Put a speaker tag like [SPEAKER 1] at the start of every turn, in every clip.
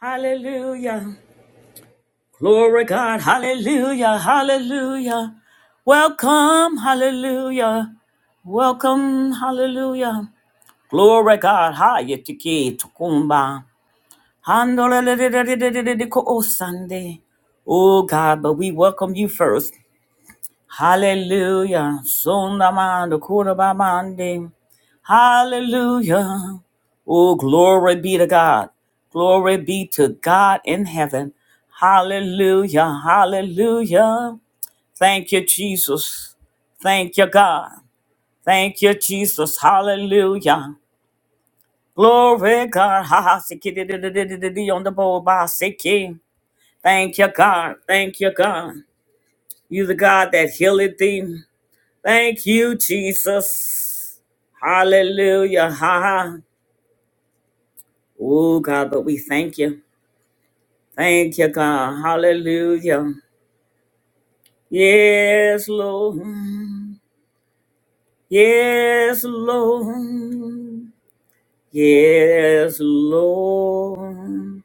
[SPEAKER 1] Hallelujah. Glory God. Hallelujah. Hallelujah. Welcome. Hallelujah. Welcome. Hallelujah. Glory God. Hayetiki tukumba. Handolelelelelelelelelele- ko- Oh Sunday. Oh God, but we welcome you first. Hallelujah. Sondamanda kurabamande. Hallelujah. Oh, glory be to God. Glory be to God in heaven. Hallelujah. Hallelujah. Thank you, Jesus. Thank you, God. Thank you, Jesus. Hallelujah. Glory, God. Ha ha. siki, di, di, di, di, di, di, di, On the bowl, ba, siki. Thank you, God. Thank you, God. You the God that healeth thee. Thank you, Jesus. Hallelujah. Ha ha. Oh, God, but we thank you. Thank you, God. Hallelujah. Yes, Lord. Yes, Lord. Yes, Lord.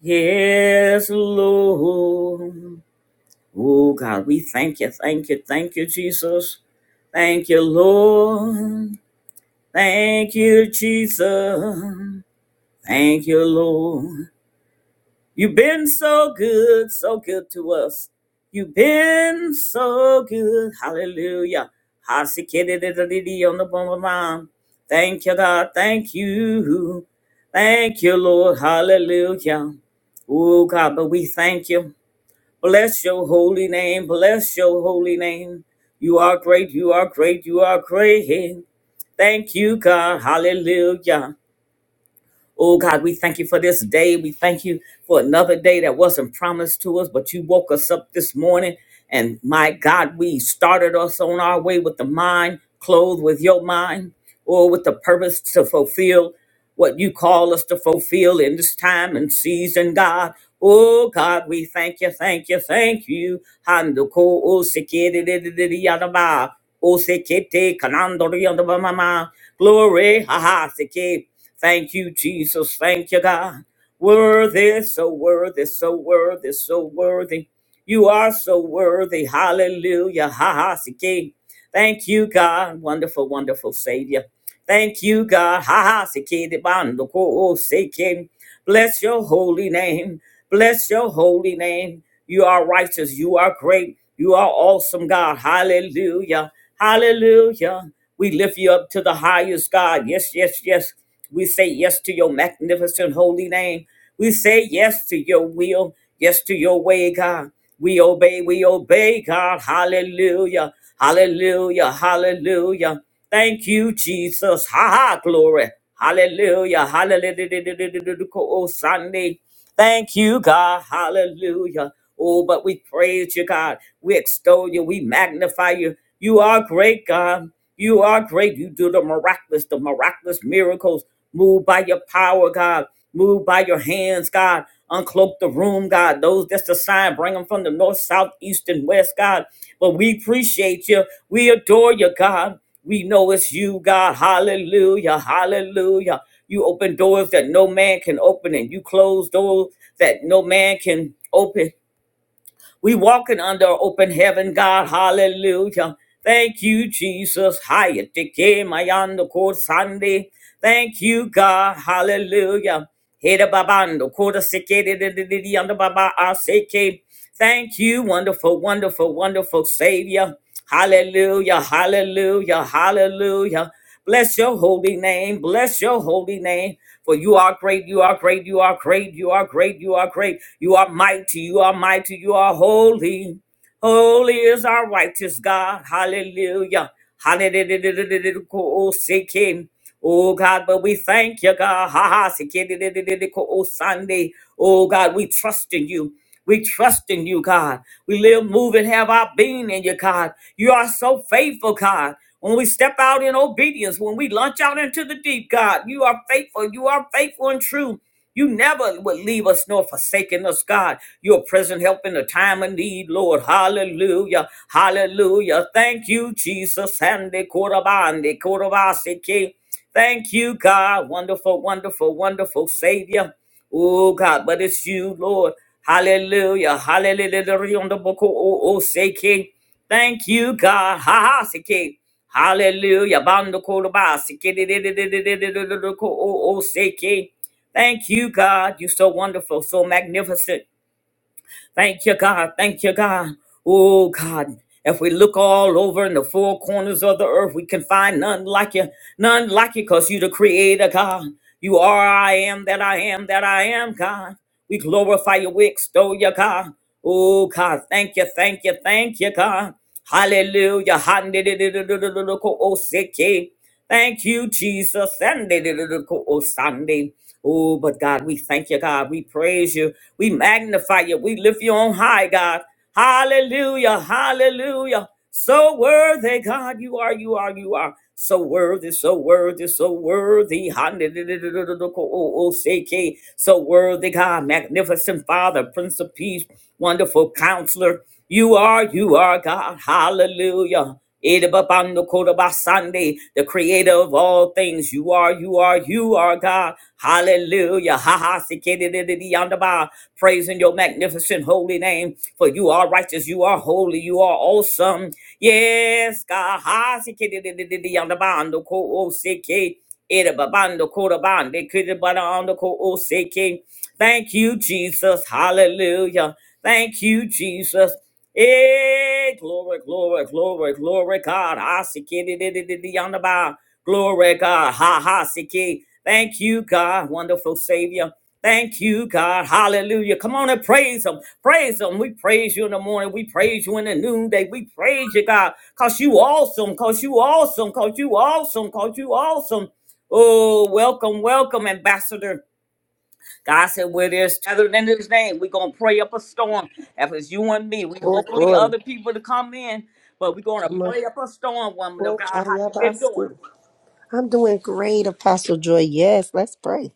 [SPEAKER 1] Yes, Lord. Oh, God, we thank you. Thank you. Thank you, Jesus. Thank you, Lord. Thank you, Jesus. Thank you, Lord. You've been so good, so good to us. You've been so good. Hallelujah. Hasikididididi on the bum of mine. Thank you, God. Thank you. Thank you, Lord. Hallelujah. Oh, God, but we thank you. Bless your holy name. Bless your holy name. You are great. You are great. You are great. Thank you, God. Hallelujah. Oh God, we thank you for this day. We thank you for another day that wasn't promised to us, but you woke us up this morning. And my God, we started us on our way with the mind, clothed with your mind, or with the purpose to fulfill what you call us to fulfill in this time and season, God. Oh God, we thank you, thank you, thank you. Hando ko o sekete yadaba. O sekete kanando yadaba mama. Glory, ha ha, seke. Thank you, Jesus. Thank you, God. Worthy, so worthy, so worthy, so worthy. You are so worthy. Hallelujah. Ha ha. si, ki. Thank you, God. Wonderful, wonderful Savior. Thank you, God. Ha ha. si, ki, di, ban, do, ko, o, si, ki. Bless your holy name. Bless your holy name. You are righteous. You are great. You are awesome, God. Hallelujah. Hallelujah. We lift you up to the highest, God. Yes, yes, yes. We say yes to your magnificent holy name. We say yes to your will, yes to your way, God. We obey, we obey, God. Hallelujah, hallelujah, hallelujah. Thank you, Jesus. Ha ha, glory. Hallelujah, hallelujah, Sunday. Thank you, God. Hallelujah. Oh, but we praise you, God. We extol you. We magnify you. You are great, God. You are great. You do the miraculous, the miraculous miracles. Move by your power, God. Move by your hands, God. Uncloak the room, God. Those that's assigned, bring them from the north, south, east, and west, God. But we appreciate you. We adore you, God. We know it's you, God. Hallelujah. Hallelujah. You open doors that no man can open, and you close doors that no man can open. We walking under open heaven, God. Hallelujah. Thank you, Jesus. Hiya tiki mayando ko Sunday. Thank you, God. Hallelujah. Heda babando koda seke de de de de de yanda baba aseke. Thank you, wonderful, wonderful, wonderful Savior. Hallelujah, hallelujah, hallelujah. Bless your holy name. Bless your holy name. For you are great. You are great. You are great. You are great. You are great. You are mighty. You are mighty. You are holy. Holy is our righteous God. Hallelujah. Hallelujah. Oh, seek him. Oh, God, but we thank you, God. Ha ha. Oh, Sunday. Oh, God, we trust in you. We trust in you, God. We live, move, and have our being in you, God. You are so faithful, God. When we step out in obedience, when we launch out into the deep, God, you are faithful. You are faithful and true. You never would leave us nor forsaken us, God. You're present help in the time of need, Lord. Hallelujah. Hallelujah. Thank you, Jesus. Hande korabande korabaseke. Thank you, God. Wonderful, wonderful, wonderful Savior. Oh, God, but it's you, Lord. Hallelujah. Hallelujah. On the book, oh, oh, oh, seke. Thank you, God. Ha ha, seke. Hallelujah. Bando korabaseke. Oh, oh, seke. Thank you, God. You're so wonderful, so magnificent. Thank you, God. Thank you, God. Oh, God. If we look all over in the four corners of the earth, we can find none like you. None like you because you're the creator, God. You are I am that I am that I am, God. We glorify you. We extol you, God. Oh, God. Thank you, thank you, thank you, God. Hallelujah. Hallelujah. Thank you, Jesus. Sunday, da, da, da, co- oh, Sunday. Oh, but God, we thank you, God. We praise you. We magnify you. We lift you on high, God. Hallelujah. Hallelujah. So worthy, God, you are, you are, you are. So worthy, so worthy, so worthy. Hande- da- da- da- da- da- da- co- oh, oh, say, K. So worthy, God, magnificent Father, Prince of Peace, wonderful counselor. You are, you are God. Hallelujah. Idababando kodabasande, The creator of all things. You are, you are, you are God. Hallelujah. Ha ha sikididididiyandaba. Praising your magnificent holy name. For you are righteous. You are holy. You are awesome. Yes, God. Ha sikididididiyandabando ko osiki. Idababando kodabande, kidibadando ko osiki. Thank you, Jesus. Hallelujah. Thank you, Jesus. Hey, glory, glory, glory, glory, God. Ha, siki, di di di di di on the bar. Glory, God. Ha ha siki. Thank you, God, wonderful Savior. Thank you, God. Hallelujah. Come on and praise Him. Praise Him. We praise you in the morning. We praise you in the noonday. We praise you, God, because you awesome, because you awesome, because you awesome, because you awesome. Oh, welcome, welcome, Ambassador. God said, where there's gathered in his name, we're going to pray up a storm. If it's you and me, we
[SPEAKER 2] Oh,
[SPEAKER 1] hopefully
[SPEAKER 2] glory.
[SPEAKER 1] other people to come in, but we're going to
[SPEAKER 2] Come on.
[SPEAKER 1] pray up a storm, woman of
[SPEAKER 2] Oh,
[SPEAKER 1] God. How you been doing?
[SPEAKER 2] Kayabasi. I'm doing great, Apostle Joy. Yes, let's pray.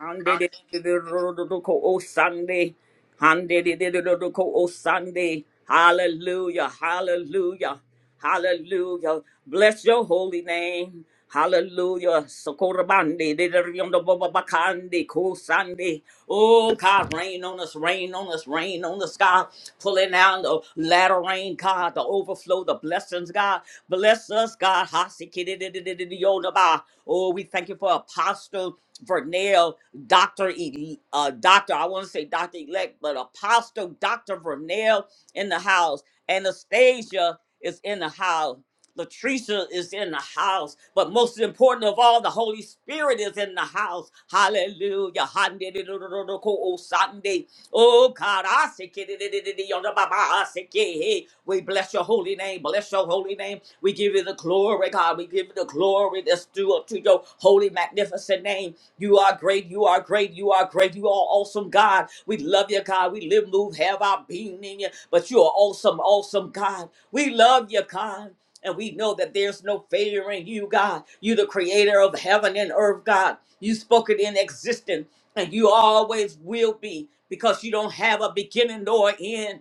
[SPEAKER 1] Handedidididididoko O Sunday. Handedididididoko O Sunday. Hallelujah. Hallelujah. Hallelujah. Bless your holy name. Hallelujah. Sokorabande. didididididobobabakande, Ko Sunday. Oh God, rain on us, rain on us, rain on us, God. Pulling down the latter rain, God, the overflow, the blessings, God. Bless us, God. Abba. Oh, we thank you for Apostle Vernell, Doctor E, uh, Doctor. I want to say Doctor Elect, but Apostle Doctor Vernell in the house. Anastasia is in the house. Latricia is in the house. But most important of all, the Holy Spirit is in the house. Hallelujah. Sunday. Oh God, I say. We bless your holy name. Bless your your holy name. We give you the glory, God. We give you the glory that's due up to your holy, magnificent name. You are great. You are great. You are great. You are awesome, God. We love you, God. We live, move, have our being in you. But you are awesome, awesome, God. We love you, God. And we know that there's no failure in you, God. You, the creator of heaven and earth, God. You spoke it in existence, and you always will be because you don't have a beginning nor end.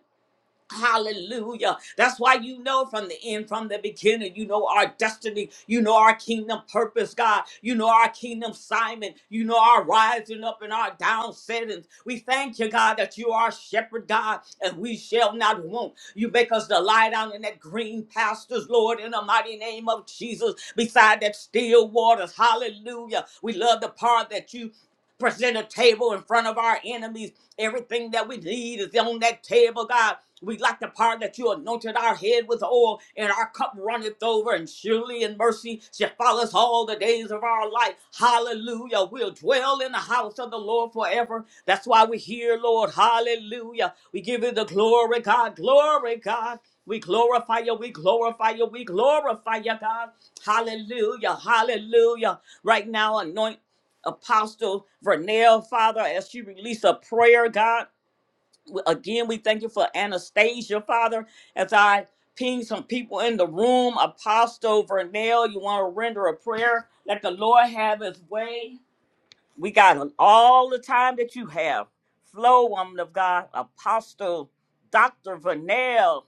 [SPEAKER 1] Hallelujah. That's why you know from the end, from the beginning, you know our destiny, you know our kingdom purpose, God, you know our kingdom Simon, you know our rising up and our down settings. We thank you, God, that you are shepherd, God, and we shall not want. You make us to lie down in that green pastures, Lord, in the mighty name of Jesus, beside that still waters. Hallelujah. We love the part that you present a table in front of our enemies. Everything that we need is on that table, God. We like the part that you anointed our head with oil, and our cup runneth over, and surely in mercy shall follow us all the days of our life. Hallelujah. We'll dwell in the house of the Lord forever. That's why we're here, Lord. Hallelujah. We give you the glory, God. Glory, God. We glorify you, we glorify you, we glorify you, God. Hallelujah, hallelujah. Right now, anoint Apostle Vernell, Father, as she released a prayer, God. We- Again, we thank you for Anastasia, Father, as I ping some people in the room. Apostle Vernell, you want to render a prayer? Let the Lord have his way. We got a- all the time that you have. Flow, woman of God. Apostle Dr. Vernell.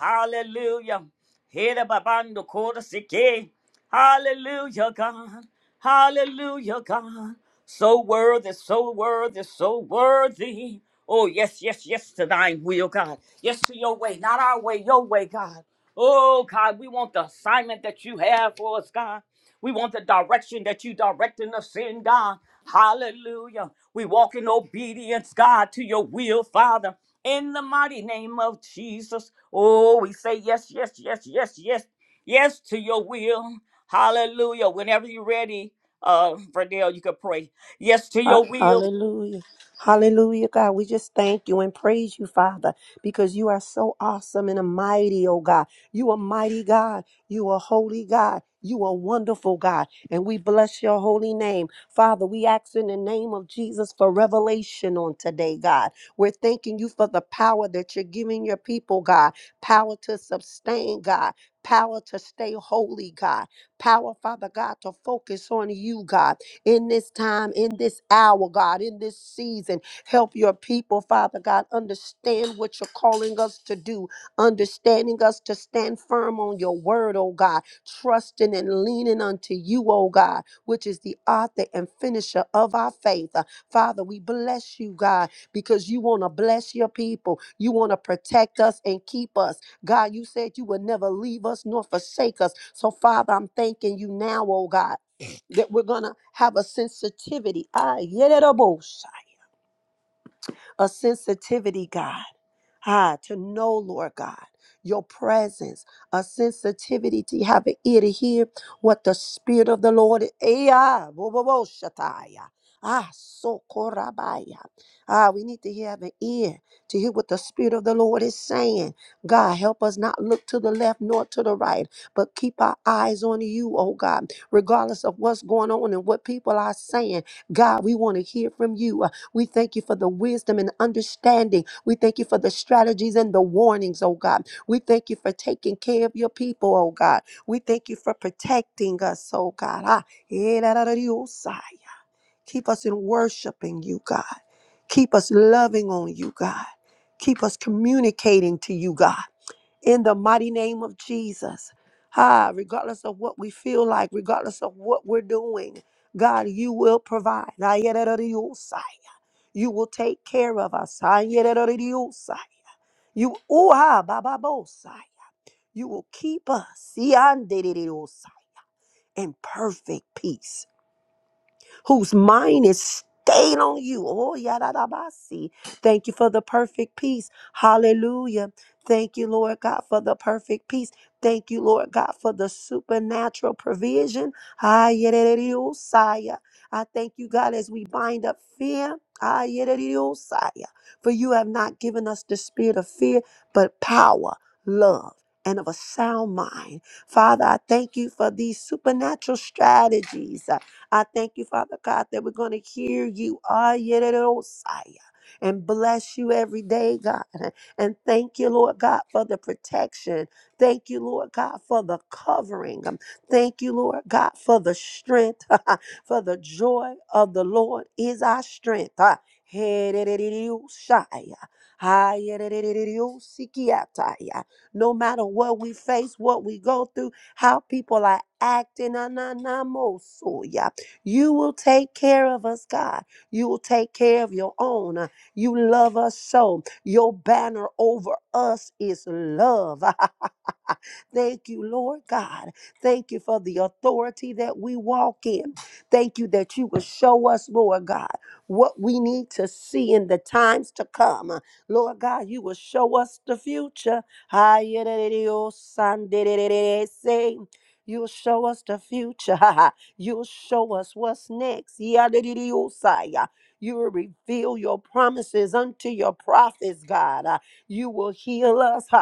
[SPEAKER 1] Hallelujah. Here babando quarter sike. Hallelujah, God. Hallelujah, God. So worthy, so worthy, so worthy. Oh, yes, yes, yes, to thine will, God. Yes, to your way, not our way, your way, God. Oh, God, we want the assignment that you have for us, God. We want the direction that you directing us in, God. Hallelujah. We walk in obedience, God, to your will, Father in the mighty name of Jesus. Oh, we say yes, yes, yes, yes, yes, yes to your will. Hallelujah. Whenever you're ready, uh, Verdell, you can pray. Yes to
[SPEAKER 2] Ha-
[SPEAKER 1] your will.
[SPEAKER 2] Hallelujah. Hallelujah, God. We just thank you and praise you, Father, because you are so awesome and a mighty, oh God. You are mighty God. You are holy God. You are wonderful God. And we bless your holy name. Father, we ask in the name of Jesus for revelation on today, God. We're thanking you for the power that you're giving your people, God. Power to sustain, God. Power to stay holy, God. Power, Father God, to focus on you, God in this time, in this hour, God, in this season. Help your people, Father God, understand what you're calling us to do, understanding us to stand firm on your word, oh God, trusting and leaning unto you, oh God, which is the author and finisher of our faith. Uh, Father, we bless you, God, because you want to bless your people. You want to protect us and keep us. God, you said you would never leave us nor forsake us. So, Father, I'm thanking you now, oh God that we're going to have a sensitivity. Ah, yedidabosha, a sensitivity, God. Ah, to know, Lord God, your presence, a sensitivity to have an ear to hear what the Spirit of the Lord is. Eh, Ah, wo- wo- wo, shataya. Ah, so korabaya. Ah, we need to hear, have an ear to hear what the Spirit of the Lord is saying. God, help us not look to the left nor to the right, but keep our eyes on you, oh God. Regardless of what's going on and what people are saying, God, we want to hear from you. We thank you for the wisdom and understanding. We thank you for the strategies and the warnings, oh God. We thank you for taking care of your people, oh God. We thank you for protecting us, oh God. Ah, eh, da, da, da, dee, oh, sigh. Keep us in worshiping you, God. Keep us loving on you, God. Keep us communicating to you, God. In the mighty name of Jesus. Ah, regardless of what we feel like, regardless of what we're doing, God, you will provide. Ah, yeah, da, da, dee, oh, sigh. You will take care of us. Ayerererediosai. You oh, ah, bababosai. You will keep us. Siandedededosai, In perfect peace whose mind is stayed on you. Oh, yadadabasi. Thank you for the perfect peace. Hallelujah. Thank you, Lord God, for the perfect peace. Thank you, Lord God, for the supernatural provision. Ah Ayereriosaya. I thank you, God, as we bind up fear. Ah Ayereriosaya. For you have not given us the spirit of fear, but power, love, and of a sound mind. Father, I thank you for these supernatural strategies. I thank you, Father God, that we're going to hear you. Ah, Yedidosaya, And bless you every day, God. And thank you, Lord God, for the protection. Thank you, Lord God, for the covering. Um, Thank you, Lord God, for the strength, for the joy of the Lord is our strength. Ah, Yedidosaya. Ah, Yedidosikiataya. No matter what we face, what we go through, how people are acting. na, na, na, mo, so, yeah. You will take care of us, God. You will take care of your own. You love us so. Your banner over us is love. Thank you, Lord God. Thank you for the authority that we walk in. Thank you that you will show us, Lord God, what we need to see in the times to come. Lord God, you will show us the future. You'll show us the future. You'll show us what's next. You will reveal your promises unto your prophets, God. You will heal us.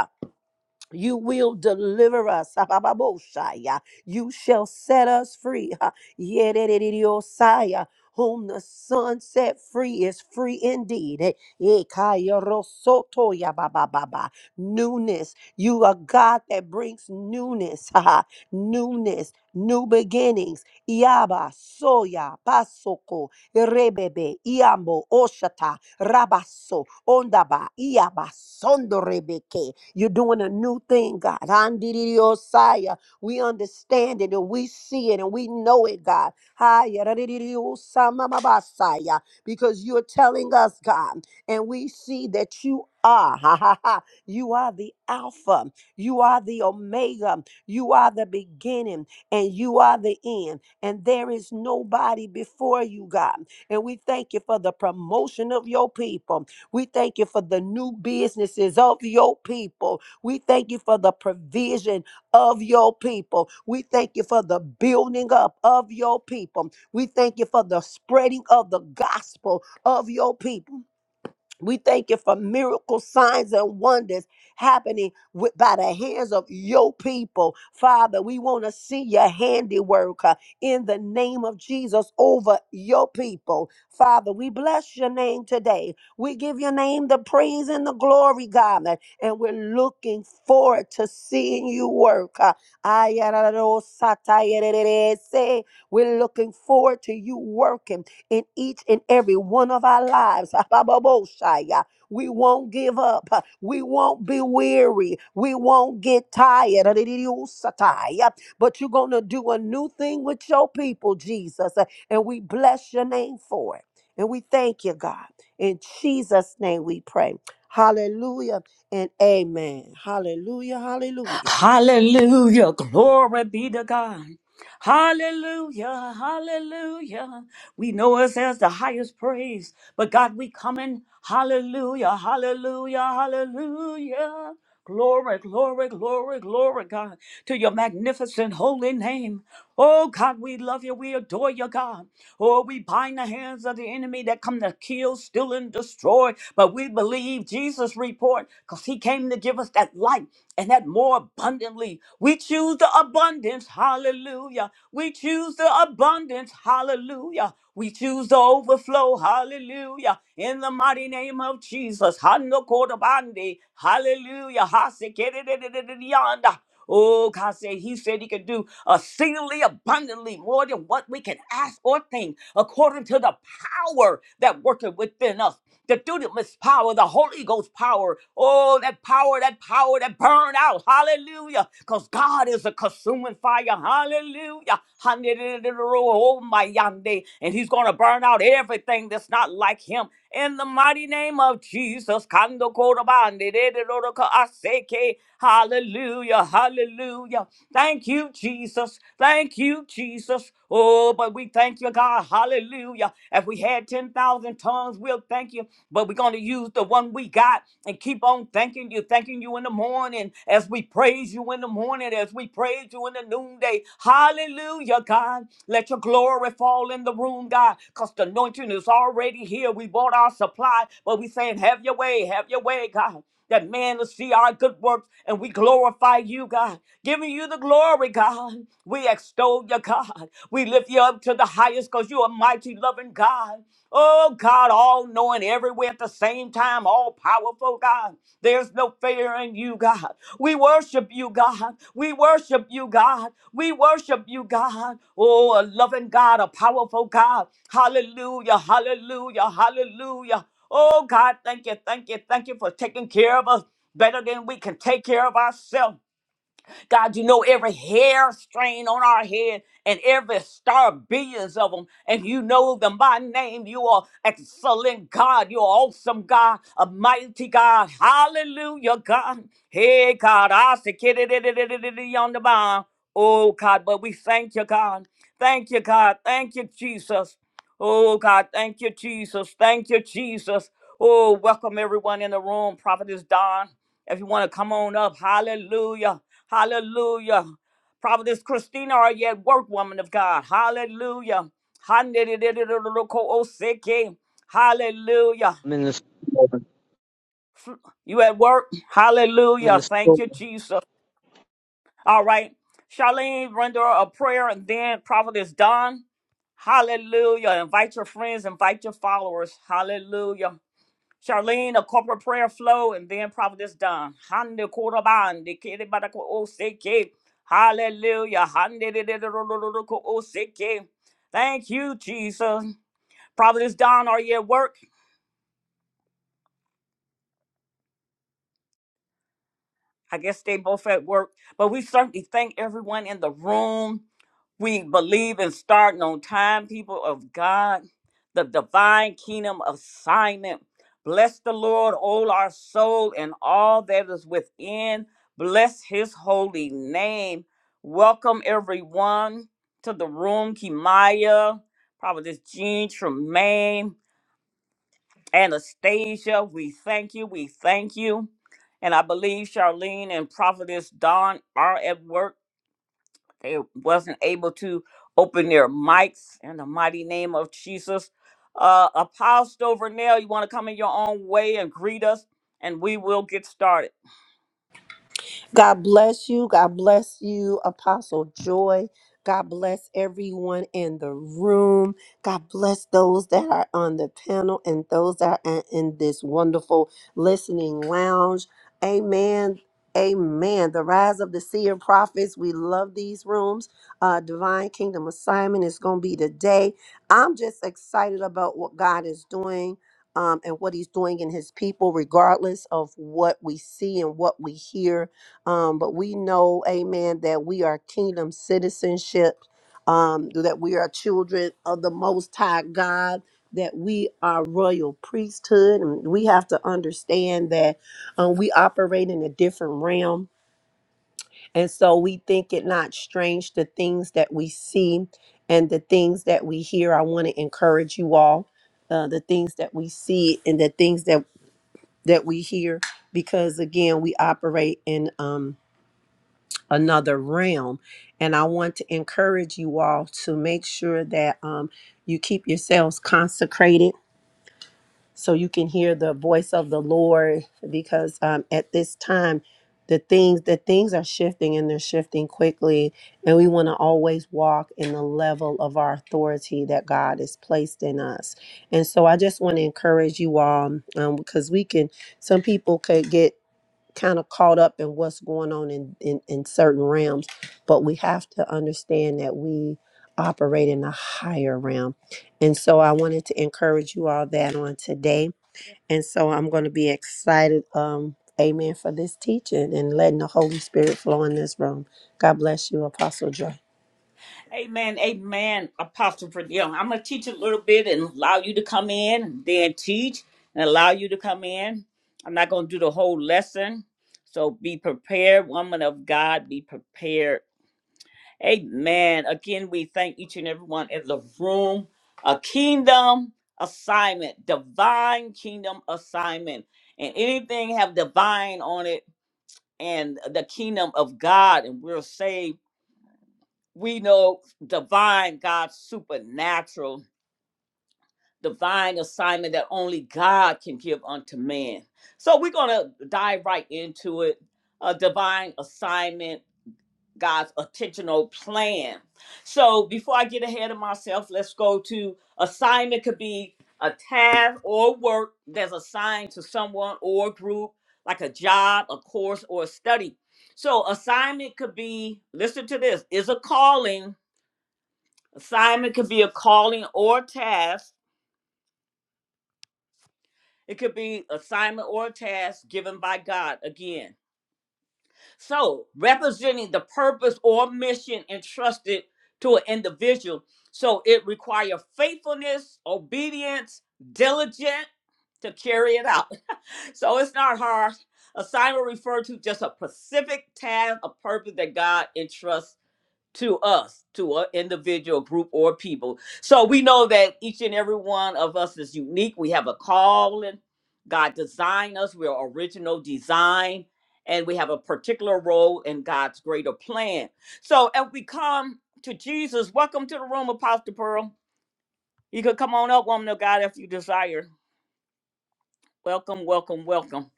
[SPEAKER 2] You will deliver us. Abababoshaya. You shall set us free. Ha. Yedididiosaya. Whom the Son set free is free indeed. Eh, Ekayarosotoya babababa. Newness. You are God that brings newness. Ha, ha. Newness. New beginnings. Yaba soya basoko rebebe iambo Rabaso, ondaba, iabasondo rebeke. You're doing a new thing, God. Andiriosaya. We understand it and we see it and we know it, God. Haya, radiririosamamabasaya. Because you're telling us, God, and we see that you are, ha ha ha, you are the Alpha, you are the Omega, you are the beginning, and you are the end, and there is nobody before you, God. And we thank you for the promotion of your people. We thank you for the new businesses of your people. We thank you for the provision of your people. We thank you for the building up of your people. We thank you for the spreading of the gospel of your people. We thank you for miracle signs and wonders happening with, by the hands of your people. Father, we want to see your handiwork uh, in the name of Jesus over your people. Father, we bless your name today. We give your name the praise and the glory, God, uh, and we're looking forward to seeing you work. uh. Ayararosatayerereese. We're looking forward to you working in each and every one of our lives. Ababoshaya. We won't give up. We won't be weary. We won't get tired. Adidiusataya. But you're going to do a new thing with your people, Jesus. And we bless your name for it. And we thank you, God. In Jesus' name we pray. Hallelujah and amen. Hallelujah. Hallelujah.
[SPEAKER 1] Hallelujah. Glory be to God. Hallelujah. Hallelujah. We know us as the highest praise, but God, we come in. Hallelujah. Hallelujah. Hallelujah. Glory, glory, glory, glory, God, to your magnificent holy name. Oh, God, we love you. We adore you, God. Oh, we bind the hands of the enemy that come to kill, steal, and destroy. But we believe Jesus' report because he came to give us that light and that more abundantly. We choose the abundance, hallelujah. We choose the abundance, hallelujah. We choose the overflow, hallelujah. In the mighty name of Jesus, Hanokodabande, hallelujah. Hasekededededeyanda. Oh, God said He said He could do exceedingly abundantly more than what we can ask or think, according to the power that worketh within us. The dunamis power, the Holy Ghost power. Oh, that power, that power that burn out. Hallelujah. Because God is a consuming fire. Hallelujah. Handididididirohomayande. And he's going to burn out everything that's not like him. In the mighty name of Jesus. Kandokorobandidididodokaseke. Hallelujah. Hallelujah. Thank you, Jesus. Thank you, Jesus. Oh, but we thank you, God. Hallelujah. If we had 10,000 tongues, we'll thank you. But we're going to use the one we got and keep on thanking thanking you, thanking you in the morning as we praise you in the morning, as we praise you in the noonday. Hallelujah, God. Let your glory fall in the room, God, because the anointing is already here. We bought our supply, but we saying, have your way, have your way, God. That man will see our good works and we glorify you, God. Giving you the glory, God. We extol you, God. We lift you up to the highest because you are almighty, loving God. Oh God, all knowing everywhere at the same time, all powerful God. There's no fear in you, God. We worship you, God. We worship you, God. We worship you, God. Oh, a loving God, a powerful God. Hallelujah, hallelujah, hallelujah. Oh God, thank you, thank you, thank you for taking care of us better than we can take care of ourselves. God, you know every hair strain on our head and every star, billions of them, and you know them by name. You are excellent God. You are awesome God, a mighty God. Hallelujah, God. Hey, God, I say, "Kidididididididi on the bound. Oh, God, but we thank you, God. Thank you, God. Thank you, Jesus. Oh, God, thank you, Jesus. Thank you, Jesus. Oh, welcome everyone in the room. Prophetess is Don. If you want to come on up, hallelujah. Hallelujah, prophetess Christina, are you at work, woman of God? Hallelujah, Hallelujah,
[SPEAKER 3] I'm in the store.
[SPEAKER 1] you at work?
[SPEAKER 3] I'm in
[SPEAKER 1] Hallelujah,
[SPEAKER 3] the
[SPEAKER 1] thank
[SPEAKER 3] store.
[SPEAKER 1] you, Jesus. All right, Charlene, render a prayer, and then prophetess Don, Hallelujah. Invite your friends, invite your followers, Hallelujah. Charlene, a corporate prayer flow, and then Providence Don. Hande koraban, de kere barako oseke. Hallelujah. Hande de de de ro ro ro ro ko oseke. Thank you, Jesus. Providence Don, are you at work? I guess they both at work. But we certainly thank everyone in the room. We believe in starting on time, people of God, the divine kingdom assignment. Bless the Lord, all our soul, and all that is within. Bless his holy name. Welcome everyone to the room, Kimaya, Prophetess Jean Tremaine, Anastasia. We thank you. We thank you. And I believe Charlene and Prophetess Dawn are at work. They wasn't able to open their mics in the mighty name of Jesus. Uh, Apostle Vernell, you want to come in your own way and greet us, and we will get started.
[SPEAKER 2] God bless you. God bless you, Apostle Joy. God bless everyone in the room. God bless those that are on the panel and those that are in this wonderful listening lounge. Amen. Amen. The rise of the seer prophets. We love these rooms. Uh, Divine Kingdom Assignment is going to be today. I'm just excited about what God is doing um, and what He's doing in His people, regardless of what we see and what we hear um, but we know, amen, that we are kingdom citizenship, um, that we are children of the Most High God, that we are royal priesthood. And we have to understand that um, we operate in a different realm. And so we think it not strange the things that we see and the things that we hear. I want to encourage you all. Uh, the things that we see and the things that that we hear because again we operate in um another realm. And I want to encourage you all to make sure that um, you keep yourselves consecrated so you can hear the voice of the Lord because um, at this time, the things the things are shifting and they're shifting quickly and we want to always walk in the level of our authority that god has placed in us and so i just want to encourage you all um, because we can some people could get kind of caught up in what's going on in, in, in certain realms, but we have to understand that we operate in a higher realm. And so I wanted to encourage you all that on today. And so I'm going to be excited, um, amen, for this teaching and letting the Holy Spirit flow in this room. God bless you, Apostle Joy.
[SPEAKER 1] Amen, amen, Apostle Vernell. I'm going to teach a little bit and allow you to come in, and then teach and allow you to come in. I'm not going to do the whole lesson, so be prepared, woman of God, be prepared. Amen. Again, we thank each and everyone in the room. A kingdom assignment, divine kingdom assignment. And anything have divine on it and the kingdom of God, and we're saved. We know divine God, supernatural, divine assignment that only God can give unto man. So we're going to dive right into it. A divine assignment God's intentional plan. So before I get ahead of myself, let's go to assignment could be a task or work that's assigned to someone or group, like a job, a course, or a study. So assignment could be, listen to this, is a calling. Assignment could be a calling or task. It could be assignment or task given by God again So, representing the purpose or mission entrusted to an individual. So, it requires faithfulness, obedience, diligent to carry it out. so, it's not hard. Assignment referred to just a specific task, a purpose that God entrusts to us, to an individual, group, or people. So we know that each and every one of us is unique. We have a calling. God designed us. We're original design, and we have a particular role in God's greater plan. So if we come to Jesus, welcome to the room, Apostle Pearl. You could come on up, woman of God, if you desire. Welcome, welcome, welcome.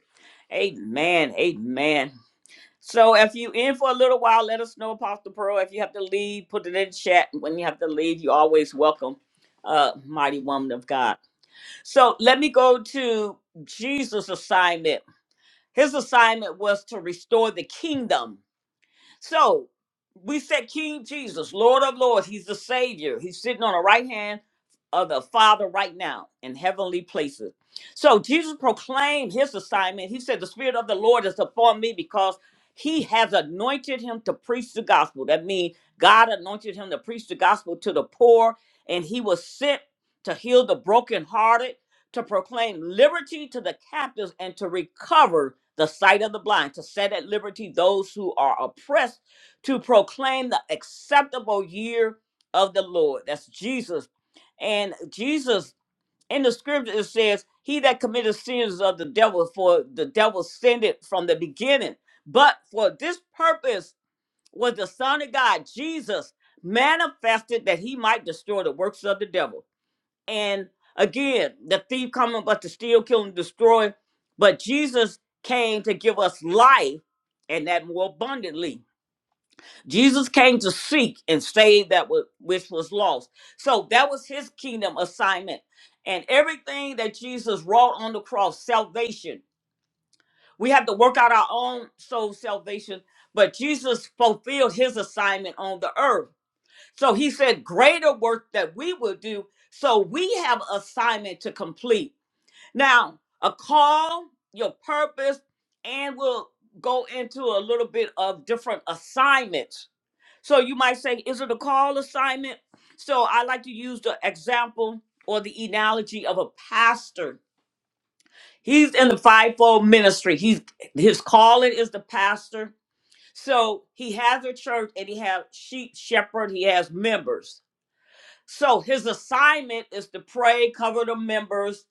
[SPEAKER 1] Amen. Amen. So if you in for a little while, let us know, Apostle Pearl. If you have to leave, put it in chat. When you have to leave, you're always welcome, uh, mighty woman of God. So let me go to Jesus' assignment. His assignment was to restore the kingdom. So we said King Jesus, Lord of Lords, He's the Savior. He's sitting on the right hand of the Father right now in heavenly places. So Jesus proclaimed his assignment. He said, The Spirit of the Lord is upon me because he has anointed him to preach the gospel. That means God anointed him to preach the gospel to the poor, and he was sent to heal the brokenhearted, to proclaim liberty to the captives, and to recover the sight of the blind, to set at liberty those who are oppressed, to proclaim the acceptable year of the Lord. That's Jesus. And Jesus in the scripture it says, He that committed sins of the devil, for the devil sinned it from the beginning. But for this purpose was the Son of God, Jesus, manifested that he might destroy the works of the devil. And again, the thief coming but to steal, kill, and destroy. But Jesus came to give us life and that more abundantly. Jesus came to seek and save that wa- which was lost. So that was his kingdom assignment. And everything that Jesus wrought on the cross, salvation, we have to work out our own soul salvation. But Jesus fulfilled his assignment on the earth. So he said, Greater work that we will do. So we have assignment to complete. Now, a call, your purpose, and we'll go into a little bit of different assignments. So you might say, Is it a call assignment? So I like to use the example or the analogy of a pastor. He's in the fivefold ministry. He's his calling is the pastor. So he has a church and he has sheep, shepherd, he has members. So his assignment is to pray, cover the members,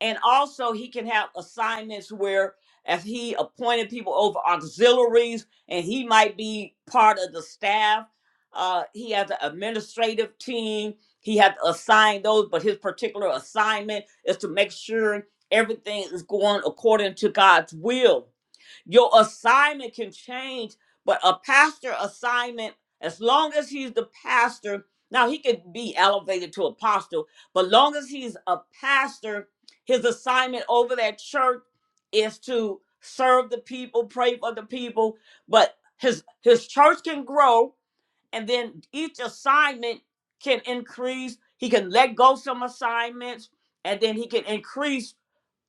[SPEAKER 1] and also he can have assignments where if he appointed people over auxiliaries and he might be part of the staff. Uh, he has an administrative team. He had to assign those, but his particular assignment is to make sure everything is going according to God's will. Your assignment can change, but a pastor assignment, as long as he's the pastor, now he could be elevated to apostle, but long as he's a pastor, his assignment over that church is to serve the people, pray for the people. But his his church can grow, and then each assignment can increase. He can let go some assignments, and then he can increase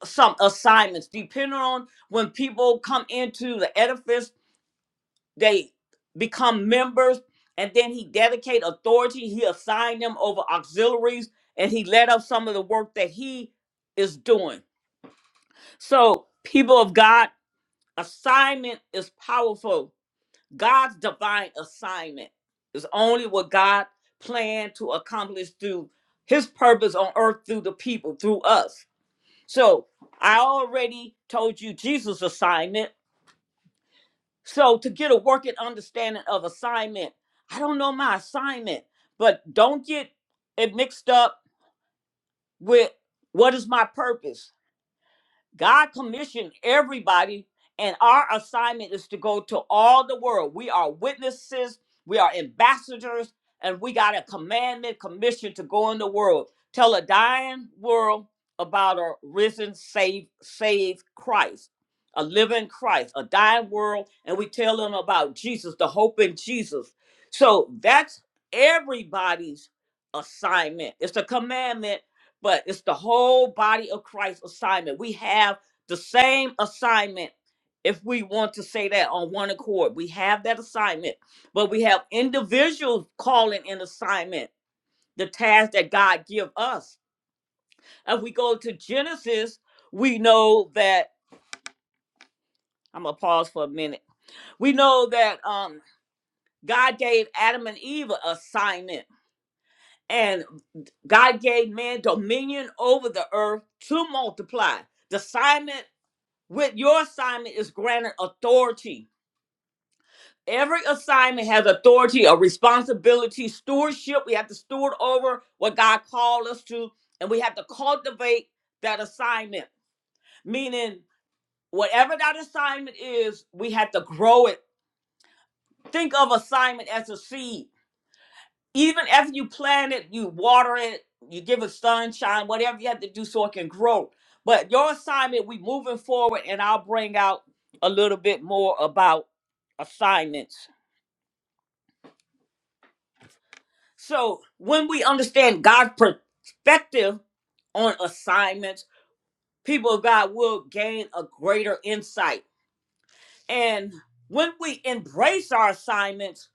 [SPEAKER 1] some assignments depending on when people come into the edifice they become members and then he dedicate authority he assigned them over auxiliaries and he led up some of the work that he is doing so people of god assignment is powerful god's divine assignment is only what god planned to accomplish through his purpose on earth through the people through us so I already told you Jesus' assignment. So to get a working understanding of assignment, I don't know my assignment, but don't get it mixed up with what is my purpose God commissioned everybody, and our assignment is to go to all the world. We are witnesses, we are ambassadors, and we got a commandment commission to go in the world. Tell a dying world about a risen, saved, saved Christ, a living Christ, a dying world, and we tell them about Jesus, the hope in Jesus. So that's everybody's assignment. It's a commandment but it's the whole body of Christ assignment. We have the same assignment if we want to say that on one accord. We have that assignment, but we have individuals calling an assignment, the task that God give us. If we go to Genesis, we know that I'm gonna pause for a minute. We know that um God gave Adam and Eve an assignment and God gave man dominion over the earth to multiply. The assignment with your assignment is granted authority. Every assignment has authority, a responsibility, stewardship. We have to steward over what God called us to, and we have to cultivate that assignment. Meaning, whatever that assignment is, we have to grow it. Think of assignment as a seed even after you plant it, you water it, you give it sunshine, whatever you have to do so it can grow. But your assignment, we moving forward, and I'll bring out a little bit more about assignments. So when we understand God's perspective on assignments, people of God will gain a greater insight. And when we embrace our assignments,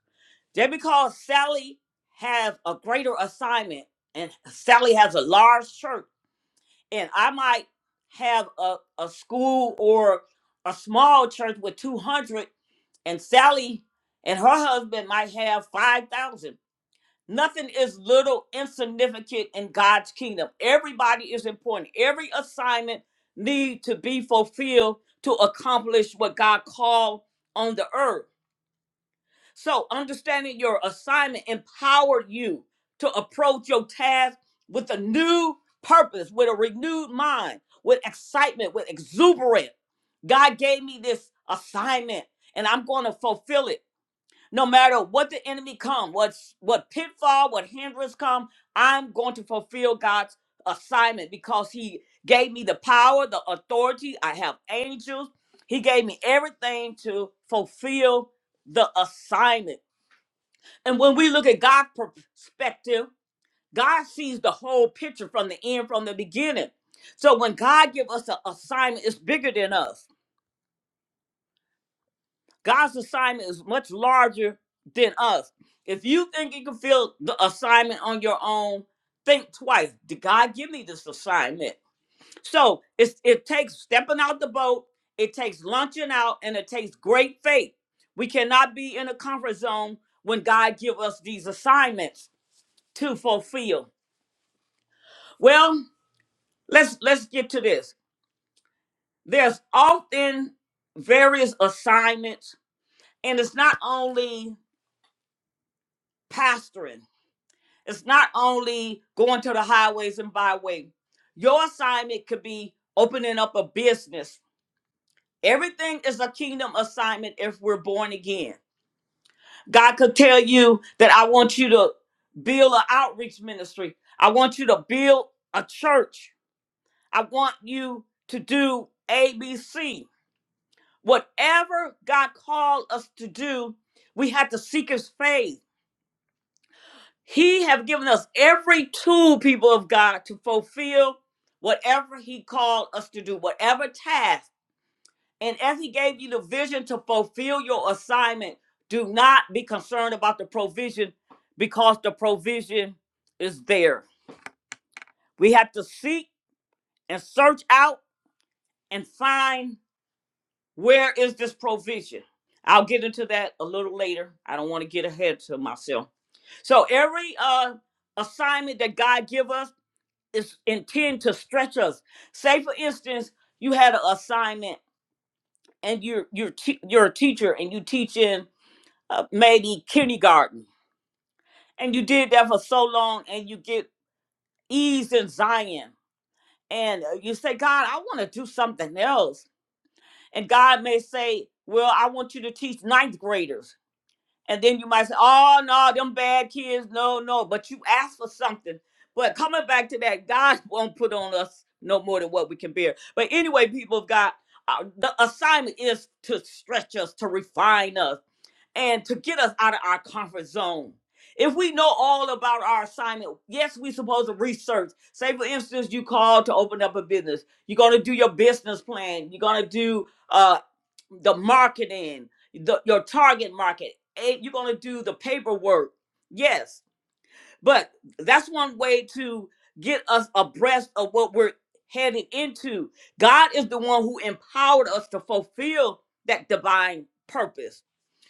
[SPEAKER 1] just because Sally has a greater assignment and Sally has a large church and I might have a, a school or a small church with 200, and Sally and her husband might have 5,000. Nothing is little, insignificant in God's kingdom. Everybody is important. Every assignment need to be fulfilled to accomplish what God called on the earth. So, understanding your assignment empowered you to approach your task with a new purpose, with a renewed mind, with excitement, with exuberance. God gave me this assignment and I'm going to fulfill it. No matter what the enemy come, what what pitfall, what hindrance come, I'm going to fulfill God's assignment because he gave me the power, the authority. I have angels. He gave me everything to fulfill the assignment. And when we look at God's perspective, God sees the whole picture from the end, from the beginning. So when God give us an assignment, it's bigger than us. God's assignment is much larger than us. If you think you can fill the assignment on your own, think twice. Did God give me this assignment? So it's, it takes stepping out the boat, it takes launching out, and it takes great faith. We cannot be in a comfort zone when God give us these assignments to fulfill. Well, let's let's get to this. There's often various assignments, and it's not only pastoring. It's not only going to the highways and byway. Your assignment could be opening up a business. Everything is a kingdom assignment if we're born again. God could tell you that I want you to build an outreach ministry. I want you to build a church. I want you to do ABC. Whatever God called us to do, we had to seek his faith. He have given us every tool, people of God, to fulfill whatever he called us to do, whatever task. And as he gave you the vision to fulfill your assignment, do not be concerned about the provision because the provision is there. We have to seek and search out and find Where is this provision? I'll get into that a little later. I don't want to get ahead to myself. So every uh assignment that God give us is intended to stretch us. Say for instance, you had an assignment and you're you're te- you're a teacher and you teach in uh, maybe kindergarten and you did that for so long and you get ease in Zion and uh, you say, God, I want to do something else. And God may say, Well, I want you to teach ninth graders And then you might say, oh, no, them bad kids. No, no. But you asked for something. But coming back to that, God won't put on us no more than what we can bear. But anyway, people of God, uh, the assignment is to stretch us, to refine us, and to get us out of our comfort zone. If we know all about our assignment, yes, we're supposed to research. Say, for instance, you called to open up a business. You're going to do your business plan. You're going to do uh the marketing, the, your target market. Eh, You're going to do the paperwork. Yes. But that's one way to get us abreast of what we're headed into. God is the one who empowered us to fulfill that divine purpose.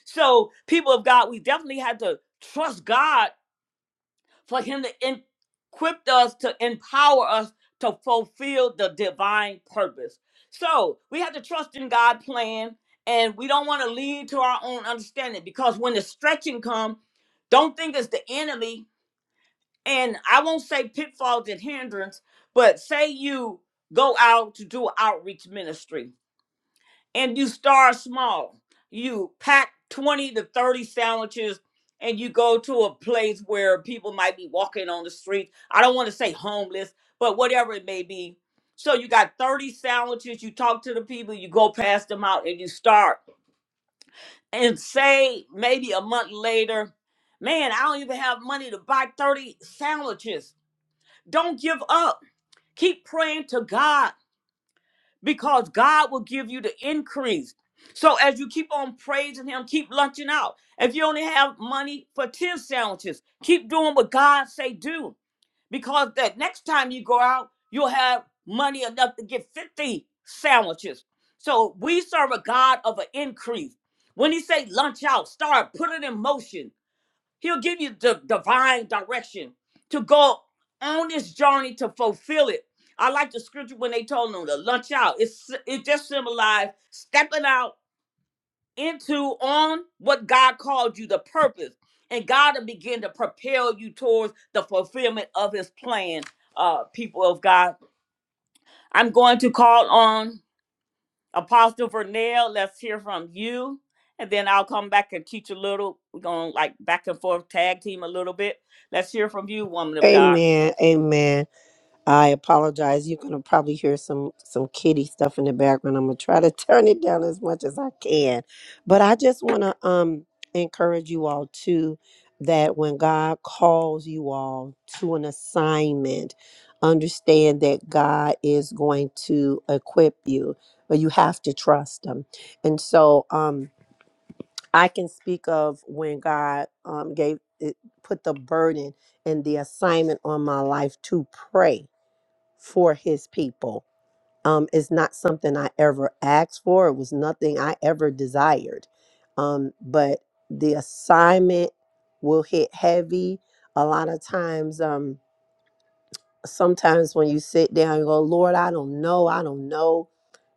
[SPEAKER 1] So, people of God, we definitely had to trust God for him to equip us to empower us to fulfill the divine purpose so we have to trust in god's plan and we don't want to lead to our own understanding because when the stretching comes, don't think it's the enemy and i won't say pitfalls and hindrance but say you go out to do outreach ministry and you start small. You pack 20 to 30 sandwiches and you go to a place where people might be walking on the street. I don't want to say homeless, but whatever it may be. So you got 30 sandwiches, you talk to the people, you go pass them out and you start. And say maybe a month later, man, I don't even have money to buy 30 sandwiches. Don't give up. Keep praying to God because God will give you the increase. So as you keep on praising Him, keep lunching out. If you only have money for ten sandwiches, keep doing what God say do, because that next time you go out, you'll have money enough to get fifty sandwiches. So we serve a God of an increase. When He say lunch out, start put it in motion. He'll give you the divine direction to go on this journey to fulfill it. I like the scripture when they told them to lunch out. It's it just symbolized stepping out into on what God called you, the purpose, and God will begin to propel you towards the fulfillment of His plan. Uh, people of God, I'm going to call on. Apostle Vernell, let's hear from you. And then I'll come back and teach a little. We're going to like back and forth tag team a little bit. Let's hear from you, woman of God.
[SPEAKER 2] Amen. Amen. I apologize. You're gonna probably hear some some kitty stuff in the background. I'm gonna try to turn it down as much as I can, but I just want to um encourage you all too that when God calls you all to an assignment, understand that God is going to equip you, but you have to trust Him. And so um I can speak of when God um gave it, put the burden and the assignment on my life to pray for his people. Um, it's not something I ever asked for. It was nothing I ever desired. Um, but the assignment will hit heavy. A lot of times, um, sometimes when you sit down, you go, Lord, I don't know. I don't know.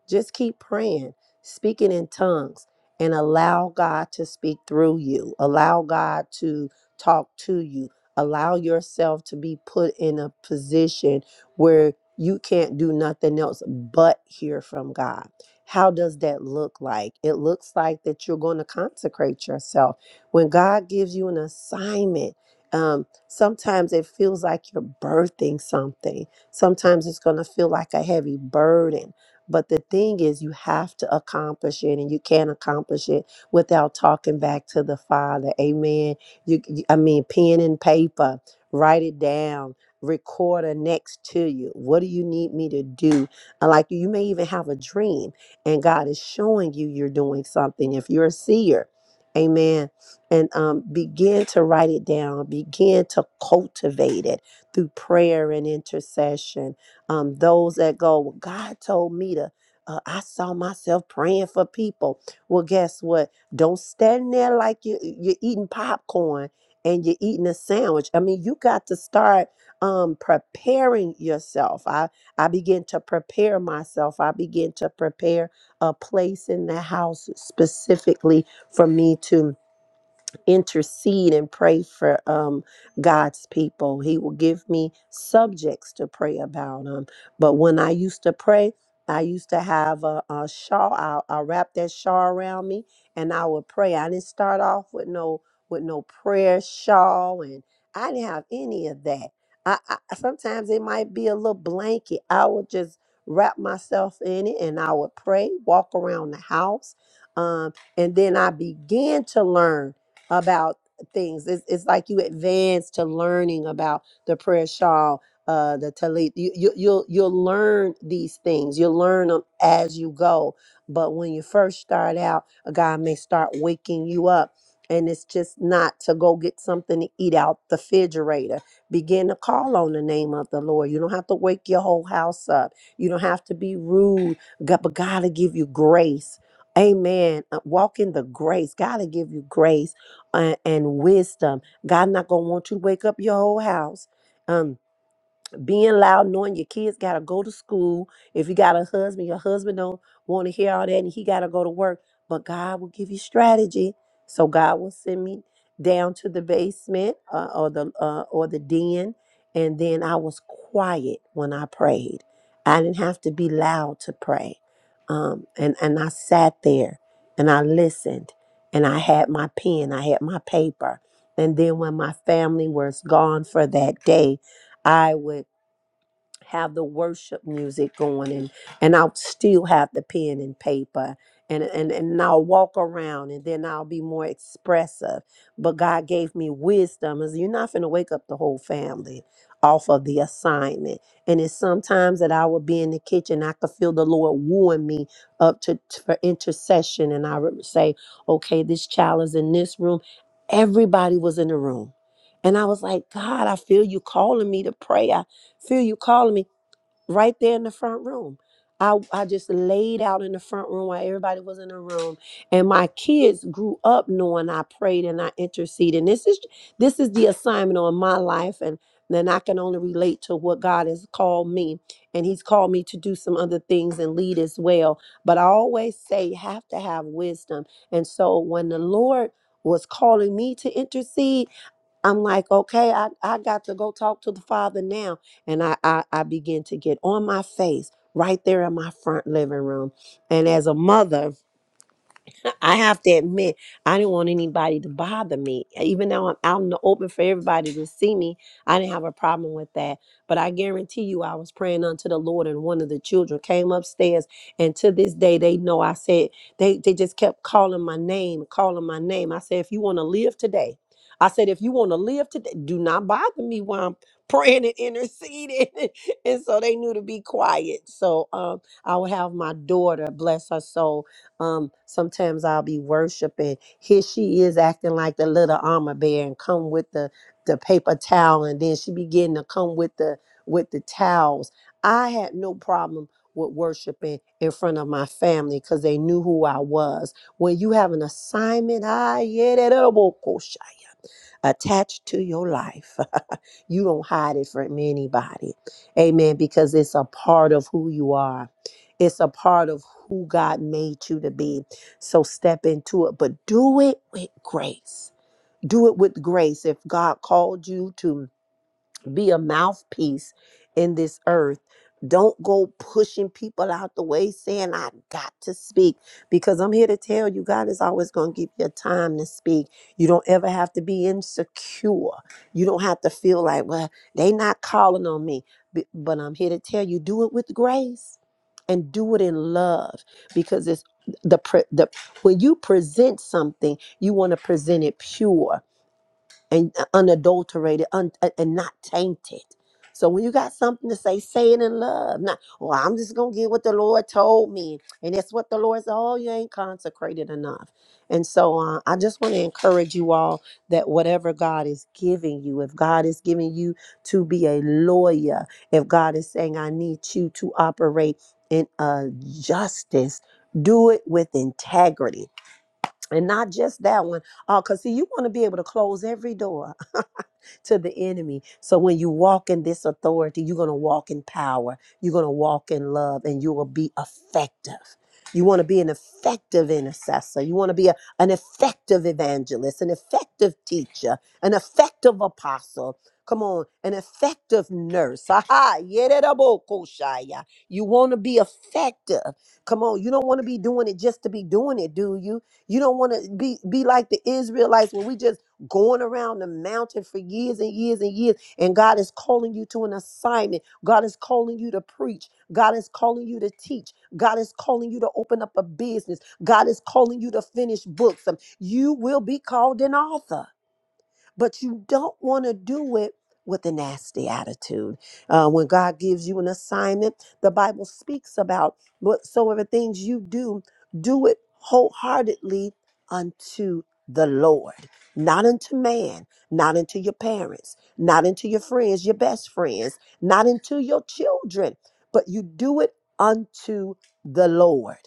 [SPEAKER 2] Just keep praying, speaking in tongues, and allow God to speak through you. Allow God to talk to you. Allow yourself to be put in a position where you can't do nothing else but hear from God. How does that look like? It looks like that you're going to consecrate yourself. When God gives you an assignment, um, sometimes it feels like you're birthing something. Sometimes it's going to feel like a heavy burden but the thing is, you have to accomplish it, and you can't accomplish it without talking back to the Father. Amen. You, you- I mean, pen and paper, write it down. Recorder next to you. What do you need me to do? And Like you may even have a dream, and God is showing you you're doing something. If you're a seer, Amen. And um, begin to write it down. Begin to cultivate it through prayer and intercession um, those that go, "Well, God told me to. Uh, I saw myself praying for people. Well, guess what? Don't stand there like you you're eating popcorn and you're eating a sandwich. I mean, you got to start um, preparing yourself. I I begin to prepare myself. I begin to prepare a place in the house specifically for me to intercede and pray for um, God's people. He will give me subjects to pray about. Um, but when I used to pray, I used to have a, a shawl. I, I wrapped that shawl around me, and I would pray. I didn't start off with no with no prayer shawl, and I didn't have any of that. I, I sometimes it might be a little blanket. I would just wrap myself in it, and I would pray, walk around the house, um, and then I began to learn about things. It's, it's like you advance to learning about the prayer shawl, uh, the talit. You, you you'll you'll learn these things. You'll learn them as you go. But when you first start out, God may start waking you up. And it's just not to go get something to eat out the refrigerator. Begin to call on the name of the Lord. You don't have to wake your whole house up. You don't have to be rude. God- But God will give you grace. Amen. Uh, Walk in the grace. God will give you grace uh, and wisdom. God not gonna want you to wake up your whole house. Um, being loud, knowing your kids gotta go to school. If you got a husband, your husband don't want to hear all that, and he gotta go to work. But God will give you strategy. So God will send me down to the basement uh, or the uh, or the den, and then I was quiet when I prayed. I didn't have to be loud to pray, um, and and I sat there and I listened, and I had my pen, I had my paper, and then when my family was gone for that day, I would have the worship music going and and I'll still have the pen and paper and and and I'll walk around and then I'll be more expressive. But God gave me wisdom is you're not gonna wake up the whole family off of the assignment. And it's sometimes that I will be in the kitchen, I could feel the Lord wooing me up to to- for intercession and I would say, okay, this child is in this room. Everybody was in the room. And I was like, God, I feel you calling me to prayer Feel you calling me right there in the front room. I, I just laid out in the front room while everybody was in the room. And my kids grew up knowing I prayed and I interceded. And this is this is the assignment on my life. And then I can only relate to what God has called me. And He's called me to do some other things and lead as well. But I always say you have to have wisdom. And so when the Lord was calling me to intercede, I'm like, okay, I, I got to go talk to the Father now. And I, I, I begin to get on my face right there in my front living room. And as a mother, I have to admit, I didn't want anybody to bother me. Even though I'm out in the open for everybody to see me, I didn't have a problem with that. But I guarantee you, I was praying unto the Lord, and one of the children came upstairs. And to this day, they know I said, they, they just kept calling my name, calling my name. I said, if you want to live today, I said, if you want to live today, do not bother me while I'm praying and interceding. and so they knew to be quiet. So um, I would have my daughter, bless her soul. Um, sometimes I'll be worshiping. Here she is acting like the little armor bear and come with the the paper towel, and then she begin to come with the with the towels. I had no problem with worshiping in front of my family because they knew who I was. When you have an assignment, I yeah that elbow attached to your life. you don't hide it from anybody. Amen. Because it's a part of who you are, it's a part of who God made you to be. So step into it, but do it with grace. Do it with grace. If God called you to be a mouthpiece in this earth. Don't go pushing people out the way saying, I got to speak. Because I'm here to tell you, God is always going to give you a time to speak. You don't ever have to be insecure. You don't have to feel like, well, they not calling on me. B- But I'm here to tell you, do it with grace and do it in love because it's the, pre- the when you present something you want to present it pure and unadulterated un, and not tainted. So when you got something to say, say it in love. Not, well, I'm just gonna get what the Lord told me, and that's what the Lord said. Oh, you ain't consecrated enough. And so uh, I just want to encourage you all that whatever God is giving you, if God is giving you to be a lawyer, if God is saying I need you to operate in uh, justice, do it with integrity, and not just that one. Oh, cause see, you want to be able to close every door to the enemy. So when you walk in this authority, you're going to walk in power, you're going to walk in love, and you will be effective. You want to be an effective intercessor. You want to be a, an effective evangelist, an effective teacher, an effective apostle. Come on, an effective nurse. Aha, yederabokoshaya. You want to be effective. Come on, you don't want to be doing it just to be doing it, do you? You don't want to be be like the Israelites when we just going around the mountain for years and years and years. And God is calling you to an assignment. God is calling you to preach. God is calling you to teach. God is calling you to open up a business. God is calling you to finish books. Um, You will be called an author but you don't want to do it with a nasty attitude. Uh, when God gives you an assignment, the Bible speaks about whatsoever things you do, do it wholeheartedly unto the Lord, not unto man, not unto your parents, not unto your friends, your best friends, not unto your children, but you do it unto the Lord.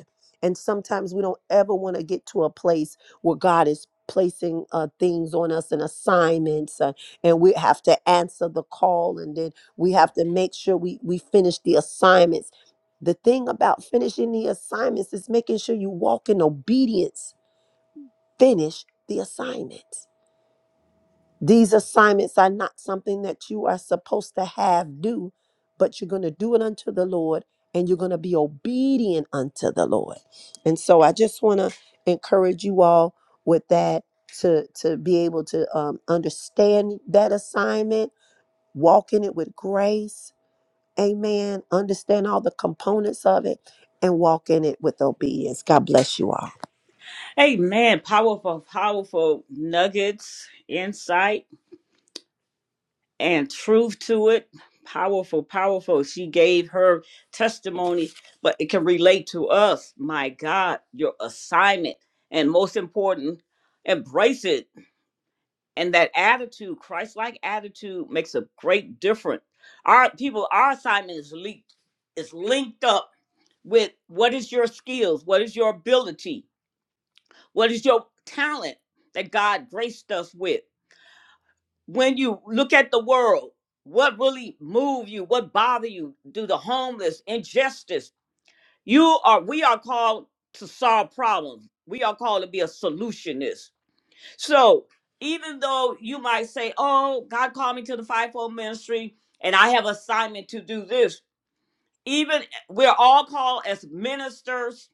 [SPEAKER 2] And sometimes we don't ever want to get to a place where God is placing uh, things on us and assignments uh, and we have to answer the call and then we have to make sure we we finish the assignments the thing about finishing the assignments is making sure you walk in obedience finish the assignments these assignments are not something that you are supposed to have do, but you're going to do it unto the Lord and you're going to be obedient unto the Lord. And so I just want to encourage you all with that to to be able to um, understand that assignment, walk in it with grace. Amen. Understand all the components of it and walk in it with obedience. God bless you all.
[SPEAKER 1] Amen. Powerful, powerful nuggets, insight, and truth to it. Powerful, powerful. She gave her testimony, but it can relate to us. My God, your assignment. And most important, embrace it and that attitude christ-like attitude makes a great difference our people our assignment is linked is linked up with what is your skills what is your ability what is your talent that god graced us with when you look at the world what really move you what bother you do the homeless injustice you are we are called to solve problems we are called to be a solutionist so even though you might say, "Oh, God called me to the fivefold ministry, and I have assignment to do this," even eh, we're all called as ministers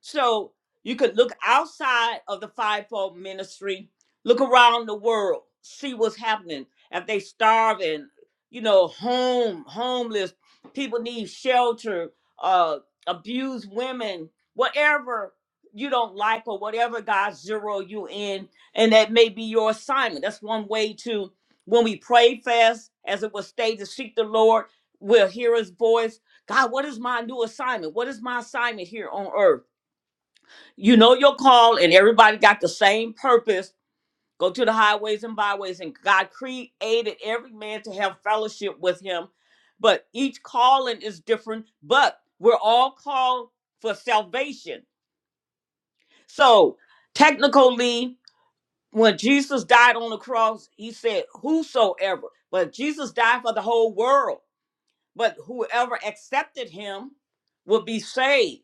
[SPEAKER 1] so you could look outside of the fivefold ministry, look around the world, see what's happening. If they starving, you know, home, homeless, people need shelter, uh, abused women, whatever you don't like or whatever God zero you in, and that may be your assignment. That's one way to when we pray fast, as it was stated, to seek the Lord, we'll hear his voice. God, what is my new assignment? What is my assignment here on earth? you know your call and everybody got the same purpose go to the highways and byways and god created every man to have fellowship with him but each calling is different but we're all called for salvation so technically when jesus died on the cross he said whosoever but jesus died for the whole world but whoever accepted him would be saved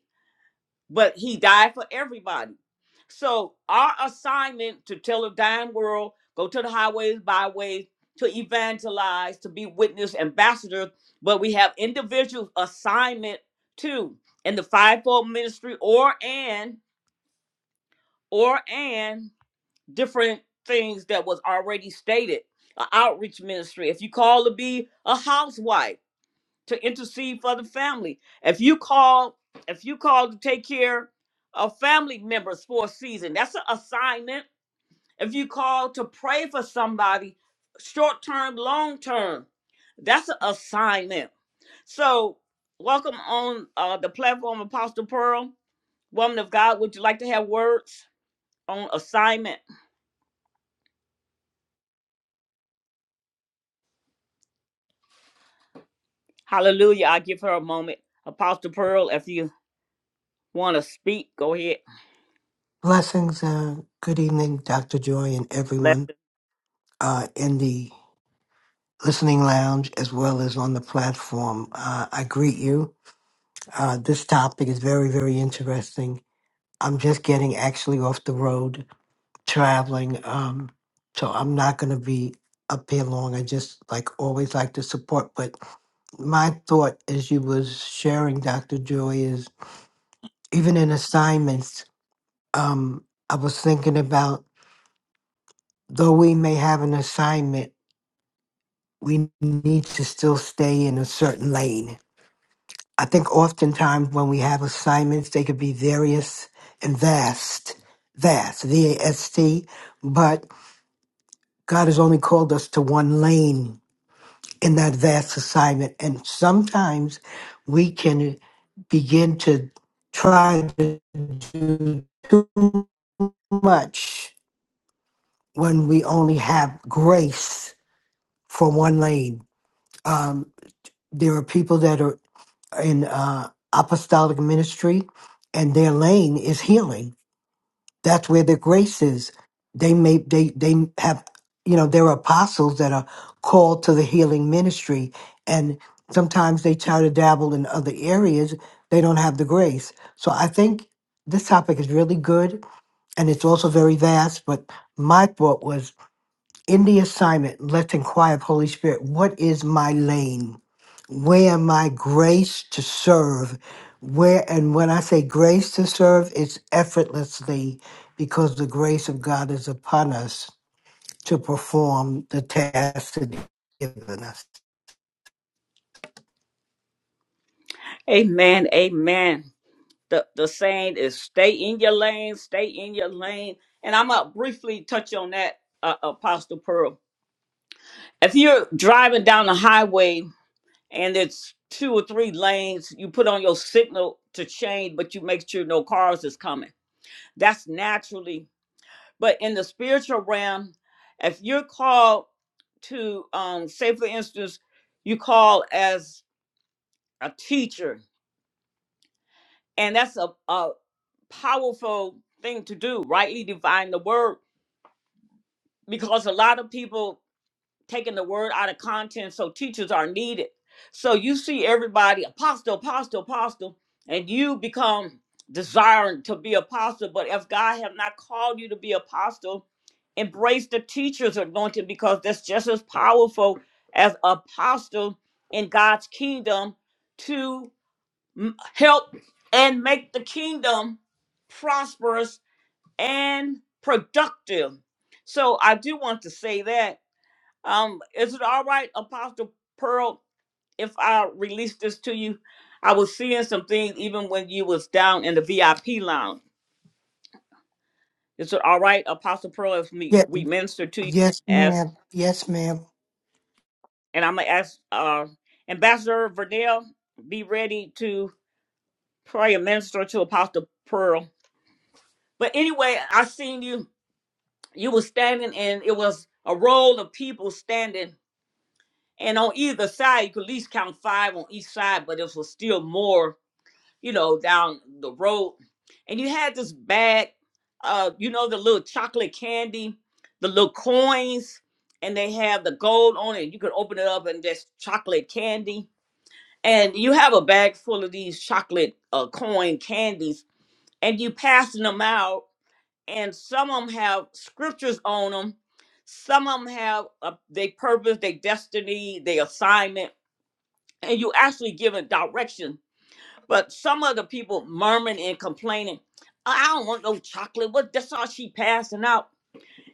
[SPEAKER 1] but he died for everybody. So our assignment to tell a dying world, go to the highways, byways, to evangelize, to be witness ambassadors, but we have individual assignment too in the fivefold ministry or and or and different things that was already stated. An outreach ministry. If you call to be a housewife, to intercede for the family. If you call, if you call to take care of family members for a season, that's an assignment. If you call to pray for somebody, short term, long term, that's an assignment. So, welcome on uh, the platform, Apostle Pearl, woman of God. Would you like to have words on assignment? Hallelujah! I give her a moment, Apostle Pearl. If you want to speak, go ahead.
[SPEAKER 4] Blessings. Uh, good evening, Dr. Joy, and
[SPEAKER 1] Bless.
[SPEAKER 4] everyone uh, in the listening lounge as well as on the platform. Uh, I greet you. Uh, this topic is very, very interesting. I'm just getting actually off the road traveling, um, so I'm not going to be up here long. I just like always like to support, but my thought as you was sharing, Dr. Joy, is even in assignments, um, I was thinking about though we may have an assignment we need to still stay in a certain lane. I think oftentimes when we have assignments, they could be various and vast, vast, V A S T, but God has only called us to one lane in that vast assignment. And sometimes we can begin to try to do too much when we only have grace for one lane. Um, there are people that are in uh, apostolic ministry, and their lane is healing. That's where their grace is. They may they they have you know there are apostles that are called to the healing ministry, and sometimes they try to dabble in other areas. They don't have the grace. So I think this topic is really good, and it's also very vast. But my thought was in the assignment, let's inquire of Holy Spirit, what is my lane? Where am I grace to serve? Where and when I say grace to serve, it's effortlessly because the grace of God is upon us to perform the task that He's given us.
[SPEAKER 1] Amen. Amen. the the saying is stay in your lane stay in your lane and i'm gonna briefly touch on that uh, apostle pearl if you're driving down the highway and it's two or three lanes you put on your signal to change but you make sure no cars is coming that's naturally but in the spiritual realm if you're called to um say for instance you call as a teacher and that's a, a powerful thing to do rightly divine the word because a lot of people taking the word out of content, so teachers are needed. So you see everybody apostle, apostle, apostle, and you become desiring to be apostle. But if God have not called you to be apostle, embrace the teacher's anointing because that's just as powerful as apostle in God's kingdom to m- help and make the kingdom prosperous and productive. So I do want to say that. Um, is it all right, Apostle Pearl, if I release this to you? I was seeing some things even when you was down in the VIP lounge. Is it all right, Apostle Pearl, if me
[SPEAKER 4] Yeah,
[SPEAKER 1] we minister to you
[SPEAKER 4] yes,
[SPEAKER 1] as
[SPEAKER 4] ma'am. Yes, ma'am.
[SPEAKER 1] and I'm gonna ask uh Ambassador Vernell be ready to pray and minister to Apostle Pearl. But anyway, I seen you you were standing and it was a roll of people standing And on either side, you could at least count five on each side, but it was still more, you know, down the road. And you had this bag, uh, you know, the little chocolate candy, the little coins, and they have the gold on it. You could open it up and just chocolate candy. And you have a bag full of these chocolate uh, coin candies, and you passing them out. And some of them have scriptures on them. Some of them have uh, their purpose, their destiny, their assignment and you actually giving direction. But some of the people murmuring and complaining, "Oh, I don't want no chocolate. What that's all she passing out.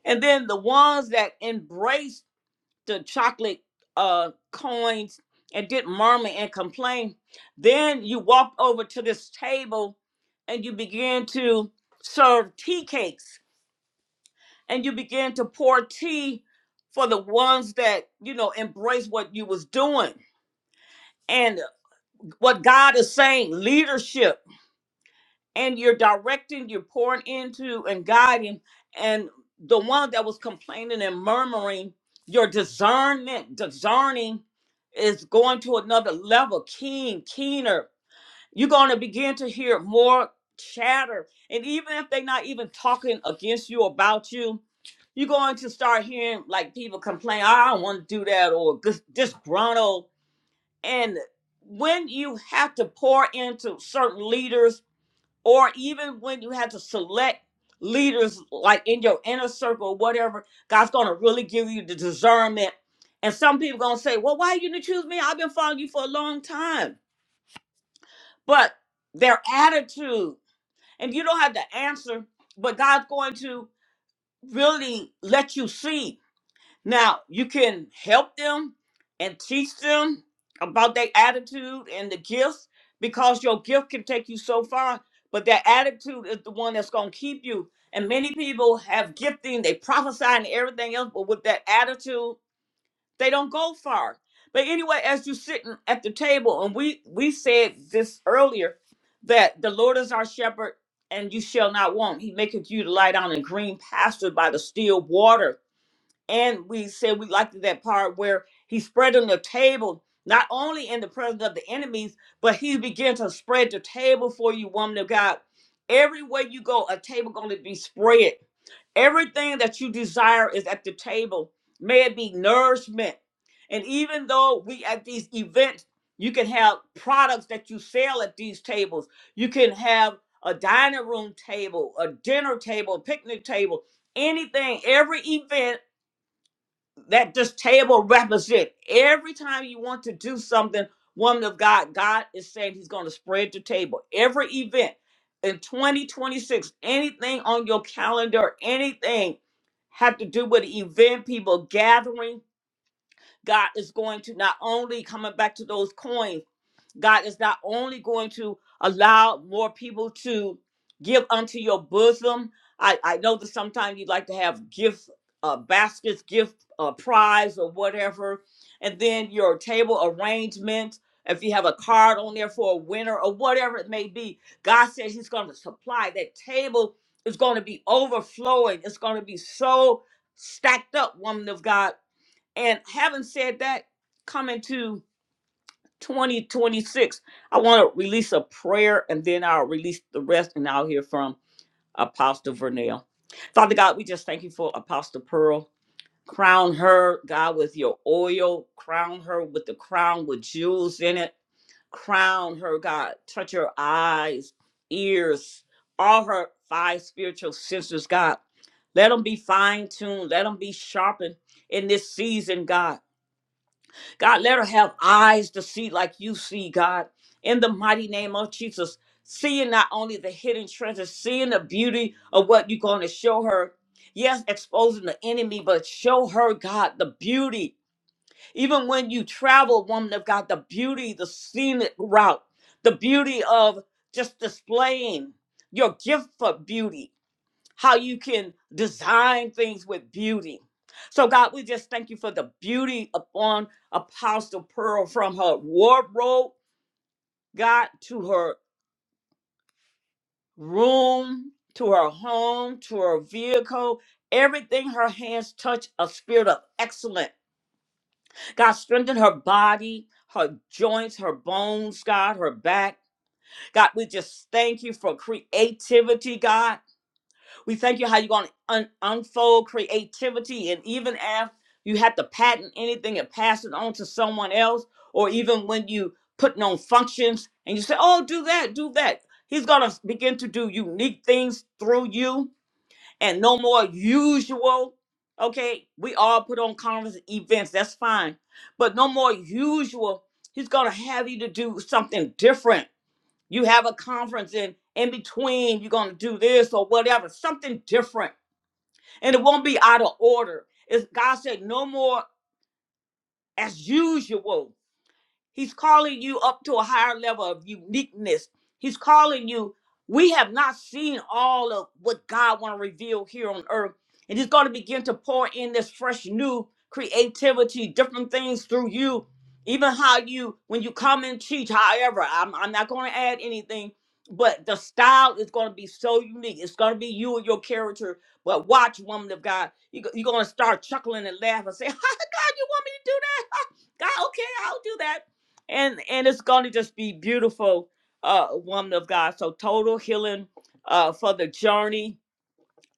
[SPEAKER 1] And then the ones that embraced the chocolate uh coins and didn't murmur and complain, then you walk over to this table and you begin to serve tea cakes and you begin to pour tea for the ones that you know embrace what you was doing and what God is saying leadership and you're directing, you're pouring into and guiding. And the one that was complaining and murmuring, your discernment, discerning is going to another level, keen, keener. You're going to begin to hear more chatter. And even if they're not even talking against you about you, you're going to start hearing like people complain, I don't want to do that, or dis- disgruntled. And when you have to pour into certain leaders, or even when you have to select leaders like in your inner circle or whatever god's going to really give you the discernment and some people going to say well why you didn't choose me i've been following you for a long time but their attitude and you don't have to answer but god's going to really let you see now, you can help them and teach them about their attitude and the gifts because your gift can take you so far, but that attitude is the one that's going to keep you. And many people have gifting, they prophesy and everything else, but with that attitude, they don't go far. But anyway, as you're sitting at the table, and we, we said this earlier that the Lord is our shepherd and you shall not want. He maketh you to lie down in green pastures by the still waters. And we said we liked that part where he spread on the table, not only in the presence of the enemies, but he began to spread the table for you, woman of God. Everywhere you go, a table going to be spread. Everything that you desire is at the table. May it be nourishment. And even though we at these events, you can have products that you sell at these tables. You can have a dining room table, a dinner table, a picnic table, anything, every event that this table represent every time you want to do something woman of god god is saying he's going to spread the table every event in 2026 anything on your calendar anything have to do with event people gathering God is going to not only coming back to those coins, God is not only going to allow more people to give unto your bosom. I, I know that sometimes you like to have gift uh, baskets, gift uh, prize or whatever, and then your table arrangement. If you have a card on there for a winner or whatever it may be, God says He's going to supply that table is going to be overflowing. It's going to be so stacked up, woman of God and having said that, coming to 2026, I want to release a prayer and then I'll release the rest and I'll hear from Apostle Vernell. Father God, we just thank you for Apostle Pearl. Crown her, God, with your oil. Crown her with the crown with jewels in it. Crown her, God. Touch her eyes, ears, all her five spiritual senses, God. Let them be fine tuned. Let them be sharpened in this season, God. God, let her have eyes to see like you see, God. In the mighty name of Jesus, seeing not only the hidden treasure, seeing the beauty of what you're going to show her. Yes, exposing the enemy, but show her, God, the beauty. Even when you travel, woman of God, the beauty, the scenic route, the beauty of just displaying your gift for beauty how you can design things with beauty. So, God, we just thank you for the beauty upon Apostle Pearl from her wardrobe, God, to her room, to her home, to her vehicle. Everything her hands touch, a spirit of excellence. God, strengthen her body, her joints, her bones, God, her back. God, we just thank you for creativity, God. We thank you how you're going to un- unfold creativity. And even if you have to patent anything and pass it on to someone else, or even when you putting on functions and you say, oh, do that, do that. He's going to begin to do unique things through you and no more usual. Okay, we all put on conference events, that's fine. But no more usual. He's going to have you to do something different you have a conference and in between you're going to do this or whatever something different and it won't be out of order it's god said no more as usual He's calling you up to a higher level of uniqueness. He's calling you. We have not seen all of what God want to reveal here on earth. And he's going to begin to pour in this fresh new creativity, different things through you. Even how you, when you come and teach, however, I'm, I'm not going to add anything, but the style is going to be so unique. It's going to be you and your character. But watch, woman of God, you, go- you're going to start chuckling and laugh and say, God, you want me to do that? God, okay, I'll do that and and it's going to just be beautiful uh woman of god so total healing uh for the journey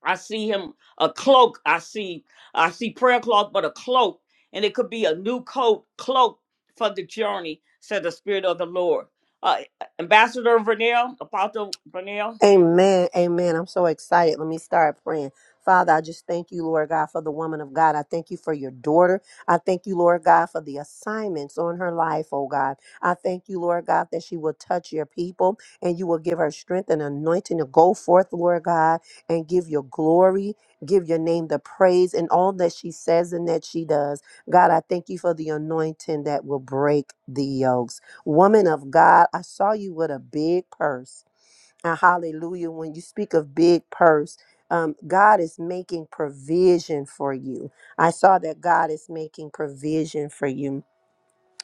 [SPEAKER 1] i see him a cloak i see i see prayer cloth but a cloak and it could be a new coat cloak for the journey said the spirit of the lord uh, ambassador vernell apostle vernell
[SPEAKER 2] Amen. Amen. I'm so excited. Let me start praying. Father, I just thank you, Lord God, for the woman of God. I thank you for your daughter. I thank you, Lord God, for the assignments on her life, oh God. I thank you, Lord God, that she will touch your people and you will give her strength and anointing to go forth, Lord God, and give your glory, give your name the praise and all that she says and that she does. God, I thank you for the anointing that will break the yokes. Woman of God, I saw you with a big purse. And hallelujah, when you speak of big purse, um, God is making provision for you. I saw that God is making provision for you.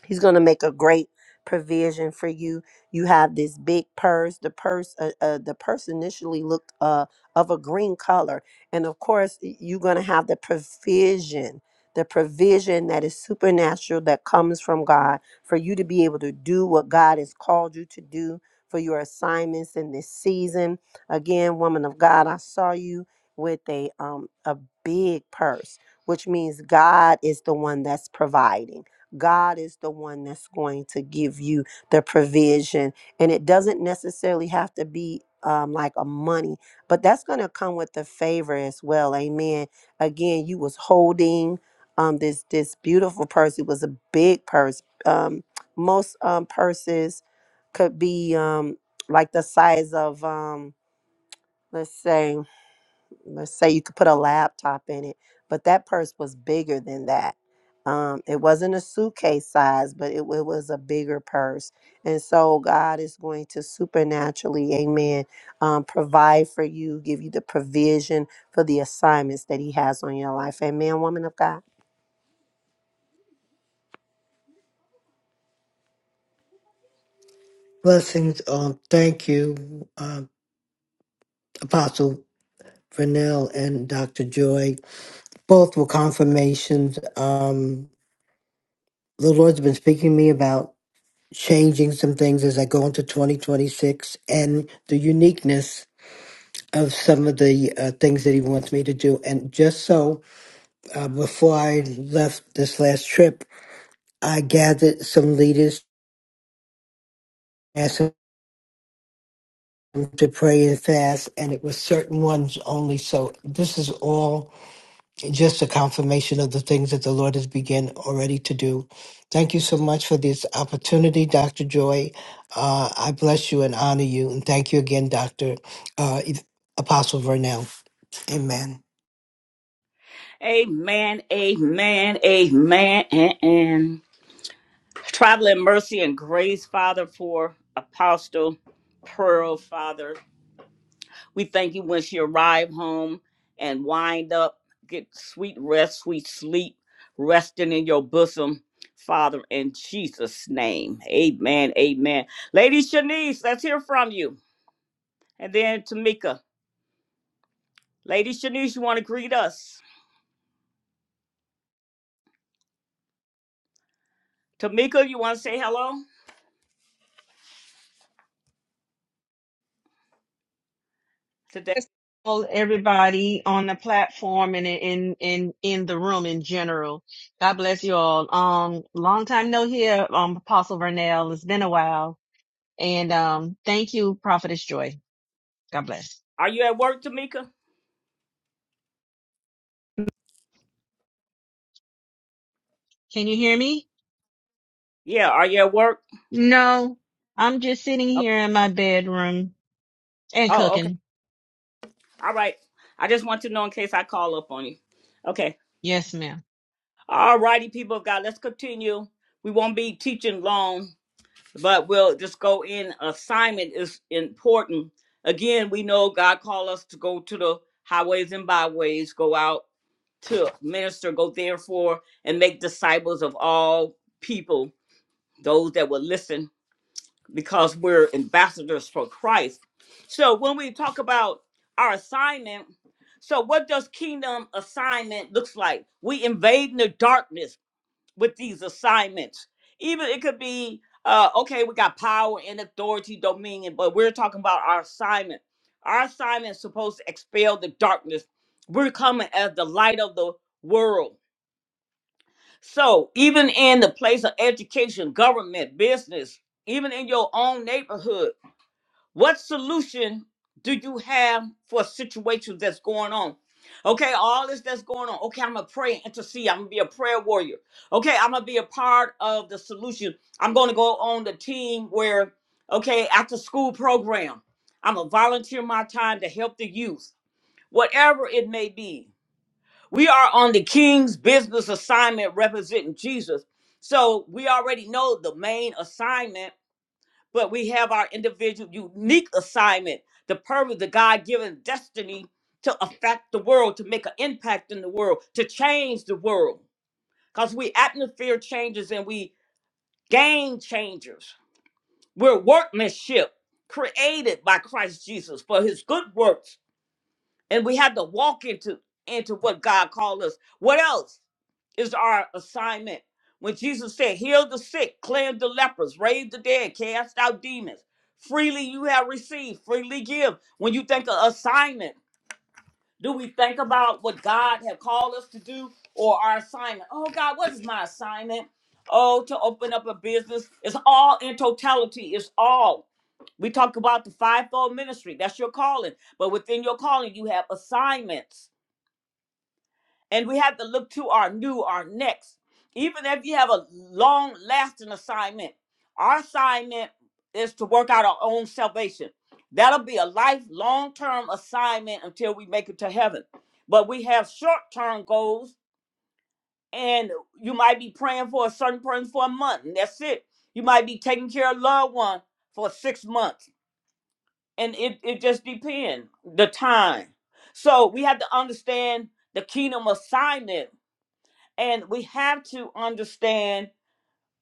[SPEAKER 2] He's going to make a great provision for you. You have this big purse. The purse, uh, uh, the purse initially looked uh, of a green color, and of course, y- you're going to have the provision, the provision that is supernatural that comes from God for you to be able to do what God has called you to do for your assignments in this season. Again, woman of God, I saw you with a um a big purse, which means God is the one that's providing. God is the one that's going to give you the provision. And it doesn't necessarily have to be um, like a money, but that's going to come with the favor as well. Amen. Again, you was holding um, this this beautiful purse. It was a big purse. Um, most um, purses could be um, like the size of um, let's say let's say you could put a laptop in it, but that purse was bigger than that. Um, it wasn't a suitcase size, but it, it was a bigger purse. And so God is going to supernaturally, amen, um, provide for you, give you the provision for the assignments that He has on your life. Amen, woman of God.
[SPEAKER 4] Blessings. Um, thank you, um, Apostle Vernell and Dr. Joy, both were confirmations. Um, the Lord's been speaking to me about changing some things as I go into 2026 and the uniqueness of some of the uh, things that He wants me to do. And just so, uh, before I left this last trip, I gathered some leaders, asked them to pray and fast, and it was certain ones only. So this is all. just a confirmation of the things that the Lord has begun already to do. Thank you so much for this opportunity, Dr. Joy. Uh, I bless you and honor you. And thank you again, Dr. Uh, Apostle Vernell. Amen.
[SPEAKER 1] amen amen amen and, and traveling mercy and grace father for apostle pearl father We thank you when she arrived home and wind up, get sweet rest, sweet sleep, resting in your bosom, Father, in Jesus' name. Amen. Amen. Lady Shanice, let's hear from you. And then Tamika. Lady Shanice, you want to greet us? Tamika, you want to say hello today?
[SPEAKER 5] just told everybody on the platform and in in in the room in general. God bless you all. Um, long time no here, um, Apostle Vernell. It's been a while, and um, thank you, Prophetess Joy. God bless.
[SPEAKER 1] Are you at work, Tamika?
[SPEAKER 5] Can you hear me?
[SPEAKER 1] Yeah, are you at work?
[SPEAKER 5] No, I'm just sitting
[SPEAKER 1] Oh,
[SPEAKER 5] here in my bedroom and
[SPEAKER 1] oh, okay.
[SPEAKER 5] cooking.
[SPEAKER 1] All right. I just want to know in case I call up on you. Okay.
[SPEAKER 5] Yes, ma'am.
[SPEAKER 1] All righty, people of God, let's continue. We won't be teaching long, but we'll just go in. Assignment is important. Again, we know God called us to go to the highways and byways, go out to minister, go therefore and make disciples of all people, those that will listen, because we're ambassadors for Christ. So when we talk about our assignment, so what does kingdom assignment looks like? We invading the darkness with these assignments. Even it could be, uh, okay, we got power and authority, dominion, but we're talking about our assignment. Our assignment is supposed to expel the darkness. We're coming as the light of the world. So even in the place of education, government, business, even in your own neighborhood, what solution do you have for situations that's going on? Okay, all this that's going on. Okay, I'm gonna pray and intercede. I'm gonna be a prayer warrior. Okay, I'm gonna be a part of the solution. I'm gonna go on the team where, okay, after school program, I'm gonna volunteer my time to help the youth, whatever it may be. We are on the King's business assignment representing Jesus. So we already know the main assignment but we have our individual unique assignment, the purpose, the God given destiny to affect the world, to make an impact in the world, to change the world. Because we atmosphere changers and we game changers. We're workmanship created by Christ Jesus for his good works and we have to walk into into what God called us. What else is our assignment? When Jesus said, "Heal the sick, cleanse the lepers, raise the dead, cast out demons, freely you have received, freely give." When you think of assignment, do we think about what God have called us to do or our assignment? Oh God, what is my assignment? Oh, to open up a business. It's all in totality. It's all. We talk about the fivefold ministry. That's your calling. But within your calling, you have assignments. And we have to look to our new, our next. Even if you have a long lasting assignment, our assignment is to work out our own salvation. That'll be a life long term assignment until we make it to heaven. But we have short term goals, and you might be praying for a certain person for a month, and that's it. You might be taking care of a loved one for six months and it, it just depends the time so we have to understand the kingdom assignment and we have to understand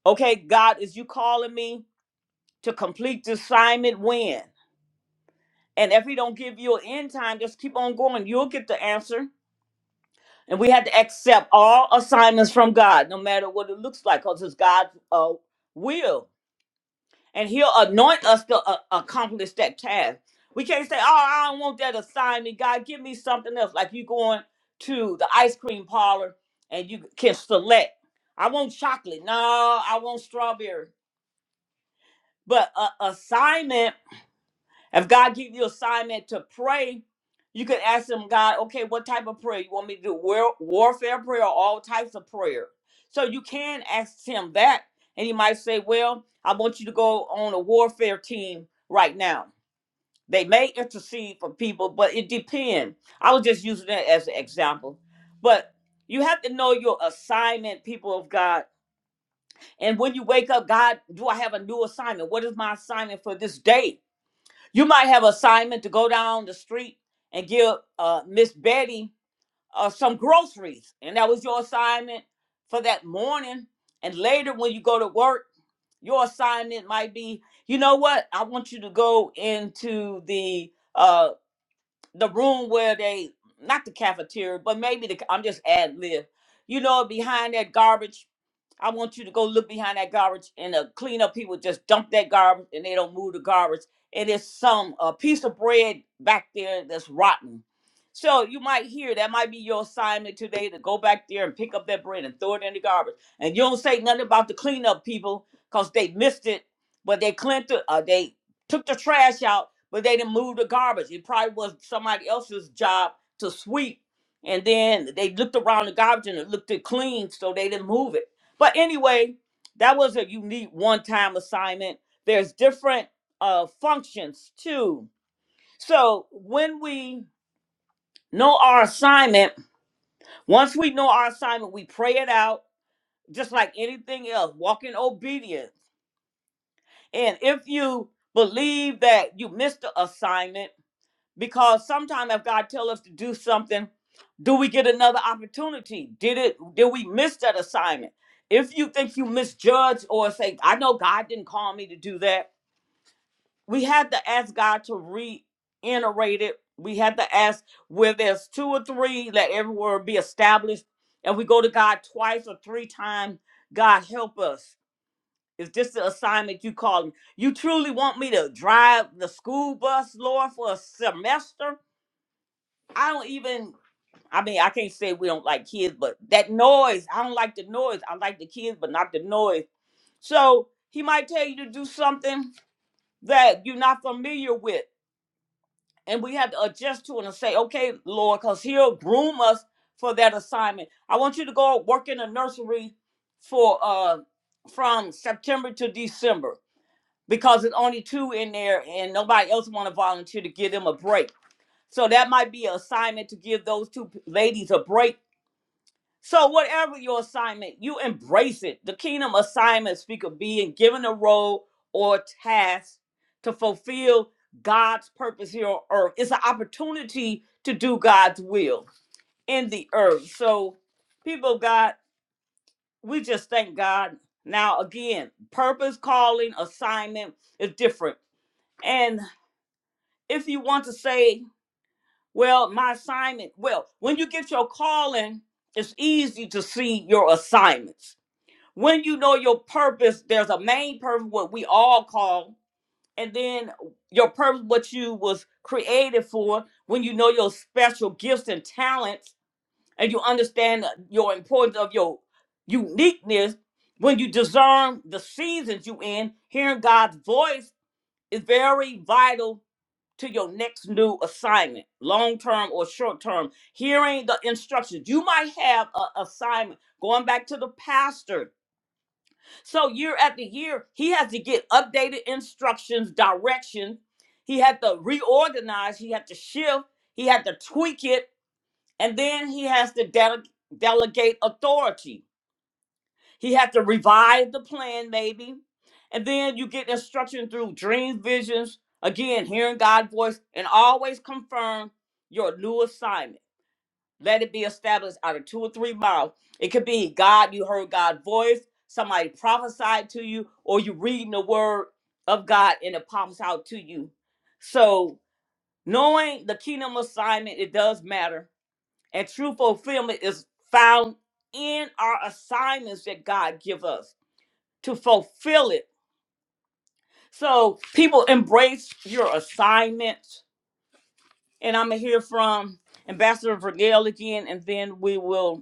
[SPEAKER 1] okay god is you calling me to complete the assignment when and if he don't give you an end time just keep on going you'll get the answer and we have to accept all assignments from god no matter what it looks like because it's god's uh, will and he'll anoint us to uh, accomplish that task. We can't say, "Oh, I don't want that assignment. God, give me something else." Like you going to the ice cream parlor and you can select. I want chocolate. No, I want strawberry. But a assignment if God give you assignment to pray, you can ask him, God, okay, what type of prayer you want me to do? War- warfare prayer or all types of prayer. So you can ask him that. And he might say, Well, I want you to go on a warfare team right now. They may intercede for people, but it depends. I was just using that as an example. But you have to know your assignment, people of God. And when you wake up, God, do I have a new assignment? What is my assignment for this day? You might have assignment to go down the street and give uh, Miss Betty uh, some groceries, and that was your assignment for that morning. And later, when you go to work, your assignment might be, you know what? I want you to go into the uh, the room where they not the cafeteria, but maybe the I'm just ad lib. You know, behind that garbage, I want you to go look behind that garbage, and the cleanup people just dump that garbage, and they don't move the garbage. And it's some a piece of bread back there that's rotten. So you might hear that might be your assignment today to go back there and pick up that bread and throw it in the garbage. And you don't say nothing about the cleanup people because they missed it, but they cleaned it, uh, they took the trash out but they didn't move the garbage. It probably was somebody else's job to sweep. And then they looked around the garbage and it looked it clean, so they didn't move it. But anyway, that was a unique one-time assignment. There's different uh, functions too. So when we know our assignment, once we know our assignment, we pray it out, just like anything else. Walk in obedience. And if you believe that you missed the assignment, because sometimes if God tell us to do something, do we get another opportunity? Did it? Did we miss that assignment? If you think you misjudge or say, "I know God didn't call me to do that," we had to ask God to reiterate it. We had to ask where there's two or three, let every word be established. And we go to God twice or three times. God help us. Is this the assignment you calling? You truly want me to drive the school bus, Lord, for a semester? I don't even. I mean, I can't say we don't like kids, but that noise. I don't like the noise. I like the kids, but not the noise. So he might tell you to do something that you're not familiar with, and we have to adjust to it and say, "Okay, Lord," because He'll groom us for that assignment. I want you to go work in a nursery for uh from September to December because it's only two in there, and nobody else want to volunteer to give them a break. So that might be an assignment to give those two p- ladies a break So whatever your assignment, you embrace it. The kingdom assignment speak of being given a role or task to fulfill God's purpose here on earth. It's an opportunity to do God's will in the earth. So people of God, we just thank God. Now again, purpose, calling, assignment is different. And if you want to say, well, my assignment, well, when you get your calling, it's easy to see your assignments When you know your purpose, there's a main purpose, what we all call, and then your purpose, what you was created for. When you know your special gifts and talents, and you understand uh, your importance of your uniqueness, when you discern the seasons you in, hearing God's voice is very vital to your next new assignment, long term or short term. Hearing the instructions, you might have an assignment. Going back to the pastor, so year after year, he has to get updated instructions, direction. He had to reorganize. He had to shift. He had to tweak it, and then he has to dele- delegate authority. He had to revise the plan, maybe, and then you get instruction through dreams, visions. Again, hearing God's voice, and always confirm your new assignment. Let it be established out of two or three mouths. It could be God, you heard God's voice, somebody prophesied to you, or you reading the word of God and it pops out to you. So knowing the kingdom assignment, it does matter. And true fulfillment is found in our assignments that God give us to fulfill it. So people embrace your assignments. And I'm gonna hear from Ambassador Vergel again, and then we will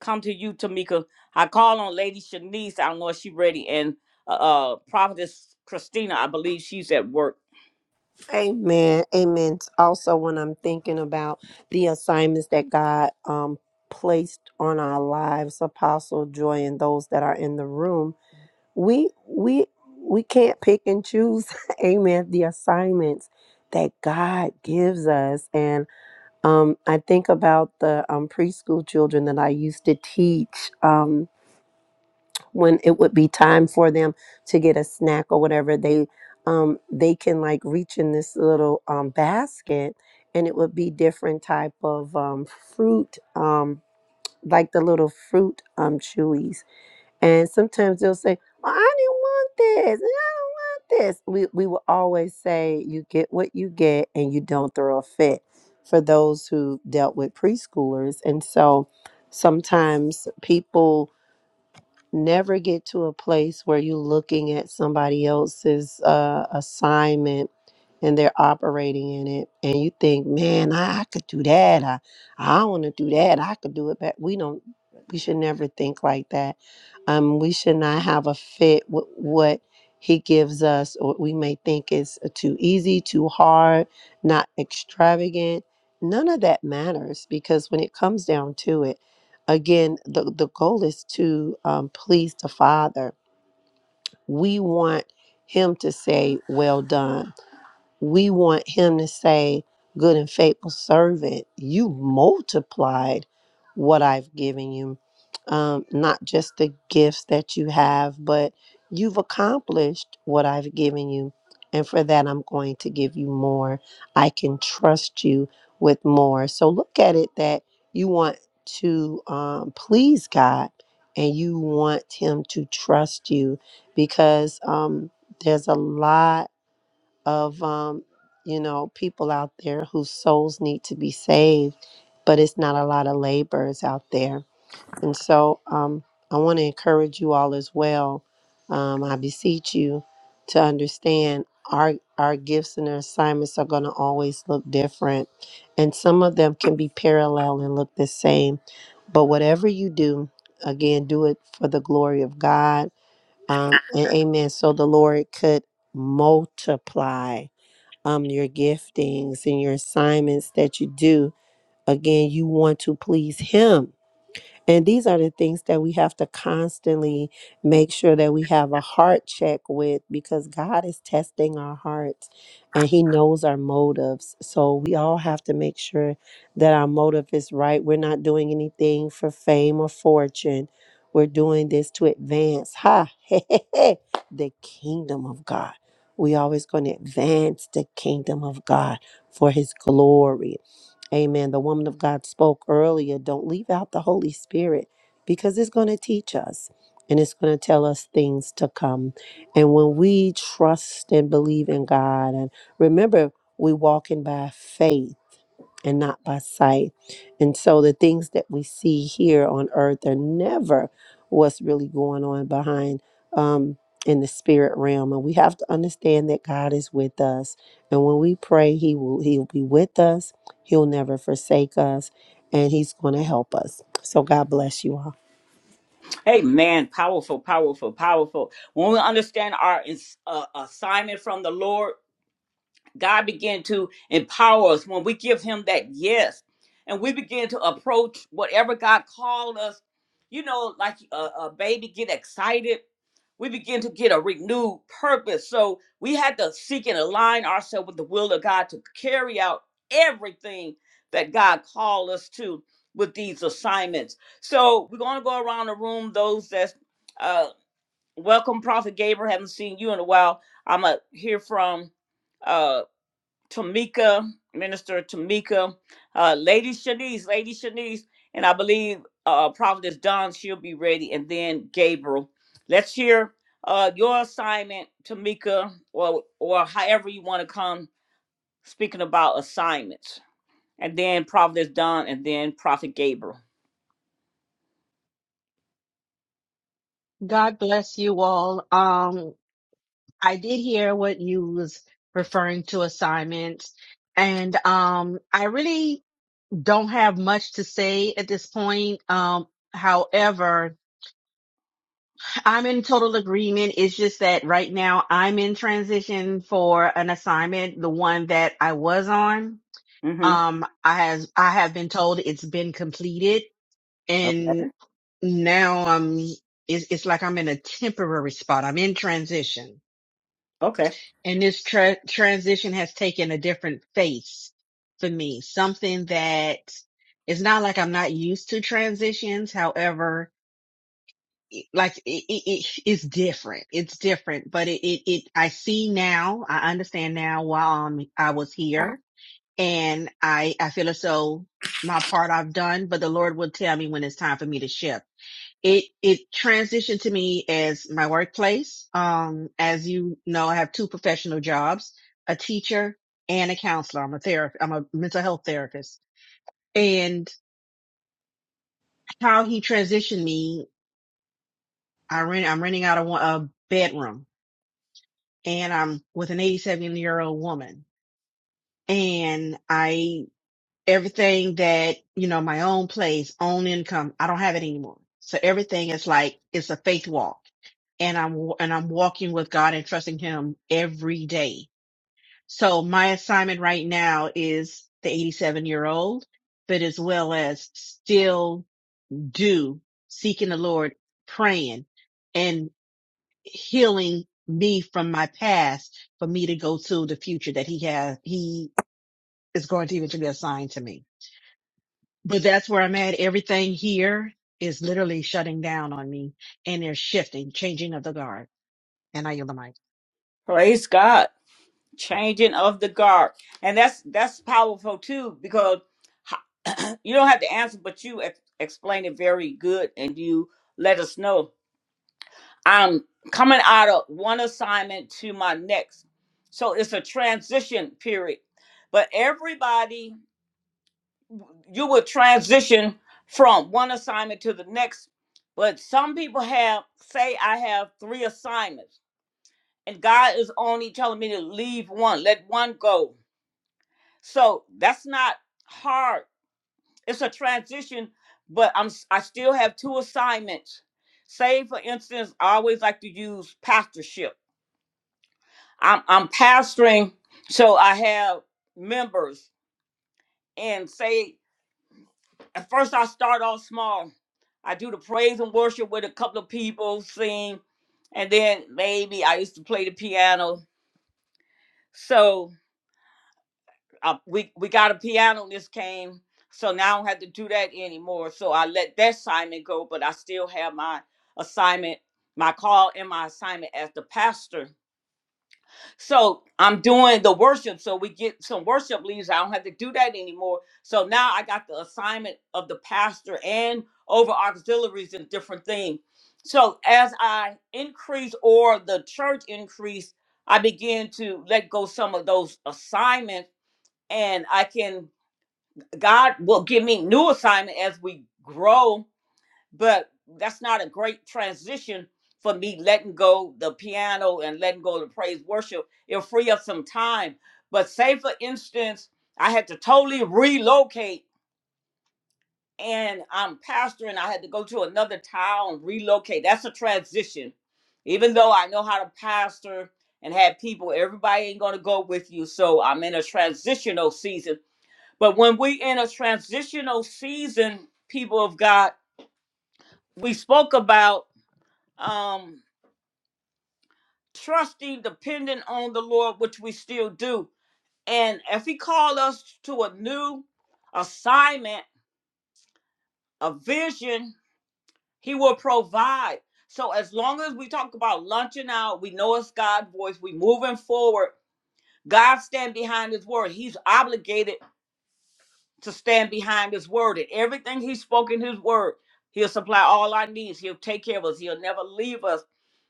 [SPEAKER 1] come to you, Tamika. I call on Lady Shanice. I don't know if she's ready, and uh, uh, Prophetess Christina. I believe she's at work.
[SPEAKER 2] Amen. Amen. Also, when I'm thinking about the assignments that God um, placed on our lives, Apostle Joy, and those that are in the room, we we we can't pick and choose amen the assignments that god gives us and um i think about the um preschool children that i used to teach um when it would be time for them to get a snack or whatever they um they can like reach in this little um basket and it would be different type of um fruit um like the little fruit um chewies and sometimes they'll say well, I didn't want this this. We we will always say you get what you get and you don't throw a fit for those who dealt with preschoolers. And so sometimes people Never get to a place where you're looking at somebody else's uh, assignment and they're operating in it, and you think, "Man, I, I could do that. I, I want to do that. I could do it." But we don't. We should never think like that. Um, we should not have a fit with what He gives us. or we may think is uh, too easy, too hard, not extravagant. None of that matters because when it comes down to it again the, the goal is to um, please the father we want him to say well done we want him to say, Good and faithful servant, you multiplied what I've given you. Um, not just the gifts that you have, but you've accomplished what I've given you. And for that, I'm going to give you more. I can trust you with more. So look at it that you want to um, please God and you want Him to trust you because um, there's a lot of um, you know people out there whose souls need to be saved, but it's not a lot of laborers out there. And so um, I want to encourage you all as well. Um, I beseech you to understand our our gifts and our assignments are going to always look different, and some of them can be parallel and look the same. But whatever you do, again, do it for the glory of God. Um, and amen. So the Lord could multiply um, your giftings and your assignments that you do. Again, you want to please Him and these are the things that we have to constantly make sure that we have a heart check with because God is testing our hearts and He knows our motives. So we all have to make sure that our motive is right. We're not doing anything for fame or fortune. We're doing this to advance, ha, hey, hey, hey, the kingdom of God. We always going to advance the kingdom of God for His glory. Amen. The woman of God spoke earlier. Don't leave out the Holy Spirit because it's going to teach us and it's going to tell us things to come. And when we trust and believe in God, and remember, we walking by faith and not by sight. And so the things that we see here on earth are never what's really going on behind um in the spirit realm. And we have to understand that God is with us. And when we pray, He will He'll be with us. He'll never forsake us. And He's gonna help us. So God bless you all.
[SPEAKER 1] Hey, man, powerful, powerful, powerful. When we understand our ins- uh, assignment from the Lord. God began to empower us when we give Him that yes, and we begin to approach whatever God called us. You know, like a, a baby get excited, we begin to get a renewed purpose. So we had to seek and align ourselves with the will of God to carry out everything that God called us to with these assignments. So we're going to go around the room. Those that's uh, welcome, Prophet Gabriel. Haven't seen you in a while. I'm gonna hear from. uh, Tamika, Minister Tamika, uh, Lady Shanice, Lady Shanice, and I believe uh, Prophetess Don, she'll be ready, and then Gabriel. Let's hear uh, your assignment, Tamika, or or however you want to come speaking about assignments, and then Prophetess Don, and then Prophet Gabriel.
[SPEAKER 5] God bless you all. Um, I did hear what you was referring to assignments, and um, I really don't have much to say at this point. Um, however, I'm in total agreement. It's just that right now I'm in transition for an assignment, the one that I was on.
[SPEAKER 1] Mm-hmm.
[SPEAKER 5] Um, I has I have been told it's been completed,
[SPEAKER 1] Okay.
[SPEAKER 5] and now I'm. It's, it's like I'm in a temporary spot. I'm in transition.
[SPEAKER 1] Okay.
[SPEAKER 5] and this tra- transition has taken a different face for me something that it's not like i'm not used to transitions however it- like it, it, it it's different it's different but it, it it i see now i understand now while I'm, i was here and i i feel as though my part i've done but the lord will tell me when it's time for me to shift it it transitioned to me as my workplace. Um, as you know, I have two professional jobs: a teacher and a counselor. I'm a therapist. I'm a mental health therapist. And how he transitioned me, I rent. I'm renting out a, a bedroom, and I'm with an 87 year old woman, and I everything that you know my own place own income i don't have it anymore so everything is like it's a faith walk and i'm wa- and i'm walking with god and trusting him every day so my assignment right now is the 87 year old but as well as still do seeking the lord praying and healing me from my past for me to go to the future that he has he is going to eventually assign to me But that's where I'm at. Everything here is literally shutting down on me and they're shifting, changing of the guard. And I yield the mic.
[SPEAKER 1] Praise God. changing of the guard and that's that's powerful too because ho- you don't have to answer but you ex- explain it very good and you let us know i'm coming out of one assignment to my next so it's a transition period but everybody you would transition from one assignment to the next but some people have say i have three assignments and god is only telling me to leave one let one go So that's not hard. It's a transition, but I'm s- I still have two assignments. Say for instance, I always like to use pastorship. I'm I'm pastoring, so I have members. And say at first I start off small. I do the praise and worship with a couple of people sing, and then maybe I used to play the piano. So uh, we we got a piano this came, so now I don't have to do that anymore. So I let that assignment go, but I still have my assignment, my call, and my assignment as the pastor. So I'm doing the worship, so we get some worship leads. I don't have to do that anymore. So now I got the assignment of the pastor and over auxiliaries and different things. So as I increase or the church increase, I begin to let go some of those assignments and I can God will give me new assignment as we grow, but that's not a great transition for me letting go the piano and letting go the praise worship. It'll free up some time. But say for instance, I had to totally relocate and I'm pastoring. I had to go to another town, relocate. That's a transition. Even though I know how to pastor and have people, everybody ain't gonna go with you. So I'm in a transitional season but when we in a transitional season, people of God, we spoke about um trusting, depending on the Lord, which we still do. And if he called us to a new assignment, a vision, he will provide. So as long as we talk about launching out, we know it's God's voice, we moving forward. God stand behind his word. He's obligated to stand behind his word and everything he spoke in his word he'll supply all our needs he'll take care of us he'll never leave us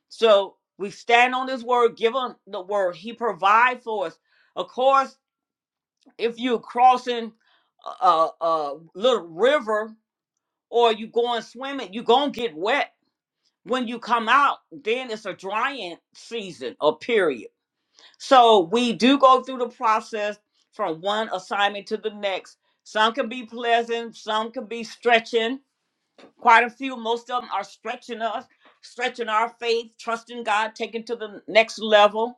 [SPEAKER 1] so we stand on his word give him the word he provide for us of course if you're crossing a, a little river or you going swimming you're going to get wet when you come out then it's a drying season or period so we do go through the process from one assignment to the next. Some can be pleasant, some can be stretching. Quite a few, most of them are stretching us, stretching our faith, trusting God, taking to the next level.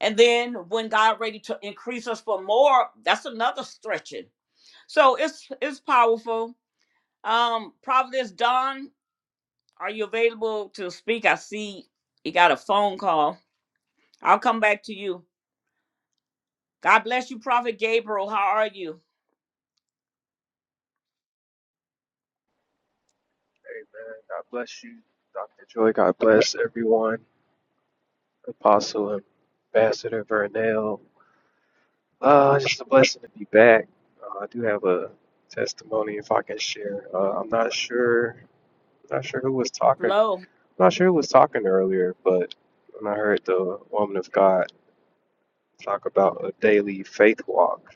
[SPEAKER 1] And then when God ready to increase us for more, that's another stretching. So it's it's powerful. Um, Providence Don, are you available to speak? I see you got a phone call. I'll come back to you. God bless you, Prophet Gabriel. How are you?
[SPEAKER 6] Amen. God bless you, Dr. Joy. God bless everyone, Apostle and Ambassador Vernell. Uh, it's just a blessing to be back. Uh, I do have a testimony if I can share. Uh, I'm not sure. Not sure who was talking. I'm
[SPEAKER 1] Flow.
[SPEAKER 6] not sure who was talking earlier, but when I heard the woman of God talk about a daily faith walk,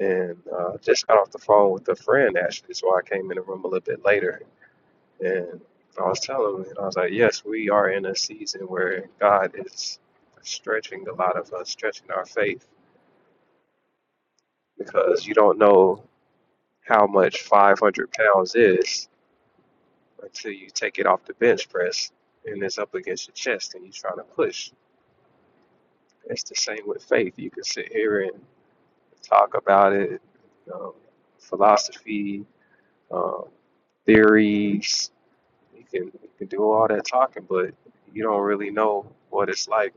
[SPEAKER 6] and uh, just got off the phone with a friend actually, so I came in the room a little bit later And I was telling him, and I was like, yes, we are in a season where God is stretching a lot of us, stretching our faith, because you don't know how much 500 pounds is until you take it off the bench press and it's up against your chest and you're trying to push. It's the same with faith. You can sit here and talk about it, um, philosophy, um, theories. You can, you can do all that talking, but you don't really know what it's like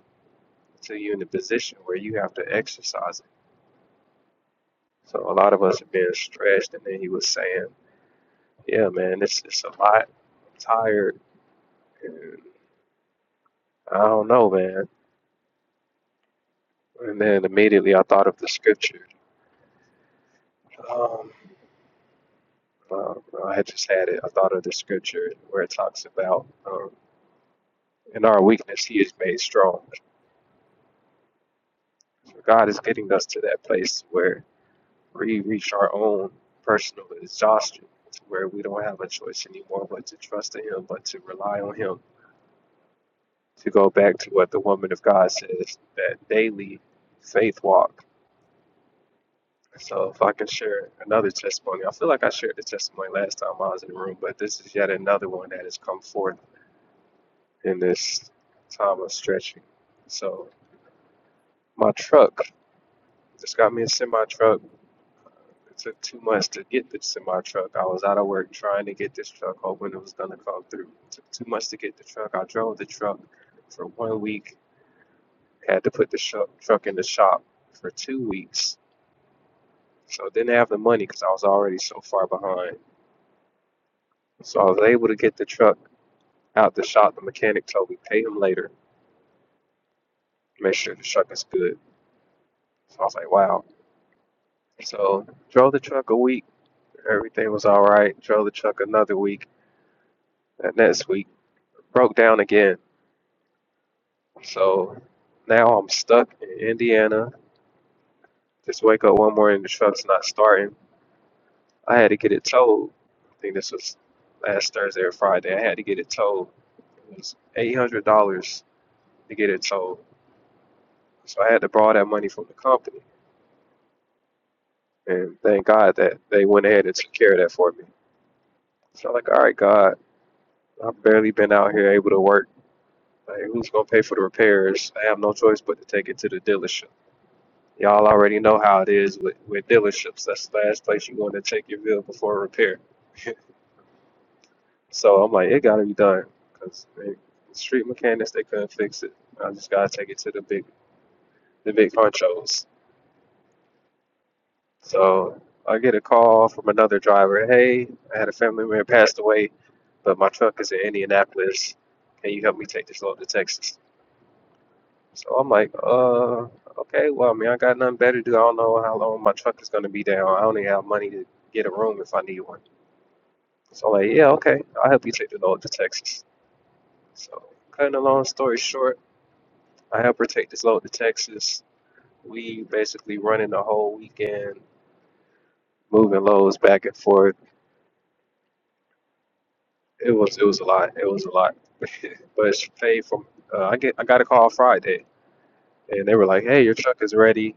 [SPEAKER 6] to you in a position where you have to exercise it. So a lot of us are being stretched, and then he was saying, "Yeah, man, it's it's a lot. I'm tired, and I don't know, man." And then immediately I thought of the scripture. Um, uh, I had just had it. I thought of the scripture where it talks about, um, "In our weakness, He is made strong." So God is getting us to that place where we reach our own personal exhaustion, to where we don't have a choice anymore but to trust in Him, but to rely on Him to go back to what the woman of God says that daily faith walk. So, if I can share another testimony, I feel like I shared the testimony last time I was in the room, but this is yet another one that has come forth in this time of stretching. So, my truck just got me a semi truck. It took two months to get the semi truck. I was out of work trying to get this truck, hoping it was going to come through. It took two months to get the truck. I drove the truck for one week, had to put the sho- truck in the shop for two weeks So I didn't have the money because I was already so far behind. So I was able to get the truck out the shop. The mechanic told me pay him later, make sure the truck is good. So I was like, wow. So drove the truck a week. Everything was all right. Drove the truck another week. That next week broke down again. So now I'm stuck in Indiana. Just wake up one morning, the truck's not starting. I had to get it towed. I think this was last Thursday or Friday. I had to get it towed. It was eight hundred dollars to get it towed. So I had to borrow that money from the company. And thank God that they went ahead and took care of that for me. So I'm like, all right, God, I've barely been out here able to work. Like, who's going to pay for the repairs? I have no choice but to take it to the dealership. Y'all already know how it is with, with dealerships. That's the last place you want to check your bill before repair. So I'm like, it got to be done. Because the street mechanics, they couldn't fix it. I just got to take it to the big the big honchos. So I get a call from another driver. Hey, I had a family member passed away, but my truck is in Indianapolis. Can you help me take this load to Texas? So I'm like, uh, okay. Well, I mean, I got nothing better to do. I don't know how long my truck is gonna be down. I only have money to get a room if I need one. So I'm like, yeah, okay. I'll help you take the load to Texas. So cutting a long story short, I help her take this load to Texas. We basically running the whole weekend, moving loads back and forth It was it was a lot. It was a lot. But it's paid from uh, I get I got a call Friday, and they were like, "Hey, your truck is ready,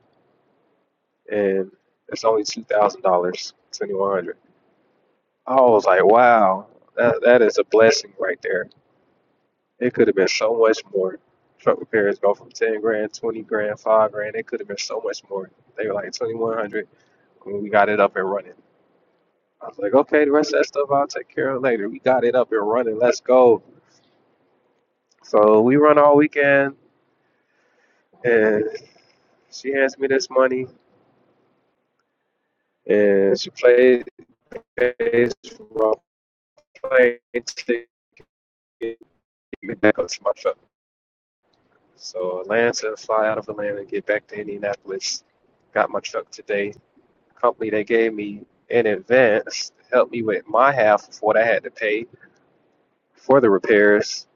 [SPEAKER 6] and it's only two thousand dollars, twenty one hundred." I was like, "Wow, that that is a blessing right there. It could have been so much more. Truck repairs go from ten grand, twenty grand, five grand. It could have been so much more. They were like twenty one hundred when we got it up and running. I was like, "Okay, the rest of that stuff I'll take care of later. We got it up and running. Let's go." So we run all weekend and. She hands me this money and she plays role playing to get me back up to my truck. So Atlanta, fly out of Atlanta, get back to Indianapolis. Got my truck today. Company they gave me in advance to help me with my half of what I had to pay for the repairs.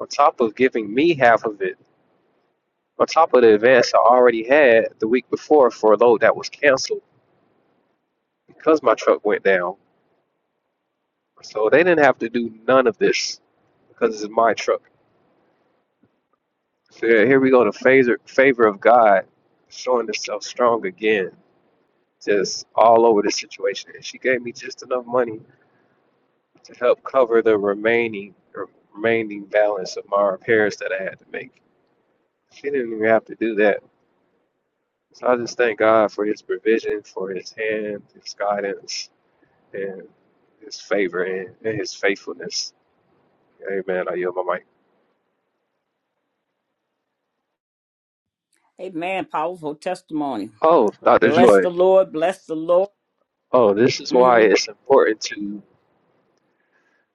[SPEAKER 6] On top of giving me half of it, on top of the advance I already had the week before for a load that was canceled because my truck went down. So they didn't have to do none of this because it's my truck. So yeah, here we go. The favor, favor of God showing itself strong again, just all over the situation. And she gave me just enough money to help cover the remaining remaining balance of my repairs that I had to make. She didn't even have to do that. So I just thank God for His provision, for His hand, His guidance, and His favor and, and His faithfulness. Amen. I yield my mic.
[SPEAKER 1] Amen. Powerful testimony.
[SPEAKER 6] Oh, Dr.
[SPEAKER 1] Bless
[SPEAKER 6] Joy.
[SPEAKER 1] the Lord. Bless the Lord.
[SPEAKER 6] Oh, this is why
[SPEAKER 1] hmm
[SPEAKER 6] it's important to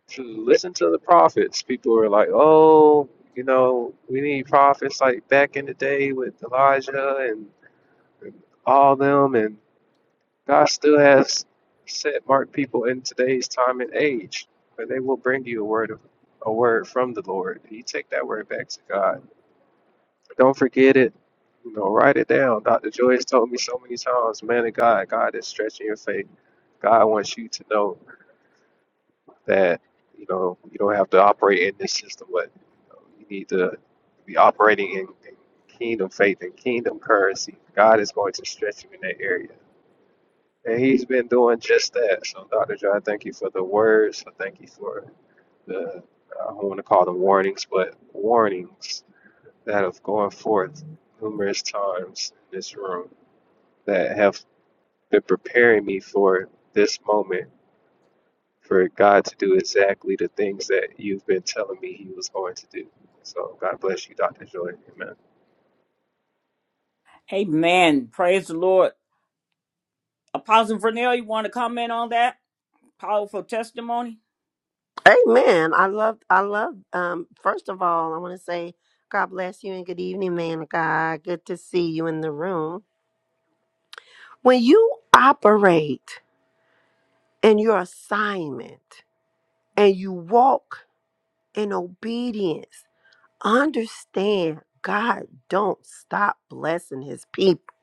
[SPEAKER 6] to listen to the prophets. People are like, oh, you know, we need prophets like back in the day with Elijah and, and all them, and God still has set marked people in today's time and age, but they will bring you a word of a word from the Lord. You take that word back to God. Don't forget it. You know, write it down. Dr. Joyce told me so many times, man of God, God is stretching your faith. God wants you to know that you know you don't have to operate in this system, but you, know, you need to be operating in, in kingdom faith and kingdom currency. God is going to stretch you in that area, and He's been doing just that. So, Doctor John, thank you for the words. I thank you for the I don't want to call them warnings, but warnings that have gone forth numerous times in this room that have been preparing me for this moment for God to do exactly the things that you've been telling me He was going to do. So God bless you, Dr. Joy. Amen.
[SPEAKER 1] Amen. Praise the Lord. Apostle Vernell, you want to comment on that? Powerful testimony.
[SPEAKER 2] Amen. I love I love um first of all I want to say God bless you and good evening, man of God. Good to see you in the room. When you operate and your assignment and you walk in obedience understand god don't stop blessing his people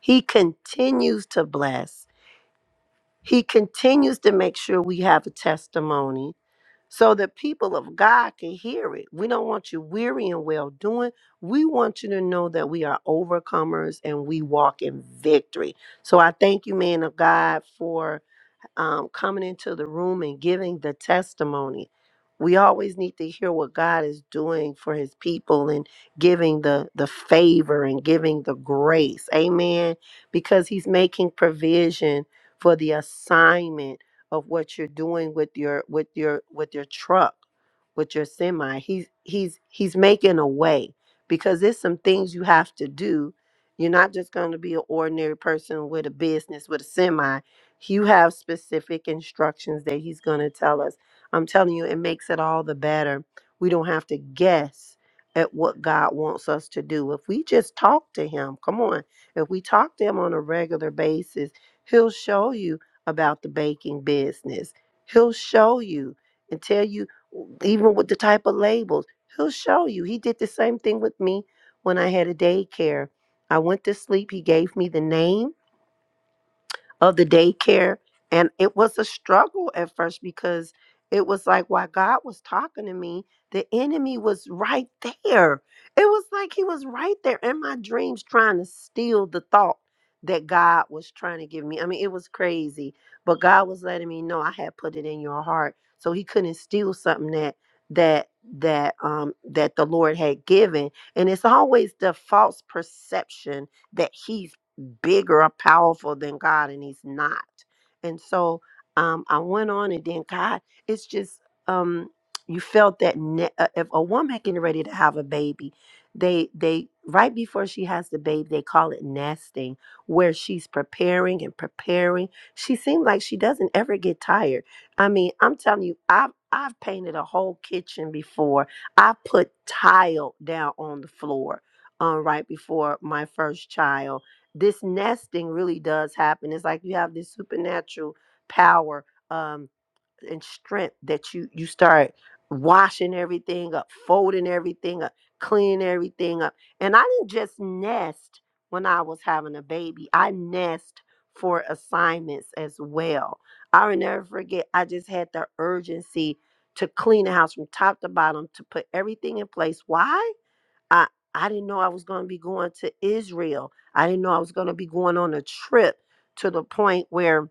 [SPEAKER 2] he continues to bless he continues to make sure we have a testimony so the people of god can hear it we don't want you weary and well doing we want you to know that we are overcomers and we walk in victory so i thank you man of god for um, coming into the room and giving the testimony. We always need to hear what God is doing for his people and giving the the favor and giving the grace. Amen. Because he's making provision for the assignment of what you're doing with your with your with your truck, with your semi. He's he's he's making a way because there's some things you have to do. You're not just going to be an ordinary person with a business with a semi you have specific instructions that He's going to tell us. I'm telling you, it makes it all the better. We don't have to guess at what God wants us to do. If we just talk to Him, come on, if we talk to Him on a regular basis, He'll show you about the baking business. He'll show you and tell you, even with the type of labels, He'll show you. He did the same thing with me when I had a daycare. I went to sleep. He gave me the name of the daycare. And it was a struggle at first because it was like while God was talking to me, the enemy was right there. It was like he was right there in my dreams trying to steal the thought that God was trying to give me. I mean, it was crazy, but God was letting me know I had put it in your heart. So he couldn't steal something that that that um that the Lord had given. And it's always the false perception that he bigger or powerful than God, and he's not. And so um, I went on, and then God, it's just um, you felt that ne- uh, if a woman getting ready to have a baby, they they right before she has the baby, they call it nesting, where she's preparing and preparing. She seemed like she doesn't ever get tired. I mean, I'm telling you, I've I've painted a whole kitchen before. I put tile down on the floor um, right before my first child this nesting really does happen. It's like you have this supernatural power um, and strength that you you start washing everything up, folding everything up, cleaning everything up. And I didn't just nest when I was having a baby. I nest for assignments as well. I will never forget. I just had the urgency to clean the house from top to bottom to put everything in place. Why? I I didn't know I was going to be going to Israel. I didn't know I was going to be going on a trip to the point where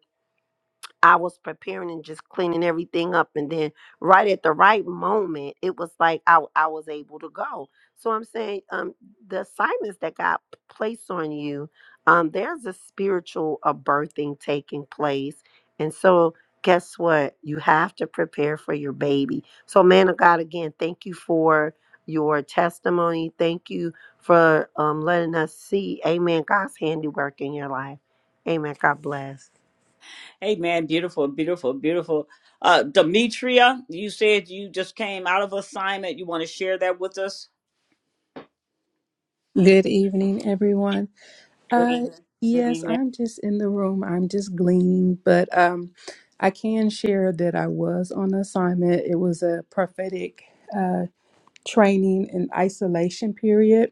[SPEAKER 2] I was preparing and just cleaning everything up. And then right at the right moment, it was like I, I was able to go. So I'm saying um, the assignments that God placed on you, um, there's a spiritual a birthing taking place. And so guess what? You have to prepare for your baby. So man of God, again, thank you for your testimony. Thank you for um, letting us see, amen, God's handiwork in your life. Amen. God bless.
[SPEAKER 1] Amen. Beautiful, beautiful, beautiful. Uh, Demetria, you said you just came out of assignment. You want to share that with us?
[SPEAKER 7] Good evening, everyone. Uh, Good evening.
[SPEAKER 1] Good
[SPEAKER 7] yes,
[SPEAKER 1] evening.
[SPEAKER 7] I'm just in the room. I'm just gleaning, but um, I can share that I was on assignment. It was a prophetic uh, training and isolation period.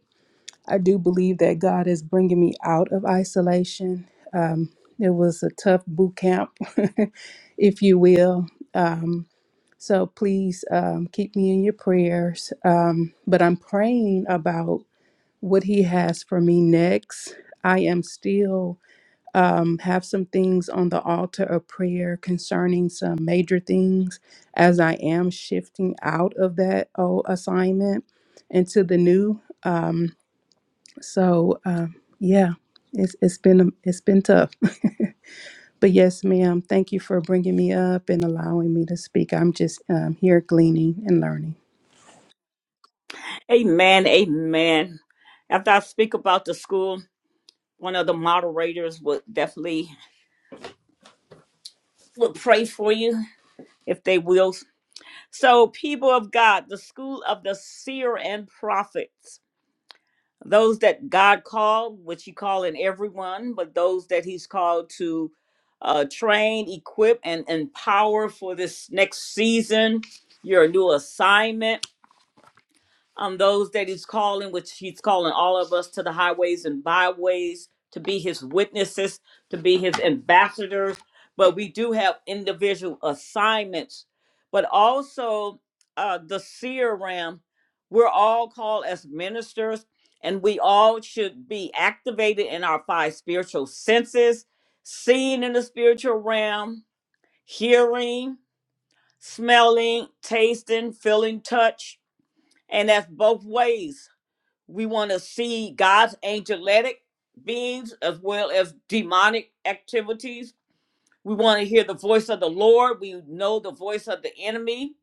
[SPEAKER 7] I do believe that God is bringing me out of isolation. Um, it was a tough boot camp, if you will. Um, so please um, keep me in your prayers. Um, but I'm praying about what he has for me next. I am still um, have some things on the altar of prayer concerning some major things as I am shifting out of that old assignment into the new. So um, yeah, it's it's been um, it's been tough. But yes, ma'am, thank you for bringing me up and allowing me to speak. I'm just um, here gleaning and learning.
[SPEAKER 1] Amen. Amen. After I speak about the school, one of the moderators would definitely would pray for you if they will So, people of God, the school of the seer and prophets, those that God called, which He called in everyone, but those that He's called to uh, train, equip, and empower for this next season, your new assignment um, those that he's calling, which he's calling all of us to the highways and byways to be his witnesses, to be his ambassadors. But we do have individual assignments, but also uh, the seer ram. We're all called as ministers, and we all should be activated in our five spiritual senses, seeing in the spiritual realm, hearing, smelling, tasting, feeling touch, and that's both ways we want to see God's angelic beings as well as demonic activities. We want to hear the voice of the Lord. We know the voice of the enemy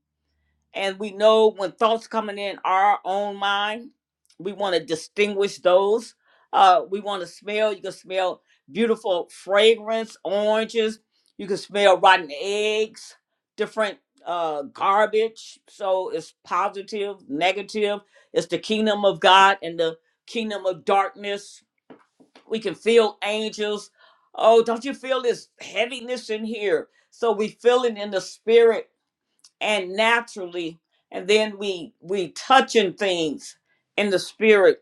[SPEAKER 1] and we know when thoughts coming in our own mind we want to distinguish those uh we want to smell you can smell beautiful fragrance oranges you can smell rotten eggs different uh garbage so it's positive negative it's the kingdom of god and the kingdom of darkness we can feel angels oh don't you feel this heaviness in here so we feel it in the spirit and naturally and then we we touching things in the spirit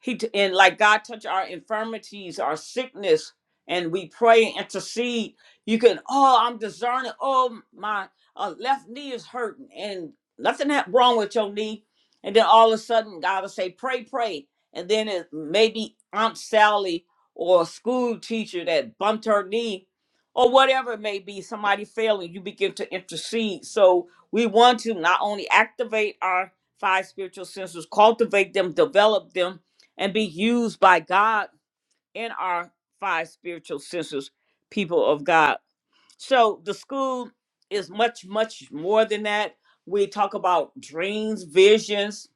[SPEAKER 1] he t- and like God touch our infirmities, our sickness, and we pray and intercede. You can, oh, I'm discerning. Oh, my uh, left knee is hurting, and nothing ha- wrong with your knee. And then all of a sudden, God will say, pray, pray. And then it maybe Aunt Sally or a school teacher that bumped her knee, or whatever it may be, somebody failing. You begin to intercede. So we want to not only activate our five spiritual senses, cultivate them, develop them and be used by God in our five spiritual senses, people of God. So the school is much, much more than that. We talk about dreams, visions,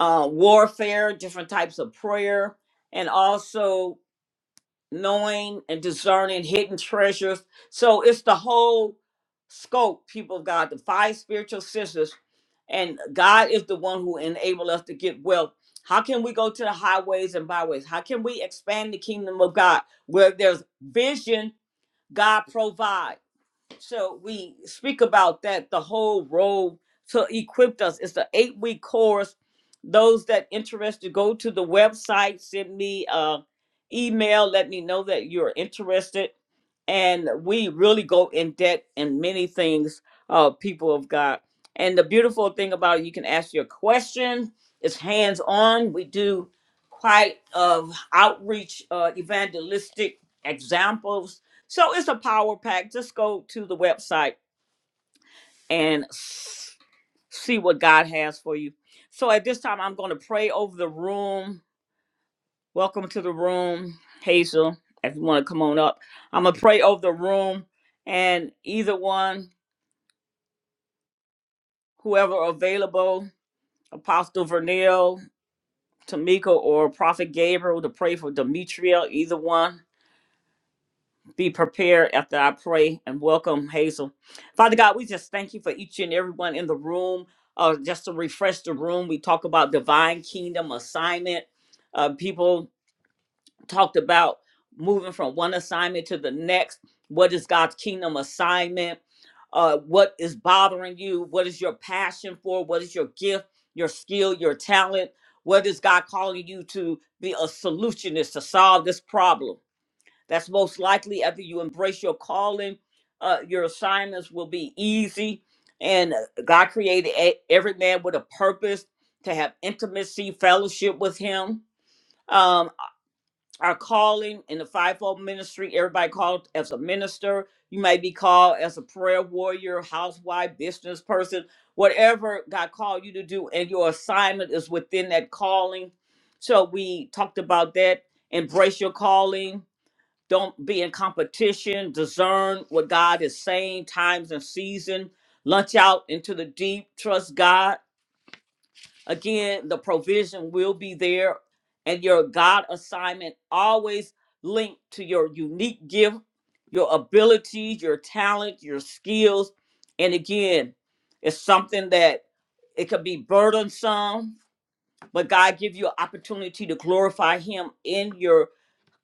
[SPEAKER 1] uh, warfare, different types of prayer, and also knowing and discerning hidden treasures. So it's the whole scope, people of God, the five spiritual senses and God is the one who enable us to get wealth. How can we go to the highways and byways? How can we expand the kingdom of God? Where there's vision, God provides. So we speak about that the whole road to equip us. It's an eight week course. Those that interested, go to the website, send me uh email, let me know that you're interested. And we really go in depth in many things, uh, people of God. And the beautiful thing about it, you can ask your question. It's hands on. We do quite of outreach, uh, evangelistic examples so it's a power pack. Just go to the website and s- see what God has for you. So at this time, I'm going to pray over the room. Welcome to the room, Hazel. If you want to come on up, I'm going to pray over the room and either one, whoever available, Apostle Vernell, Tamika, or Prophet Gabriel to pray for Demetria, either one. be prepared after I pray and welcome Hazel. Father God, we just thank you for each and everyone in the room. Uh, just to refresh the room, we talk about divine kingdom assignment. Uh, people talked about moving from one assignment to the next. What is God's kingdom assignment? Uh, what is bothering you? What is your passion for? What is your gift, your skill, your talent? What is God calling you to be a solutionist to solve this problem? That's most likely after you embrace your calling, uh, your assignments will be easy. And uh, God created e- every man with a purpose to have intimacy, fellowship with Him. Um, our calling in the fivefold ministry, everybody called as a minister. You may be called as a prayer warrior, housewife, business person, whatever God called you to do, and your assignment is within that calling. So we talked about that. Embrace your calling don't be in competition. Discern what God is saying, times and season. Lunch out into the deep. Trust God. Again, the provision will be there. And your God assignment always linked to your unique gift, your abilities, your talent, your skills. And again, it's something that it could be burdensome, but God give you an opportunity to glorify Him in your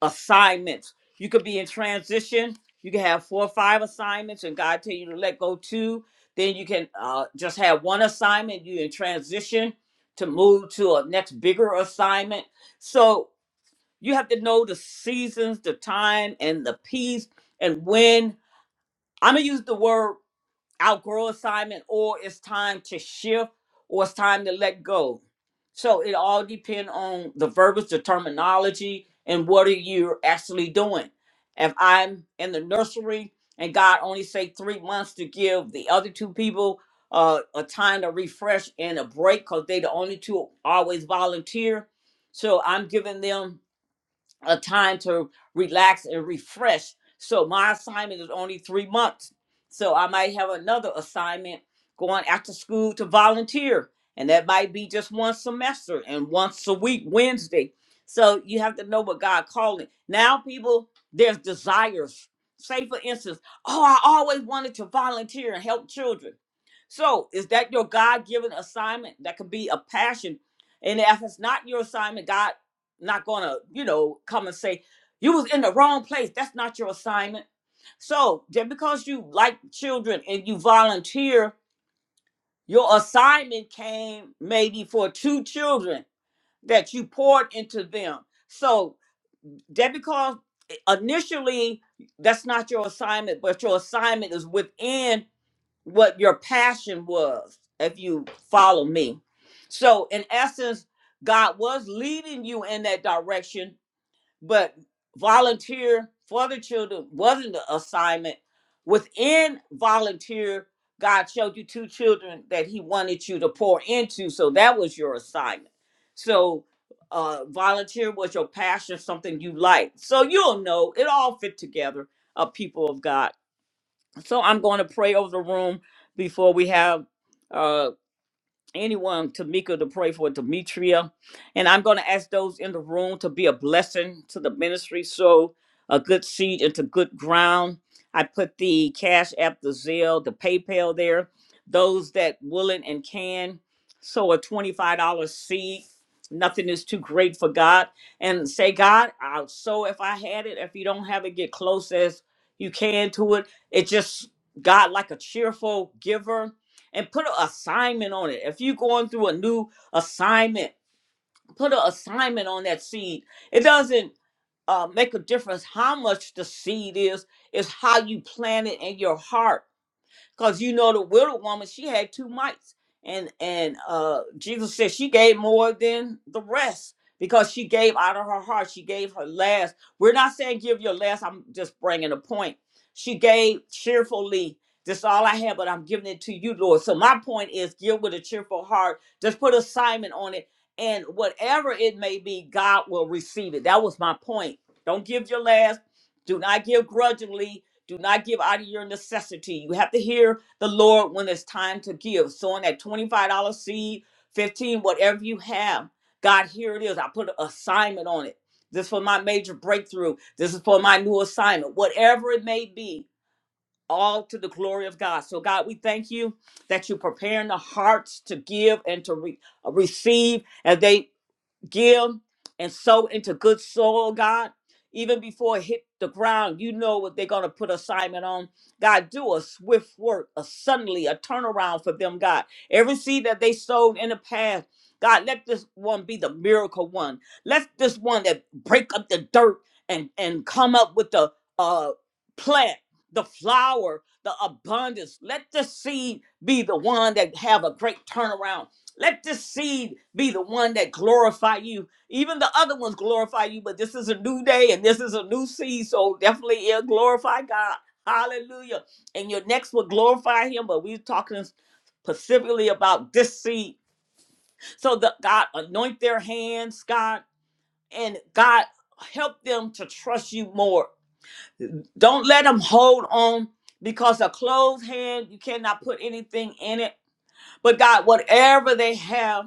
[SPEAKER 1] assignments. You could be in transition. You can have four or five assignments, and God tell you to let go two. Then you can uh, just have one assignment. You in transition to move to a next bigger assignment. So you have to know the seasons, the time, and the piece, and when. I'm gonna use the word outgrow assignment or it's time to shift or it's time to let go. So it all depends on the verbiage, the terminology, and what are you actually doing. If I'm in the nursery and God only say three months to give the other two people uh, a time to refresh and a break because they the only two always volunteer. So I'm giving them a time to relax and refresh. So my assignment is only three months. So I might have another assignment going after school to volunteer. And that might be just one semester and once a week, Wednesday. So you have to know what God calling. Now, people, there's desires. Say, for instance, oh, I always wanted to volunteer and help children. So is that your God given assignment? That could be a passion. And if it's not your assignment, God not gonna, you know, come and say, you was in the wrong place. That's not your assignment. So just because you like children and you volunteer, your assignment came maybe for two children that you poured into them. So just because initially that's not your assignment, but your assignment is within what your passion was, if you follow me. So in essence, God was leading you in that direction but volunteer for the children wasn't the assignment. Within volunteer, God showed you two children that He wanted you to pour into, so that was your assignment. So, uh, volunteer was your passion, something you liked. So you'll know it all fit together, uh, people of God. So I'm going to pray over the room before we have. uh, anyone, Tamika, to pray for Demetria. And I'm going to ask those in the room to be a blessing to the ministry. So a good seed into good ground. I put the Cash App, the Zelle, the PayPal there. Those that willing and can sow a $25 seed. Nothing is too great for God. And say, God, I'll sow if I had it. If you don't have it, get close as you can to it. It just, God, like a cheerful giver and put an assignment on it. If you're going through a new assignment, put an assignment on that seed. It doesn't uh, make a difference how much the seed is, it's how you plant it in your heart because you know the widow woman she had two mites, and and uh, Jesus said she gave more than the rest because she gave out of her heart. She gave her last. We're not saying give your last. I'm just bringing a point. She gave cheerfully. This is all I have, but I'm giving it to you, Lord. So my point is, give with a cheerful heart. Just put assignment on it, and whatever it may be, God will receive it. That was my point. Don't give your last. Do not give grudgingly do not give out of your necessity. You have to hear the Lord when it's time to give. Sowing that $25 seed, 15, whatever you have. God, here it is. I put an assignment on it. This is for my major breakthrough. This is for my new assignment. Whatever it may be, all to the glory of God. So, God, we thank you that you're preparing the hearts to give and to re- uh, receive as they give and sow into good soil, God. Even before it hit the ground, you know what they're going to put assignment on. God, do a swift work, a suddenly, a turnaround for them, God. Every seed that they sowed in the past, God, let this one be the miracle one. Let this one that break up the dirt and, and come up with the uh, plant, the flower, the abundance. Let the seed be the one that have a great turnaround. Let this seed be the one that glorify you. Even the other ones glorify you, but this is a new day and this is a new seed, so definitely it'll glorify God. Hallelujah. And your next will glorify him, but we're talking specifically about this seed. So that God anoint their hands, God, and God help them to trust you more. Don't let them hold on because a closed hand, you cannot put anything in it. But God, whatever they have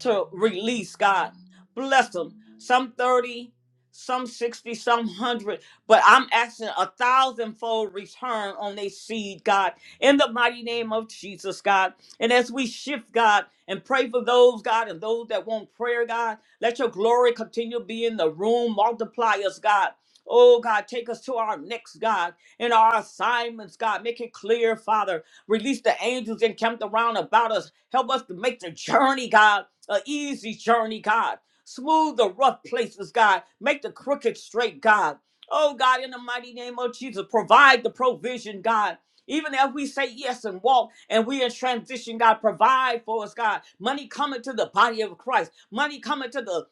[SPEAKER 1] to release, God. Bless them. Some 30, some 60, some 100, but I'm asking a thousandfold return on their seed, God, in the mighty name of Jesus, God. And as we shift, God, and pray for those, God, and those that want prayer, God, let your glory continue to be in the room. Multiply us, God. Oh, God, take us to our next, God, and our assignments, God. Make it clear, Father. Release the angels encamped around about us. Help us to make the journey, God an easy journey, God. Smooth the rough places, God. Make the crooked straight, God. Oh, God, in the mighty name of Jesus, provide the provision, God. Even if we say yes and walk and we in transition, God, provide for us, God. Money coming to the body of Christ. Money coming to the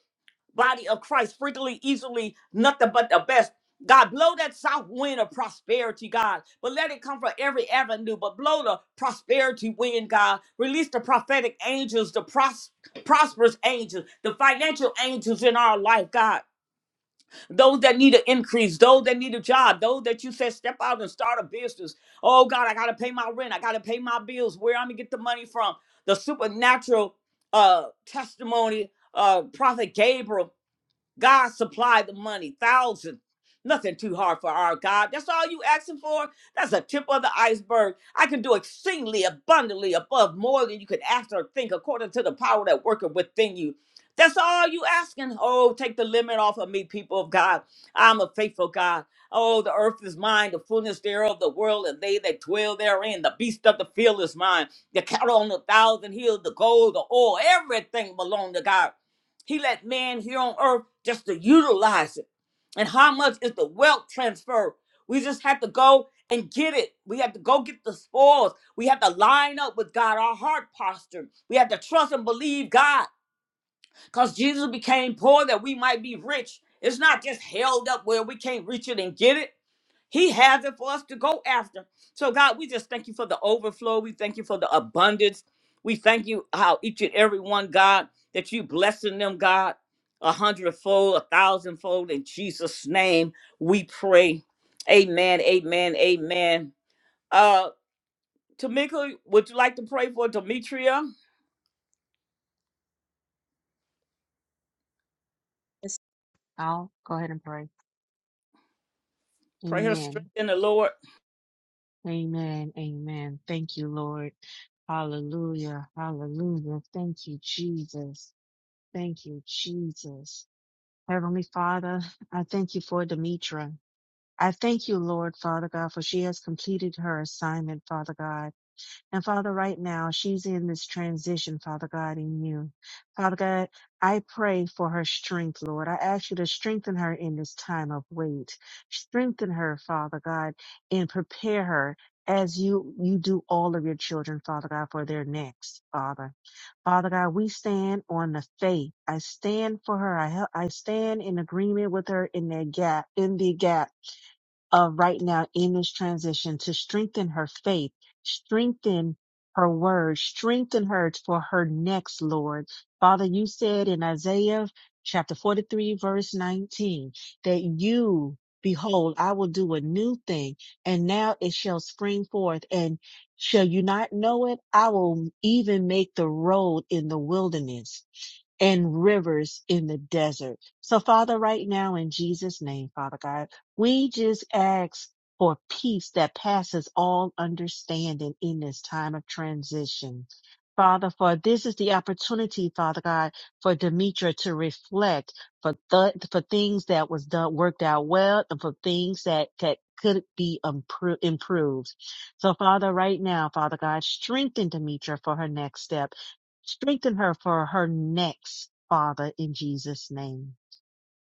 [SPEAKER 1] body of Christ frequently, easily, nothing but the best. God, blow that south wind of prosperity, God, but let it come from every avenue. But blow the prosperity wind, God. Release the prophetic angels, the pros- prosperous angels, the financial angels in our life, God. Those that need an increase, those that need a job, those that you said step out and start a business. Oh, God, I got to pay my rent. I got to pay my bills. Where I'm going to get the money from? The supernatural uh, testimony, uh, Prophet Gabriel. God supply the money, thousands. Nothing too hard for our God. That's all you asking for. That's a tip of the iceberg. I can do exceedingly abundantly above more than you could ask or think, according to the power that worketh within you. That's all you asking. Oh, take the limit off of me, people of God. I'm a faithful God. Oh, the earth is mine, the fullness thereof, the world, and they that dwell therein. The beast of the field is mine. The cattle on the thousand hills, the gold, the oil, everything belong to God. He let man here on earth just to utilize it. And how much is the wealth transfer? We just have to go and get it. We have to go get the spoils. We have to line up with God, our heart posture. We have to trust and believe God because Jesus became poor that we might be rich. It's not just held up where we can't reach it and get it. He has it for us to go after. So, God, we just thank you for the overflow. We thank you for the abundance. We thank you how each and every one, God, that you blessing them, God, a hundredfold, a thousandfold. In Jesus' name, we pray. Amen, amen, amen. Uh, Tamika, would you like to pray for Demetria?
[SPEAKER 5] Yes. I'll go ahead and pray.
[SPEAKER 1] Pray her strength
[SPEAKER 5] Amen.
[SPEAKER 1] in the Lord.
[SPEAKER 5] Amen. Amen. Thank you, Lord. Hallelujah. Hallelujah. Thank you, Jesus. Thank you, Jesus. Heavenly Father, I thank you for Demetra. I thank you, Lord, Father God, for she has completed her assignment, Father God. And Father, right now, she's in this transition, Father God, in you. Father God, I pray for her strength, Lord. I ask you to strengthen her in this time of wait. Strengthen her, Father God, and prepare her as you, you do all of your children, Father God, for their next, Father. Father God, we stand on the faith. I stand for her. I help, I stand in agreement with her in that gap, in the gap uh, right now in this transition to strengthen her faith, strengthen her word, strengthen her for her next, Lord. Father, you said in Isaiah chapter 43, verse 19, that you, behold, I will do a new thing, and now it shall spring forth. And shall you not know it? I will even make the road in the wilderness and rivers in the desert. So Father, right now in Jesus name, Father God, we just ask for peace that passes all understanding in this time of transition. Father, for this is the opportunity, Father God, for Demetra to reflect for th- for things that was done worked out well and for things that that could be impro- improved. So Father, right now, Father God, strengthen Demetra for her next step Strengthen her for her next, Father, in Jesus' name.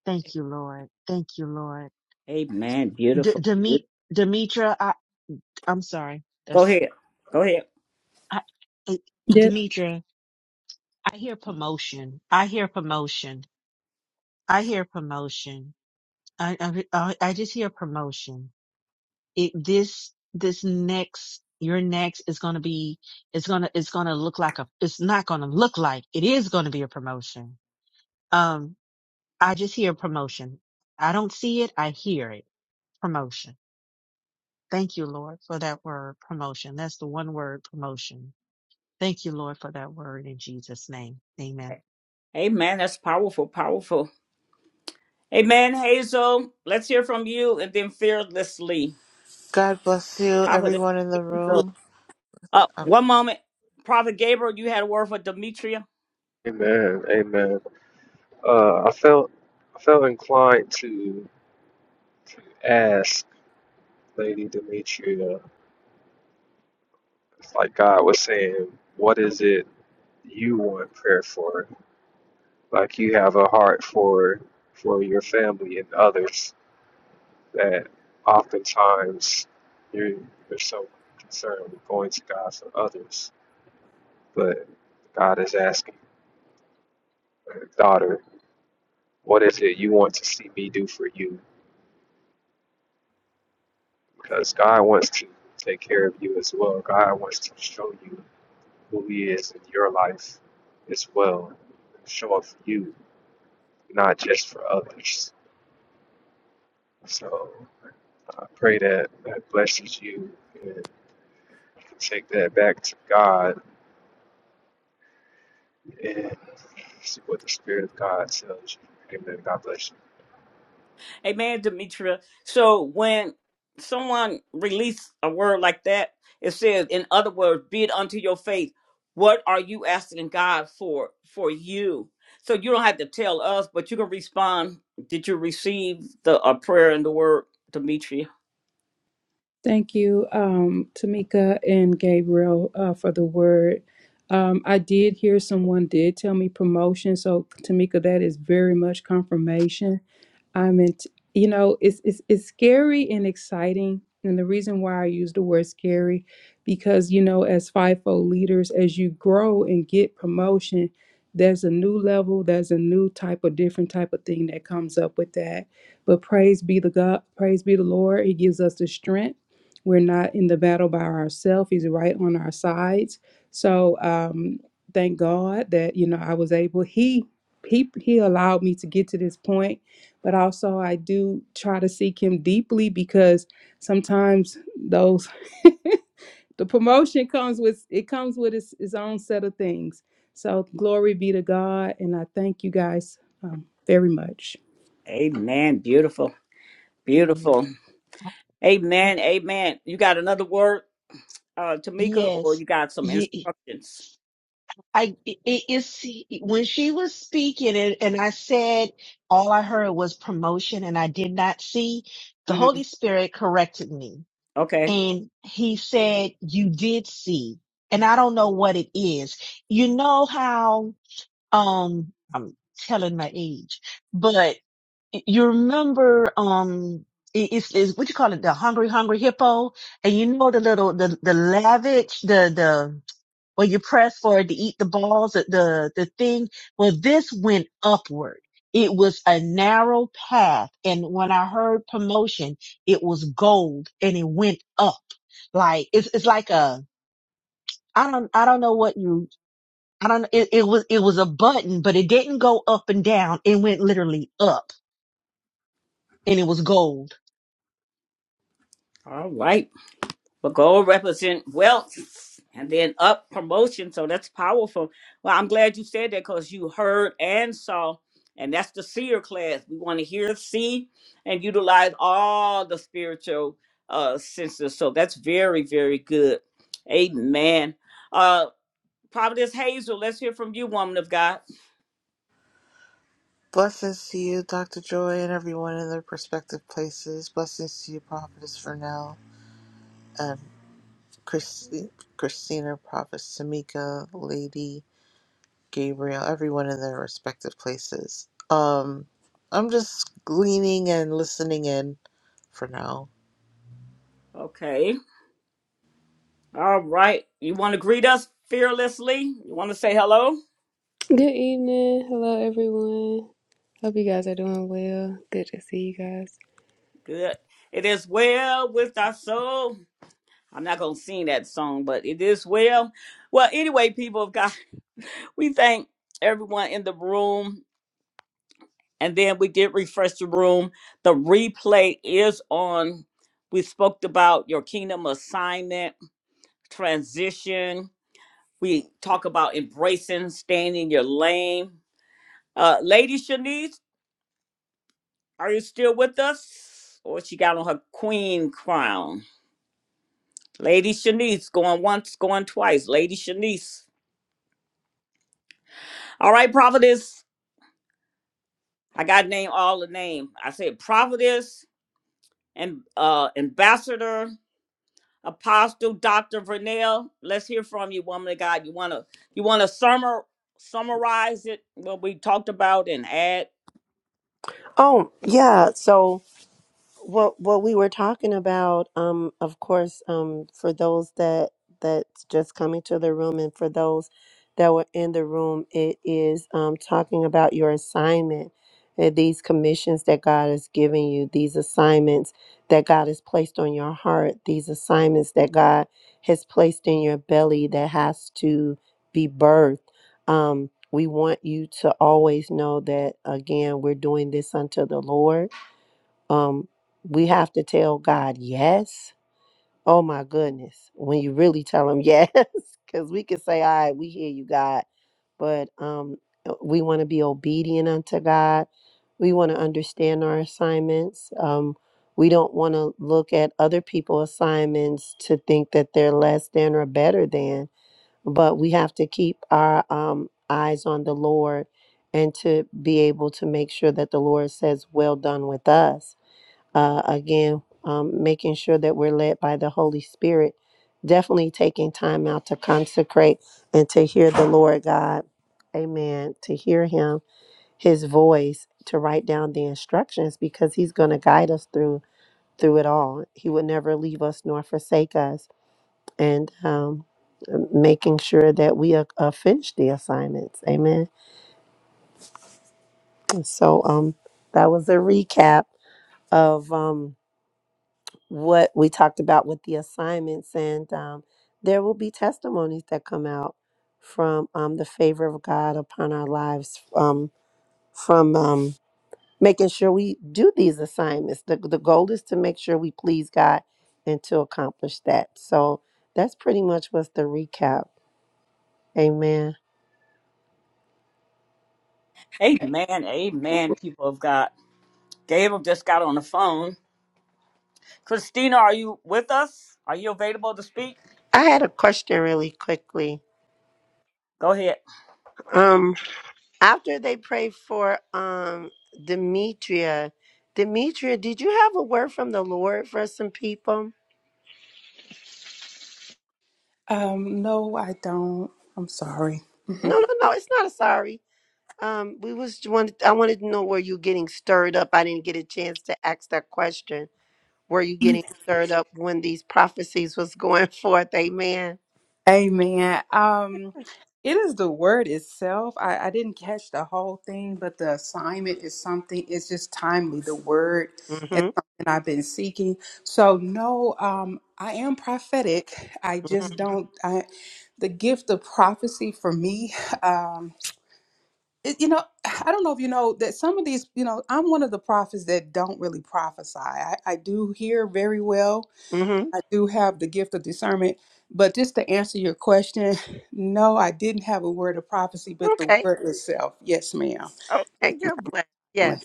[SPEAKER 5] Thank you, Lord. Thank you, Lord.
[SPEAKER 1] Amen.
[SPEAKER 5] D-
[SPEAKER 1] Beautiful.
[SPEAKER 5] Demi- Demetra, I, I'm sorry.
[SPEAKER 1] Go
[SPEAKER 5] That's
[SPEAKER 1] ahead. Go ahead.
[SPEAKER 5] I, I- Demetra. I hear promotion. I hear promotion. I hear promotion. I, I, I I just hear promotion. It, this, this next, your next is going to be, it's going to, it's going to look like a, it's not going to look like, it is going to be a promotion. Um. I just hear promotion. I don't see it. I hear it. Promotion. Thank you, Lord, for that word, promotion. That's the one word, promotion. Thank you, Lord, for that word in Jesus' name. Amen.
[SPEAKER 1] Amen. That's powerful, powerful. Amen, Hazel. Let's hear from you and then fearlessly.
[SPEAKER 8] God bless you,
[SPEAKER 1] Prophet
[SPEAKER 8] everyone in the
[SPEAKER 1] Hazel.
[SPEAKER 8] room.
[SPEAKER 1] Uh,
[SPEAKER 8] Uh,
[SPEAKER 1] one moment. Prophet Gabriel, you had a word for Demetria.
[SPEAKER 6] Amen. Amen. Uh, I felt I felt inclined to ask Lady Demetria, it's like God was saying, what is it you want prayer for? Like you have a heart for for your family and others that oftentimes you're, you're so concerned with going to God for others, but God is asking. daughter, what is it you want to see me do for you? Because God wants to take care of you as well. God wants to show you who He is in your life as well. Show up for you, not just for others. So I pray that that blesses you and you can take that back to God and see what the Spirit of God tells you. Amen. God bless you.
[SPEAKER 1] Amen, Demetria. So when someone released a word like that, it says, in other words, be it unto your faith. What are you asking God for for you? So you don't have to tell us, but you can respond. Did you receive the a prayer and the word, Demetria?
[SPEAKER 7] Thank you, um, Tamika and Gabriel, uh, for the word. Um, I did hear someone did tell me promotion, so Tamika, that is very much confirmation. I'm in, you know, it's, it's it's scary and exciting, and the reason why I use the word scary, because you know, as FIFO leaders, as you grow and get promotion, there's a new level, there's a new type of different type of thing that comes up with that. But praise be the God, praise be the Lord, He gives us the strength we're not in the battle by ourselves. He's right on our sides. So um, thank God that you know I was able. He he he allowed me to get to this point, but also I do try to seek Him deeply because sometimes those the promotion comes with it comes with its, its own set of things. So glory be to God, and I thank you guys um, very much.
[SPEAKER 1] Amen. Beautiful.
[SPEAKER 5] Mm,
[SPEAKER 1] Beautiful. Amen. Amen. You got another word, uh, Tamika, or
[SPEAKER 5] Yes.
[SPEAKER 1] you got some
[SPEAKER 5] Ye- e,
[SPEAKER 1] instructions?
[SPEAKER 5] I it is when she was speaking and, and I said all I heard was promotion and I did not see the
[SPEAKER 1] hmm
[SPEAKER 5] Holy Spirit corrected me
[SPEAKER 1] Okay.
[SPEAKER 5] and he said you did see and I don't know what it is. You know how Um, I'm telling my age, but you remember, um, it- it's, it's what you call it, the hungry, hungry hippo, and you know the little, the the lavish, the the where you press for it to eat the balls, the the the thing. Well, this went upward. It was a narrow path, and when I heard promotion, it was gold, and it went up. Like it's it's like a I don't I don't know what you I don't know. it, it was it was a button, but it didn't go up and down. It went literally up and it was gold.
[SPEAKER 1] All right. But gold represent wealth and then up promotion. So that's powerful. Well, I'm glad you said that because you heard and saw. And that's the seer class. We want to hear, see, and utilize all the spiritual uh, senses. So that's very, very good. Amen. Uh, Providence Hazel, let's hear from you, woman of God.
[SPEAKER 8] blessings to you, Dr. Joy, and everyone in their respective places. Blessings to you, Prophetess Vernell, and Christi- Christina, Prophet Samika, Lady Gabriel, everyone in their respective places. Um, I'm just gleaning and listening in for now.
[SPEAKER 1] Okay. All right. You want to greet us fearlessly? You want to say hello?
[SPEAKER 9] Good evening. Hello, everyone. Hope you guys are doing well. Good to see you guys.
[SPEAKER 1] Good. It is well with our soul. I'm not going to sing that song, but it is well. Well, anyway, people of God, we thank everyone in the room. And then we did refresh the room. The replay is on. We spoke about your kingdom assignment, transition. We talk about embracing, staying in your lane. Uh, Lady Shanice, Are you still with us? Or she got on her queen crown. Lady Shanice going once, going twice. Lady Shanice. All right, prophetess. I got to name all the name. I said prophetess and uh ambassador, apostle, Dr. Vernell. Let's hear from you, woman of God. You wanna you wanna summer summarize it what we talked about and add?
[SPEAKER 2] Oh, yeah. So, well, well, we were talking about, um, of course, um, for those that that's just coming to the room, and for those that were in the room, it is um, talking about your assignment, and these commissions that God has given you, these assignments that God has placed on your heart, these assignments that God has placed in your belly that has to be birthed. Um, we want you to always know that again, we're doing this unto the Lord um we have to tell god yes oh my goodness when you really tell him yes because we can say all right we hear you god but um uh, we want to be obedient unto god we want to understand our assignments um we don't want to look at other people's assignments to think that they're less than or better than but we have to keep our um eyes on the lord and to be able to make sure that the lord says well done with us uh, again, um, making sure that we're led by the Holy Spirit, definitely taking time out to consecrate and to hear the Lord God. Amen. To hear Him, His voice, to write down the instructions because He's going to guide us through through it all. He would never leave us nor forsake us, and um, making sure that we uh, uh, finish the assignments. Amen. So um, that was a recap of. Um, what we talked about with the assignments, and um, there will be testimonies that come out from um, the favor of God upon our lives um, from um, making sure we do these assignments. The, the goal is to make sure we please God and to accomplish that. So that's pretty much what's the recap. Amen.
[SPEAKER 1] Amen. Amen, people of God. Gabriel just got on the phone. Christina, are you with us? Are you available to speak?
[SPEAKER 2] I had a question really quickly.
[SPEAKER 1] Go ahead.
[SPEAKER 2] Um. After they prayed for um Demetria, Demetria, did you have a word from the Lord for some people?
[SPEAKER 7] Um, no, I don't. I'm sorry.
[SPEAKER 2] No, no, no. It's not a sorry. Um, we was wanted. I wanted to know were you getting stirred up? I didn't get a chance to ask that question. Were you getting stirred up when these prophecies was going forth? Amen.
[SPEAKER 7] Amen. Um, it is the word itself. I, I didn't catch the whole thing, but the assignment is something. It's just timely. The word is
[SPEAKER 2] Mm-hmm.
[SPEAKER 7] something I've been seeking. So no, um, I am prophetic. I
[SPEAKER 2] Mm-hmm.
[SPEAKER 7] just don't. I, the gift of prophecy for me. Um, it, you know, I don't know if you know that some of these. You know, I'm one of the prophets that don't really prophesy. I, I do hear very well,
[SPEAKER 2] hmm
[SPEAKER 7] I do have the gift of discernment. But just to answer your question, no, I didn't have a word of prophecy, but the
[SPEAKER 2] Okay.
[SPEAKER 7] word itself. Yes, ma'am.
[SPEAKER 2] Okay. God bless. Yes.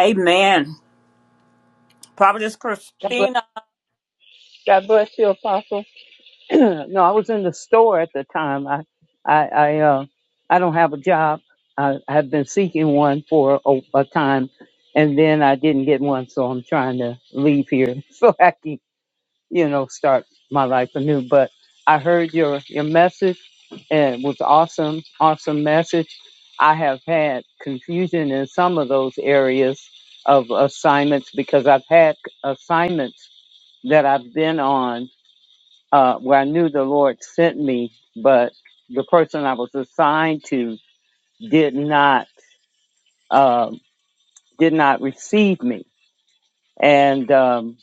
[SPEAKER 1] Amen. Providence
[SPEAKER 3] God bless,
[SPEAKER 1] Christina.
[SPEAKER 3] God bless you, Apostle. no, I was in the store at the time. I, I, I, uh, I don't have a job. I, have been seeking one for a, a time, and then I didn't get one, so I'm trying to leave here so I can you know, start my life anew. But I heard your your message, and it was awesome, awesome message. I have had confusion in some of those areas of assignments because I've had assignments that I've been on uh, where I knew the Lord sent me, but the person I was assigned to did not um, did not receive me, and um,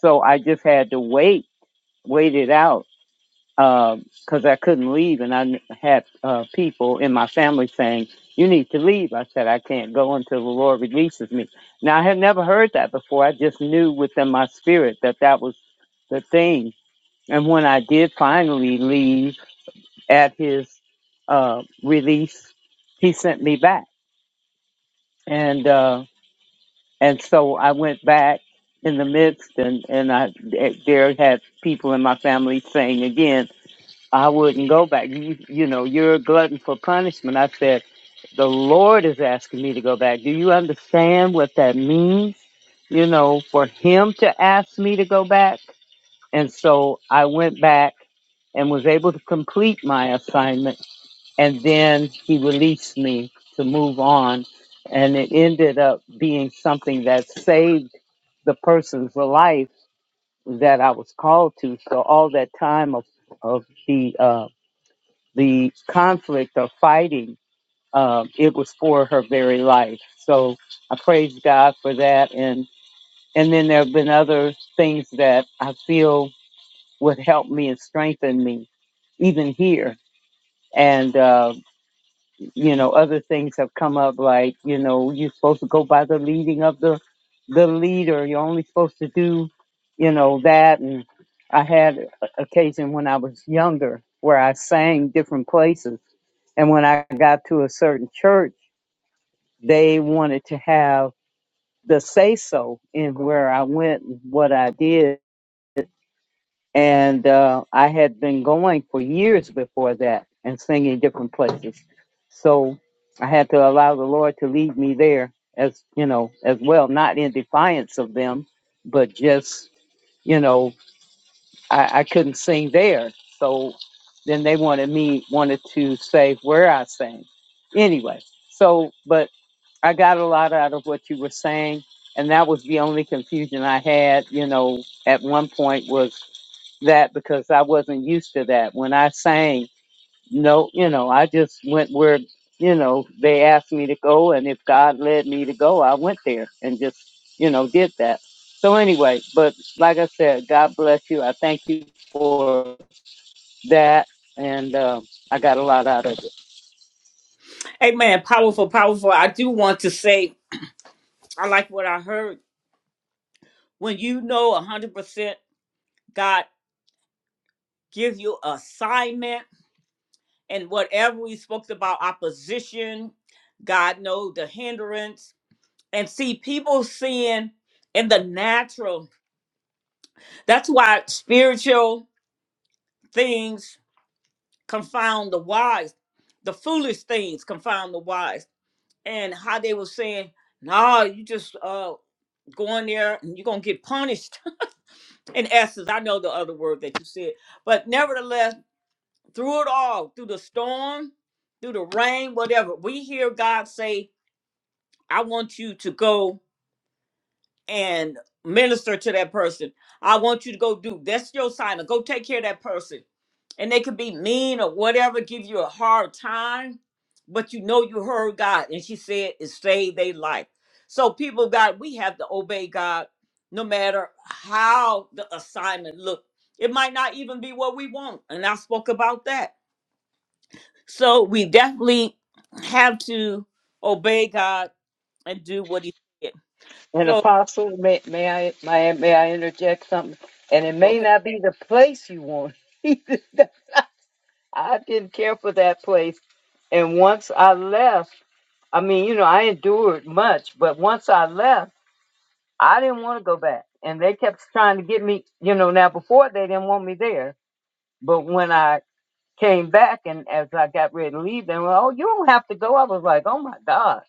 [SPEAKER 3] so I just had to wait, wait it out because I couldn't leave, and I kn- had uh, people in my family saying, "You need to leave." I said, "I can't go until the Lord releases me." Now I had never heard that before. I just knew within my spirit that that was the thing. And when I did finally leave at His uh, release, He sent me back, and uh, and so I went back in the midst, and and I eh, there had people in my family saying again. I wouldn't go back. You, you know, you're a glutton for punishment. I said, the Lord is asking me to go back. Do you understand what that means? You know, for him to ask me to go back. And so I went back and was able to complete my assignment. And then he released me to move on. And it ended up being something that saved the person's life that I was called to. So all that time of, of the, uh, the conflict of fighting, um, it was for her very life. So I praise God for that. And and then there have been other things that I feel would help me and strengthen me, even here. And uh, you know, other things have come up like you know you're supposed to go by the leading of the the leader. You're only supposed to do you know that. And I had a- occasion when I was younger where I sang different places and when I got to a certain church, they wanted to have the say so in where I went and what I did. And uh, I had been going for years before that and singing different places. So I had to allow the Lord to lead me there as, you know, as well, not in defiance of them, but just, you know, I, I couldn't sing there. So then they wanted me, wanted to say where I sang. Anyway, so, but I got a lot out of what you were saying, and that was the only confusion I had, you know, at one point was that because I wasn't used to that. When I sang, no, you know, I just went where, you know, they asked me to go, and if God led me to go, I went there and just, you know, did that. So anyway, but like I said, God bless you. I thank you for that, and um, I got a lot out of it.
[SPEAKER 1] Amen. Powerful, powerful. I do want to say, I like what I heard. When you know 100% God give you assignment and whatever we spoke about opposition, God know the hindrance. And see, people seeing in the natural. That's why spiritual things confound the wise. The foolish things confound the wise and how they were saying, "No, you just uh going there and you're gonna get punished." In essence, I know the other word that you said, but nevertheless, through it all, through the storm, through the rain, whatever, we hear God say, "I want you to go." and minister to that person. I want you to go do that's your sign. Go take care of that person. And they could be mean or whatever, give you a hard time, but you know you heard God. And she said it saved their life. So, people, of God, we have to obey God no matter how the assignment look. It might not even be what we want. And I spoke about that. So we definitely have to obey God and do what he said.
[SPEAKER 3] An
[SPEAKER 1] So
[SPEAKER 3] apostle, may, may I may, I- may I interject something? And it
[SPEAKER 1] go
[SPEAKER 3] may
[SPEAKER 1] ahead.
[SPEAKER 3] not be the place you want. I didn't care for that place. And once I left, I mean, you know, I endured much, but once I left, I didn't want to go back. And they kept trying to get me, you know, now before they didn't want me there. But when I came back and as I got ready to leave, they were, like, oh, you don't have to go. I was like, oh my God.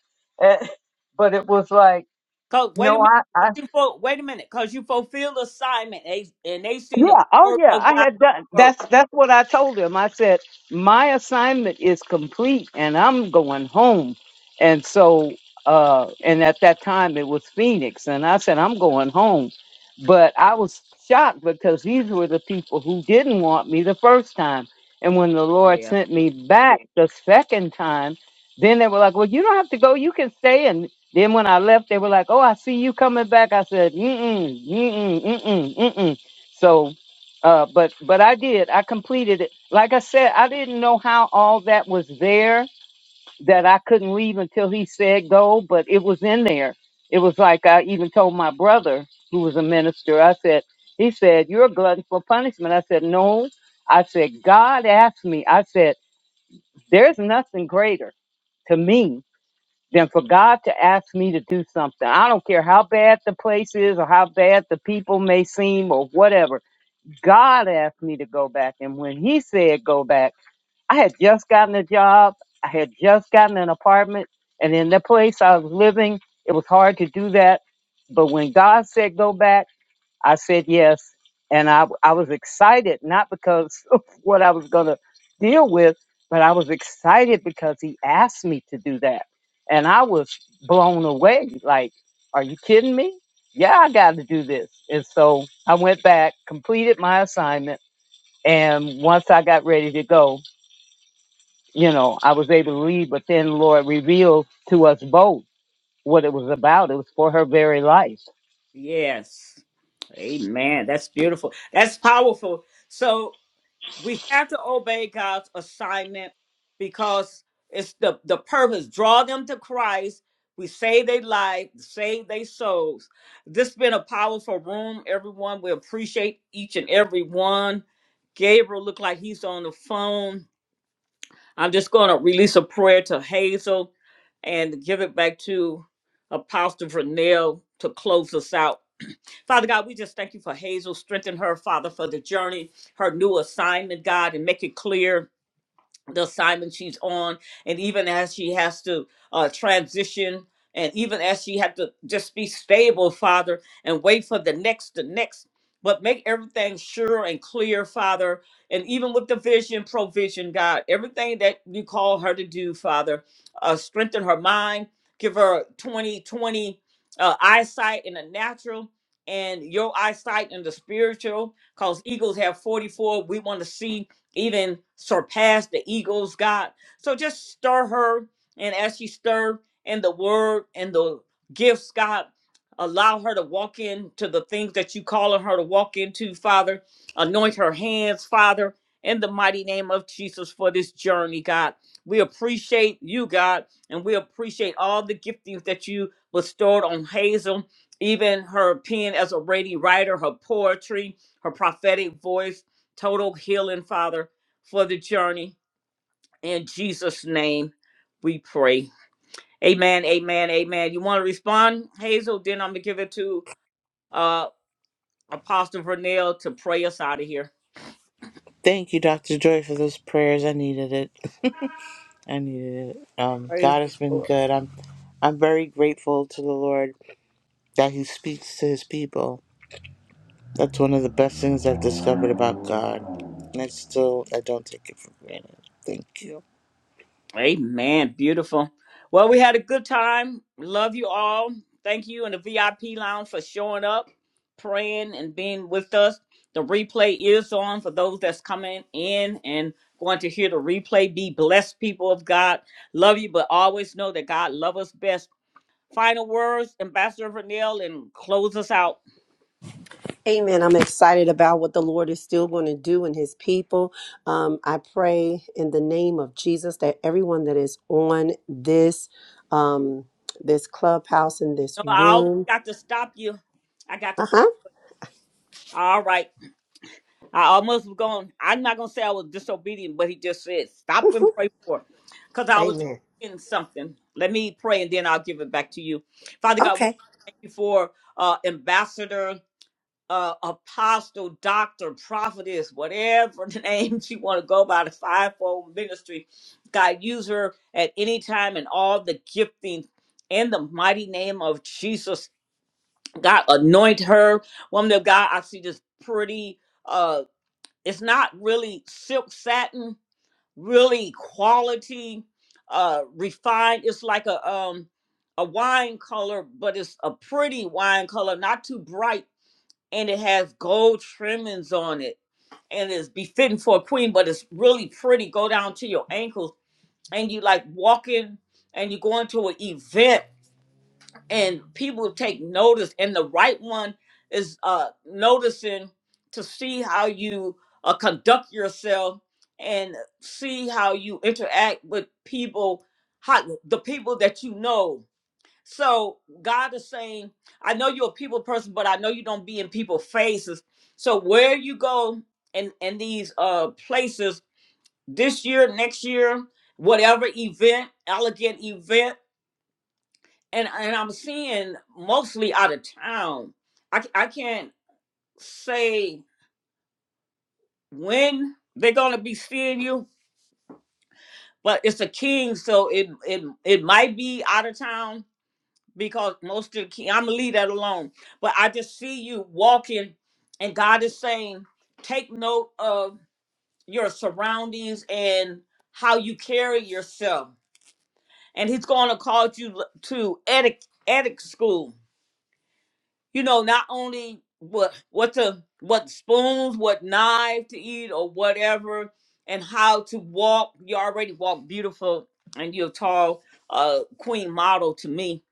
[SPEAKER 3] but it was like,
[SPEAKER 1] Cause wait a
[SPEAKER 3] no,
[SPEAKER 1] minute,
[SPEAKER 3] I,
[SPEAKER 1] 'cause
[SPEAKER 3] I
[SPEAKER 1] you ful- wait a minute, cause you fulfill assignment, they, and they seen the
[SPEAKER 3] Yeah. Oh,
[SPEAKER 1] glory
[SPEAKER 3] yeah.
[SPEAKER 1] of
[SPEAKER 3] I
[SPEAKER 1] God
[SPEAKER 3] had done.
[SPEAKER 1] work.
[SPEAKER 3] That's that's what I told him. I said my assignment is complete, and I'm going home. And so, uh, and at that time it was Phoenix, and I said I'm going home. But I was shocked because these were the people who didn't want me the first time. And when the Lord
[SPEAKER 1] Yeah.
[SPEAKER 3] sent me back the second time, then they were like, "Well, you don't have to go. You can stay." And then when I left, they were like, "Oh, I see you coming back." I said, "Mm mm mm mm mm mm mm." So, uh, but but I did. I completed it. Like I said, I didn't know how all that was there that I couldn't leave until he said go, but it was in there. It was like I even told my brother, who was a minister. I said, he said, "You're a glutton for punishment." I said, "No." I said, "God asked me." I said, "There's nothing greater to me than for God to ask me to do something. I don't care how bad the place is or how bad the people may seem or whatever." God asked me to go back. And when he said go back, I had just gotten a job, I had just gotten an apartment, and in the place I was living, it was hard to do that. But when God said go back, I said yes, and I I was excited not because of what I was going to deal with, but I was excited because he asked me to do that, and I was blown away. Like, are you kidding me? Yeah, I got to do this. And so I went back, completed my assignment, and once I got ready to go, you know, I was able to leave. But then Lord revealed to us both what it was about. It was for her very life
[SPEAKER 1] Yes. Amen. That's beautiful. That's powerful. So we have to obey God's assignment because it's the the purpose. Draw them to Christ. We save their life, save their souls. This has been a powerful room, everyone. We appreciate each and every one. Gabriel looked like he's on the phone. I'm just going to release a prayer to Hazel and give it back to Apostle Vernell to close us out. Father God, we just thank you for Hazel. Strengthen her, Father, for the journey, her new assignment, God, and make it clear the assignment she's on and even as she has to uh, transition and even as she had to just be stable father and wait for the next the next but make everything sure and clear father and even with the vision provision god everything that you call her to do father uh, strengthen her mind give her 2020 uh, eyesight in the natural and your eyesight in the spiritual because eagles have 44 we want to see even surpass the eagles, God. So just stir her. And as she stir in the word and the gifts, God, allow her to walk into the things that you calling her to walk into, Father. Anoint her hands, Father, in the mighty name of Jesus for this journey, God. We appreciate you, God, and we appreciate all the giftings that you bestowed on Hazel, even her pen as a ready writer, her poetry, her prophetic voice total healing, Father, for the journey. In Jesus' name, we pray. Amen, amen, amen. You want to respond, Hazel? Then I'm going to give it to uh, Apostle Vernell to pray us out of here.
[SPEAKER 8] Thank you, Dr. Joy, for those prayers. I needed it. I needed it. Um,
[SPEAKER 1] Praise
[SPEAKER 8] God
[SPEAKER 1] the
[SPEAKER 8] has been
[SPEAKER 1] Lord.
[SPEAKER 8] good. I'm I'm very grateful to the Lord that he speaks to his people. That's one of the best things I've discovered about God. And I still I don't take it for granted. Thank you.
[SPEAKER 1] Amen. Beautiful. Well, we had a good time. Love you all. Thank you in the VIP lounge for showing up, praying, and being with us. The replay is on for those that's coming in and going to hear the replay. Be blessed, people of God. Love you, but always know that God loves us best. Final words, Ambassador Vernell, and close us out.
[SPEAKER 2] Amen. I'm excited about what the Lord is still going to do in his people. Um, I pray in the name of Jesus that everyone that is on this um, this clubhouse in
[SPEAKER 1] You
[SPEAKER 2] this
[SPEAKER 1] I almost
[SPEAKER 2] room.
[SPEAKER 1] got to stop you. I got to pray.
[SPEAKER 2] Uh-huh.
[SPEAKER 1] All right. I almost was going. I'm not gonna say I was disobedient, but he just said, "Stop and
[SPEAKER 2] Mhm.
[SPEAKER 1] pray for," it. because I was just
[SPEAKER 2] Amen.
[SPEAKER 1] in something. Let me pray, and then I'll give it back to you, Father God. We
[SPEAKER 2] Okay.
[SPEAKER 1] thank you for uh, Ambassador, uh, Apostle, Doctor, Prophetess, whatever the name she want to go by, the fivefold ministry. God, use her at any time and all the gifting in the mighty name of Jesus. God, anoint her, woman of God. I see this pretty. uh, it's not really silk satin really quality uh refined it's like a um a wine color but it's a pretty wine color not too bright and it has gold trimmings on it and it's befitting for a queen but it's really pretty go down to your ankles and you like walking and you go into an event and people take notice and the right one is uh noticing to see how you uh, conduct yourself and see how you interact with people how the people that you know so god is saying i know you're a people person but i know you don't be in people's faces so where you go and in in these uh places this year next year whatever event elegant event and and I'm seeing mostly out of town. I c- I can't say when they're gonna be seeing you, but it's a king, so it it it might be out of town because most of the king. I'm gonna leave that alone. But I just see you walking, and God is saying, take note of your surroundings and how you carry yourself, and He's gonna call you l- to etiquette. Etiquette school. you know, not only what what to what spoons, what knife to eat or whatever, and how to walk. You already walk beautiful and you're a tall uh queen model to me.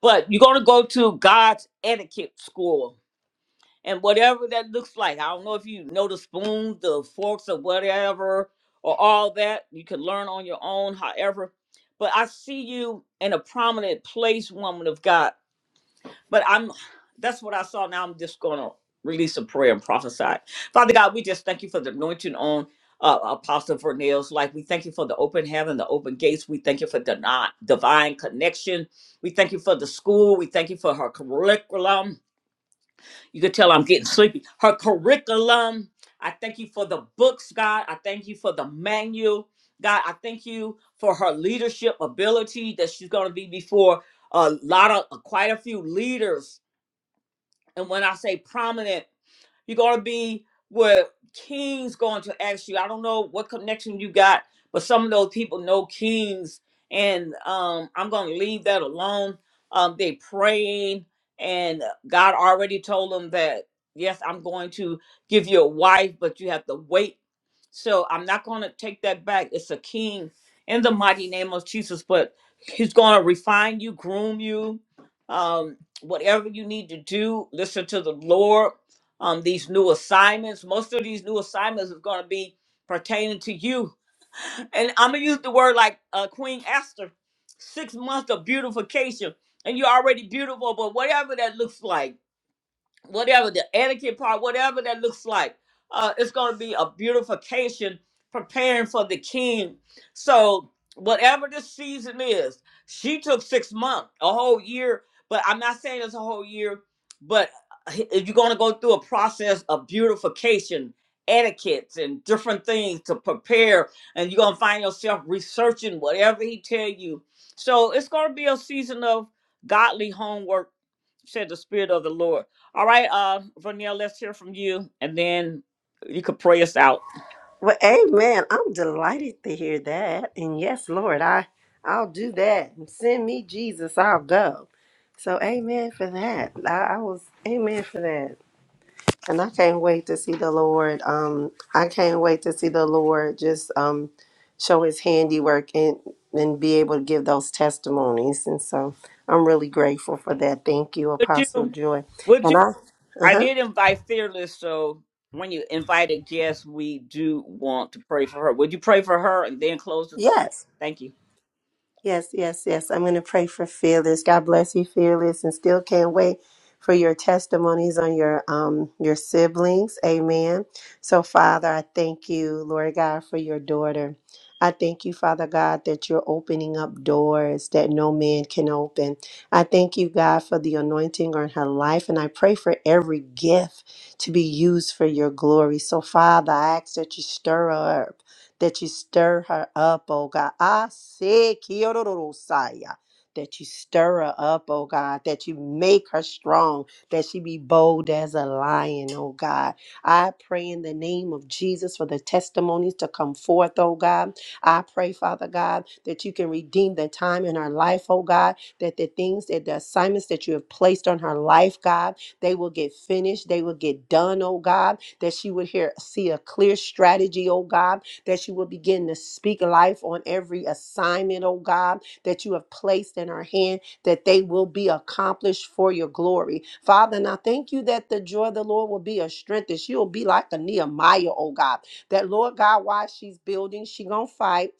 [SPEAKER 1] But you're gonna go to God's etiquette school. And whatever that looks like, I don't know if you know the spoons, the forks, or whatever, or all that. You can learn on your own, however. But I see you in a prominent place, woman of God but I'm that's what I saw. Now I'm just gonna release a prayer and prophesy. Father God, we just thank you for the anointing on uh, Apostle Vernell's life. We thank you for the open heaven, the open gates. We thank you for the not, divine connection. We thank you for the school. We thank you for her curriculum. You can tell I'm getting sleepy. Her curriculum. I thank you for the books, God. I thank you for the manual. God, I thank you for her leadership ability that she's going to be before a lot of quite a few leaders and when I say prominent, you're going to be where King's going to ask you. I don't know what connection you got, but some of those people know King's, and um, I'm going to leave that alone. Um, they praying, and God already told them that yes, I'm going to give you a wife, but you have to wait. So I'm not going to take that back. It's a King in the mighty name of Jesus, but He's going to refine you, groom you. Um, whatever you need to do, listen to the Lord um, these new assignments. Most of these new assignments is going to be pertaining to you. And I'm going to use the word like uh, Queen Esther, six months of beautification. And you're already beautiful, but whatever that looks like, whatever the etiquette part, whatever that looks like. Uh, it's going to be a beautification preparing for the king. So, whatever this season is, she took six months, a whole year, but I'm not saying it's a whole year, but if you're going to go through a process of beautification, etiquettes, and different things to prepare, and you're going to find yourself researching whatever he tell you. So, it's going to be a season of godly homework, said the Spirit of the Lord. All right, uh, Vernell, let's hear from you, and then you could pray us out.
[SPEAKER 2] Well, amen. I'm delighted to hear that. And yes, Lord, I I'll do that. Send me Jesus, I'll go. So amen for that. I, I was amen for that. And I can't wait to see the Lord. Um, I can't wait to see the Lord just um, show His handiwork and and be able to give those testimonies. And so I'm really grateful for that. Thank you,
[SPEAKER 1] Would
[SPEAKER 2] Apostle
[SPEAKER 1] you?
[SPEAKER 2] Joy.
[SPEAKER 1] Would you?
[SPEAKER 2] And I, uh
[SPEAKER 1] I
[SPEAKER 2] huh,
[SPEAKER 1] did invite Fearless, so when you invite a guest, we do want to pray for her. Would you pray for her and then close the?
[SPEAKER 2] yes.
[SPEAKER 1] Thank you.
[SPEAKER 2] Yes, yes, yes. I'm going to pray for Fearless. God bless you, Fearless, and still can't wait for your testimonies on your um your siblings. Amen. So, Father, I thank you, Lord God, for your daughter. I thank you, Father God, that you're opening up doors that no man can open. I thank you, God, for the anointing on her life, and I pray for every gift to be used for your glory. So, Father, I ask that you stir her up that you stir her up, oh God. I say, Kiyororosaya, that you stir her up, oh God, that you make her strong, that she be bold as a lion, oh God. I pray in the name of Jesus for the testimonies to come forth, oh God. I pray, Father God, that you can redeem the time in her life, oh God, that the things that the assignments that you have placed on her life, God, they will get finished, they will get done, oh God, that she would hear see a clear strategy, oh God, that you will begin to speak life on every assignment, oh God, that you have placed in our hand, that they will be accomplished for your glory. Father, and I thank you that the joy of the Lord will be a strength, that she will be like a Nehemiah, oh God, that Lord God, while she's building, she gonna fight.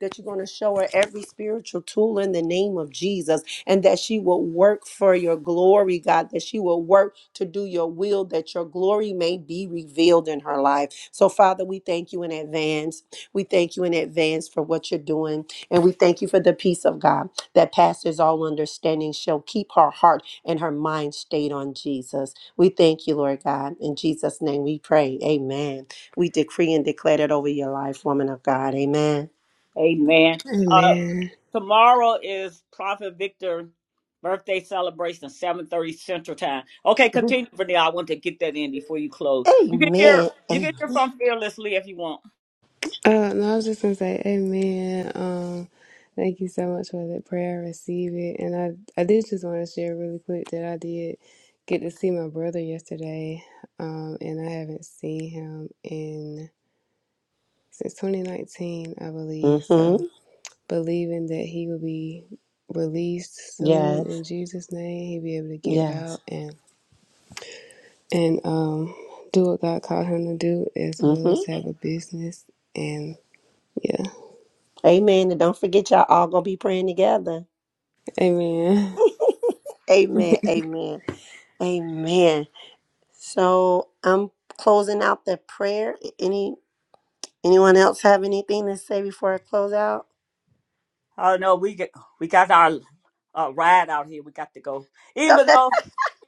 [SPEAKER 2] That you're gonna show her every spiritual tool in the name of Jesus and that she will work for your glory, God, that she will work to do your will, that your glory may be revealed in her life. So, Father, we thank you in advance. We thank you in advance for what you're doing. And we thank you for the peace of God that passes all understanding shall keep her heart and her mind stayed on Jesus. We thank you, Lord God. In Jesus' name we pray. Amen. We decree and declare that over your life, woman of God. Amen.
[SPEAKER 1] Amen. Uh,
[SPEAKER 9] Amen.
[SPEAKER 1] tomorrow is Prophet Victor birthday celebration, seven thirty Central Time. Okay,
[SPEAKER 2] Mhm.
[SPEAKER 1] continue, Vernell. I want to get that in before you close. You can hear.
[SPEAKER 2] Amen.
[SPEAKER 1] You can
[SPEAKER 2] Amen.
[SPEAKER 1] hear from Fearlessly if you want.
[SPEAKER 9] Uh, no, I was just gonna say, Amen. Um, thank you so much for that prayer. I receive it, and I I did just want to share really quick that I did get to see my brother yesterday. Um, and I haven't seen him in since 2019, I believe.
[SPEAKER 2] hmm
[SPEAKER 9] So, believing that he will be released soon
[SPEAKER 2] Yes.
[SPEAKER 9] in Jesus' name, he'll be able to get
[SPEAKER 2] Yes.
[SPEAKER 9] out and and um, do what God called him to do, as well
[SPEAKER 2] hmm
[SPEAKER 9] as have a business. And yeah,
[SPEAKER 2] Amen. And don't forget, y'all all gonna be praying together.
[SPEAKER 9] amen.
[SPEAKER 2] Amen. Amen. Amen. So I'm closing out the prayer. Any anyone else have anything to say before I close out?
[SPEAKER 1] Oh no, we get we got our uh, ride out here. We got to go, even though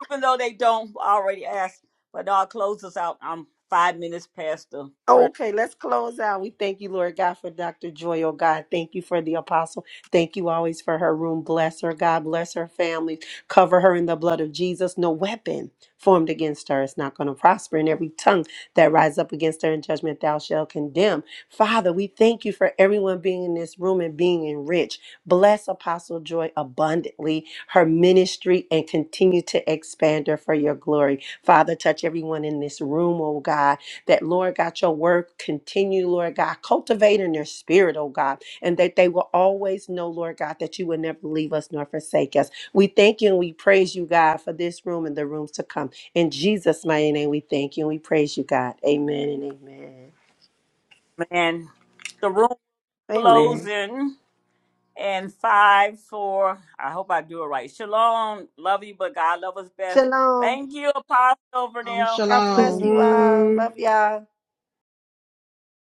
[SPEAKER 1] even though they don't already ask. But no, I'll close us out. I'm five minutes past the prayer.
[SPEAKER 2] Okay, let's close out. We thank you, Lord God, for Dr. Joy, oh God. Thank you for the apostle. Thank you always for her room. Bless her, God. Bless her family. Cover her in the blood of Jesus. No weapon formed against her is not going to prosper. And every tongue that rises up against her in judgment, thou shalt condemn. Father, we thank you for everyone being in this room and being enriched. Bless Apostle Joy abundantly, her ministry, and continue to expand her for your glory. Father, touch everyone in this room, oh God that, Lord God, your word continue, Lord God, cultivate in their spirit, oh God, and that they will always know, Lord God, that you will never leave us nor forsake us. We thank you and we praise you, God, for this room and the rooms to come. In Jesus' mighty name, we thank you and we praise you, God. Amen and amen.
[SPEAKER 1] Man, the room
[SPEAKER 2] Amen.
[SPEAKER 1] closing and five four. I hope I do it right. Shalom, love you, but God love us best.
[SPEAKER 2] Shalom.
[SPEAKER 1] Thank you, Apostle
[SPEAKER 5] Um,
[SPEAKER 1] Vernell.
[SPEAKER 2] God bless
[SPEAKER 5] shalom.
[SPEAKER 2] you all.
[SPEAKER 9] Shalom.
[SPEAKER 2] Love y'all.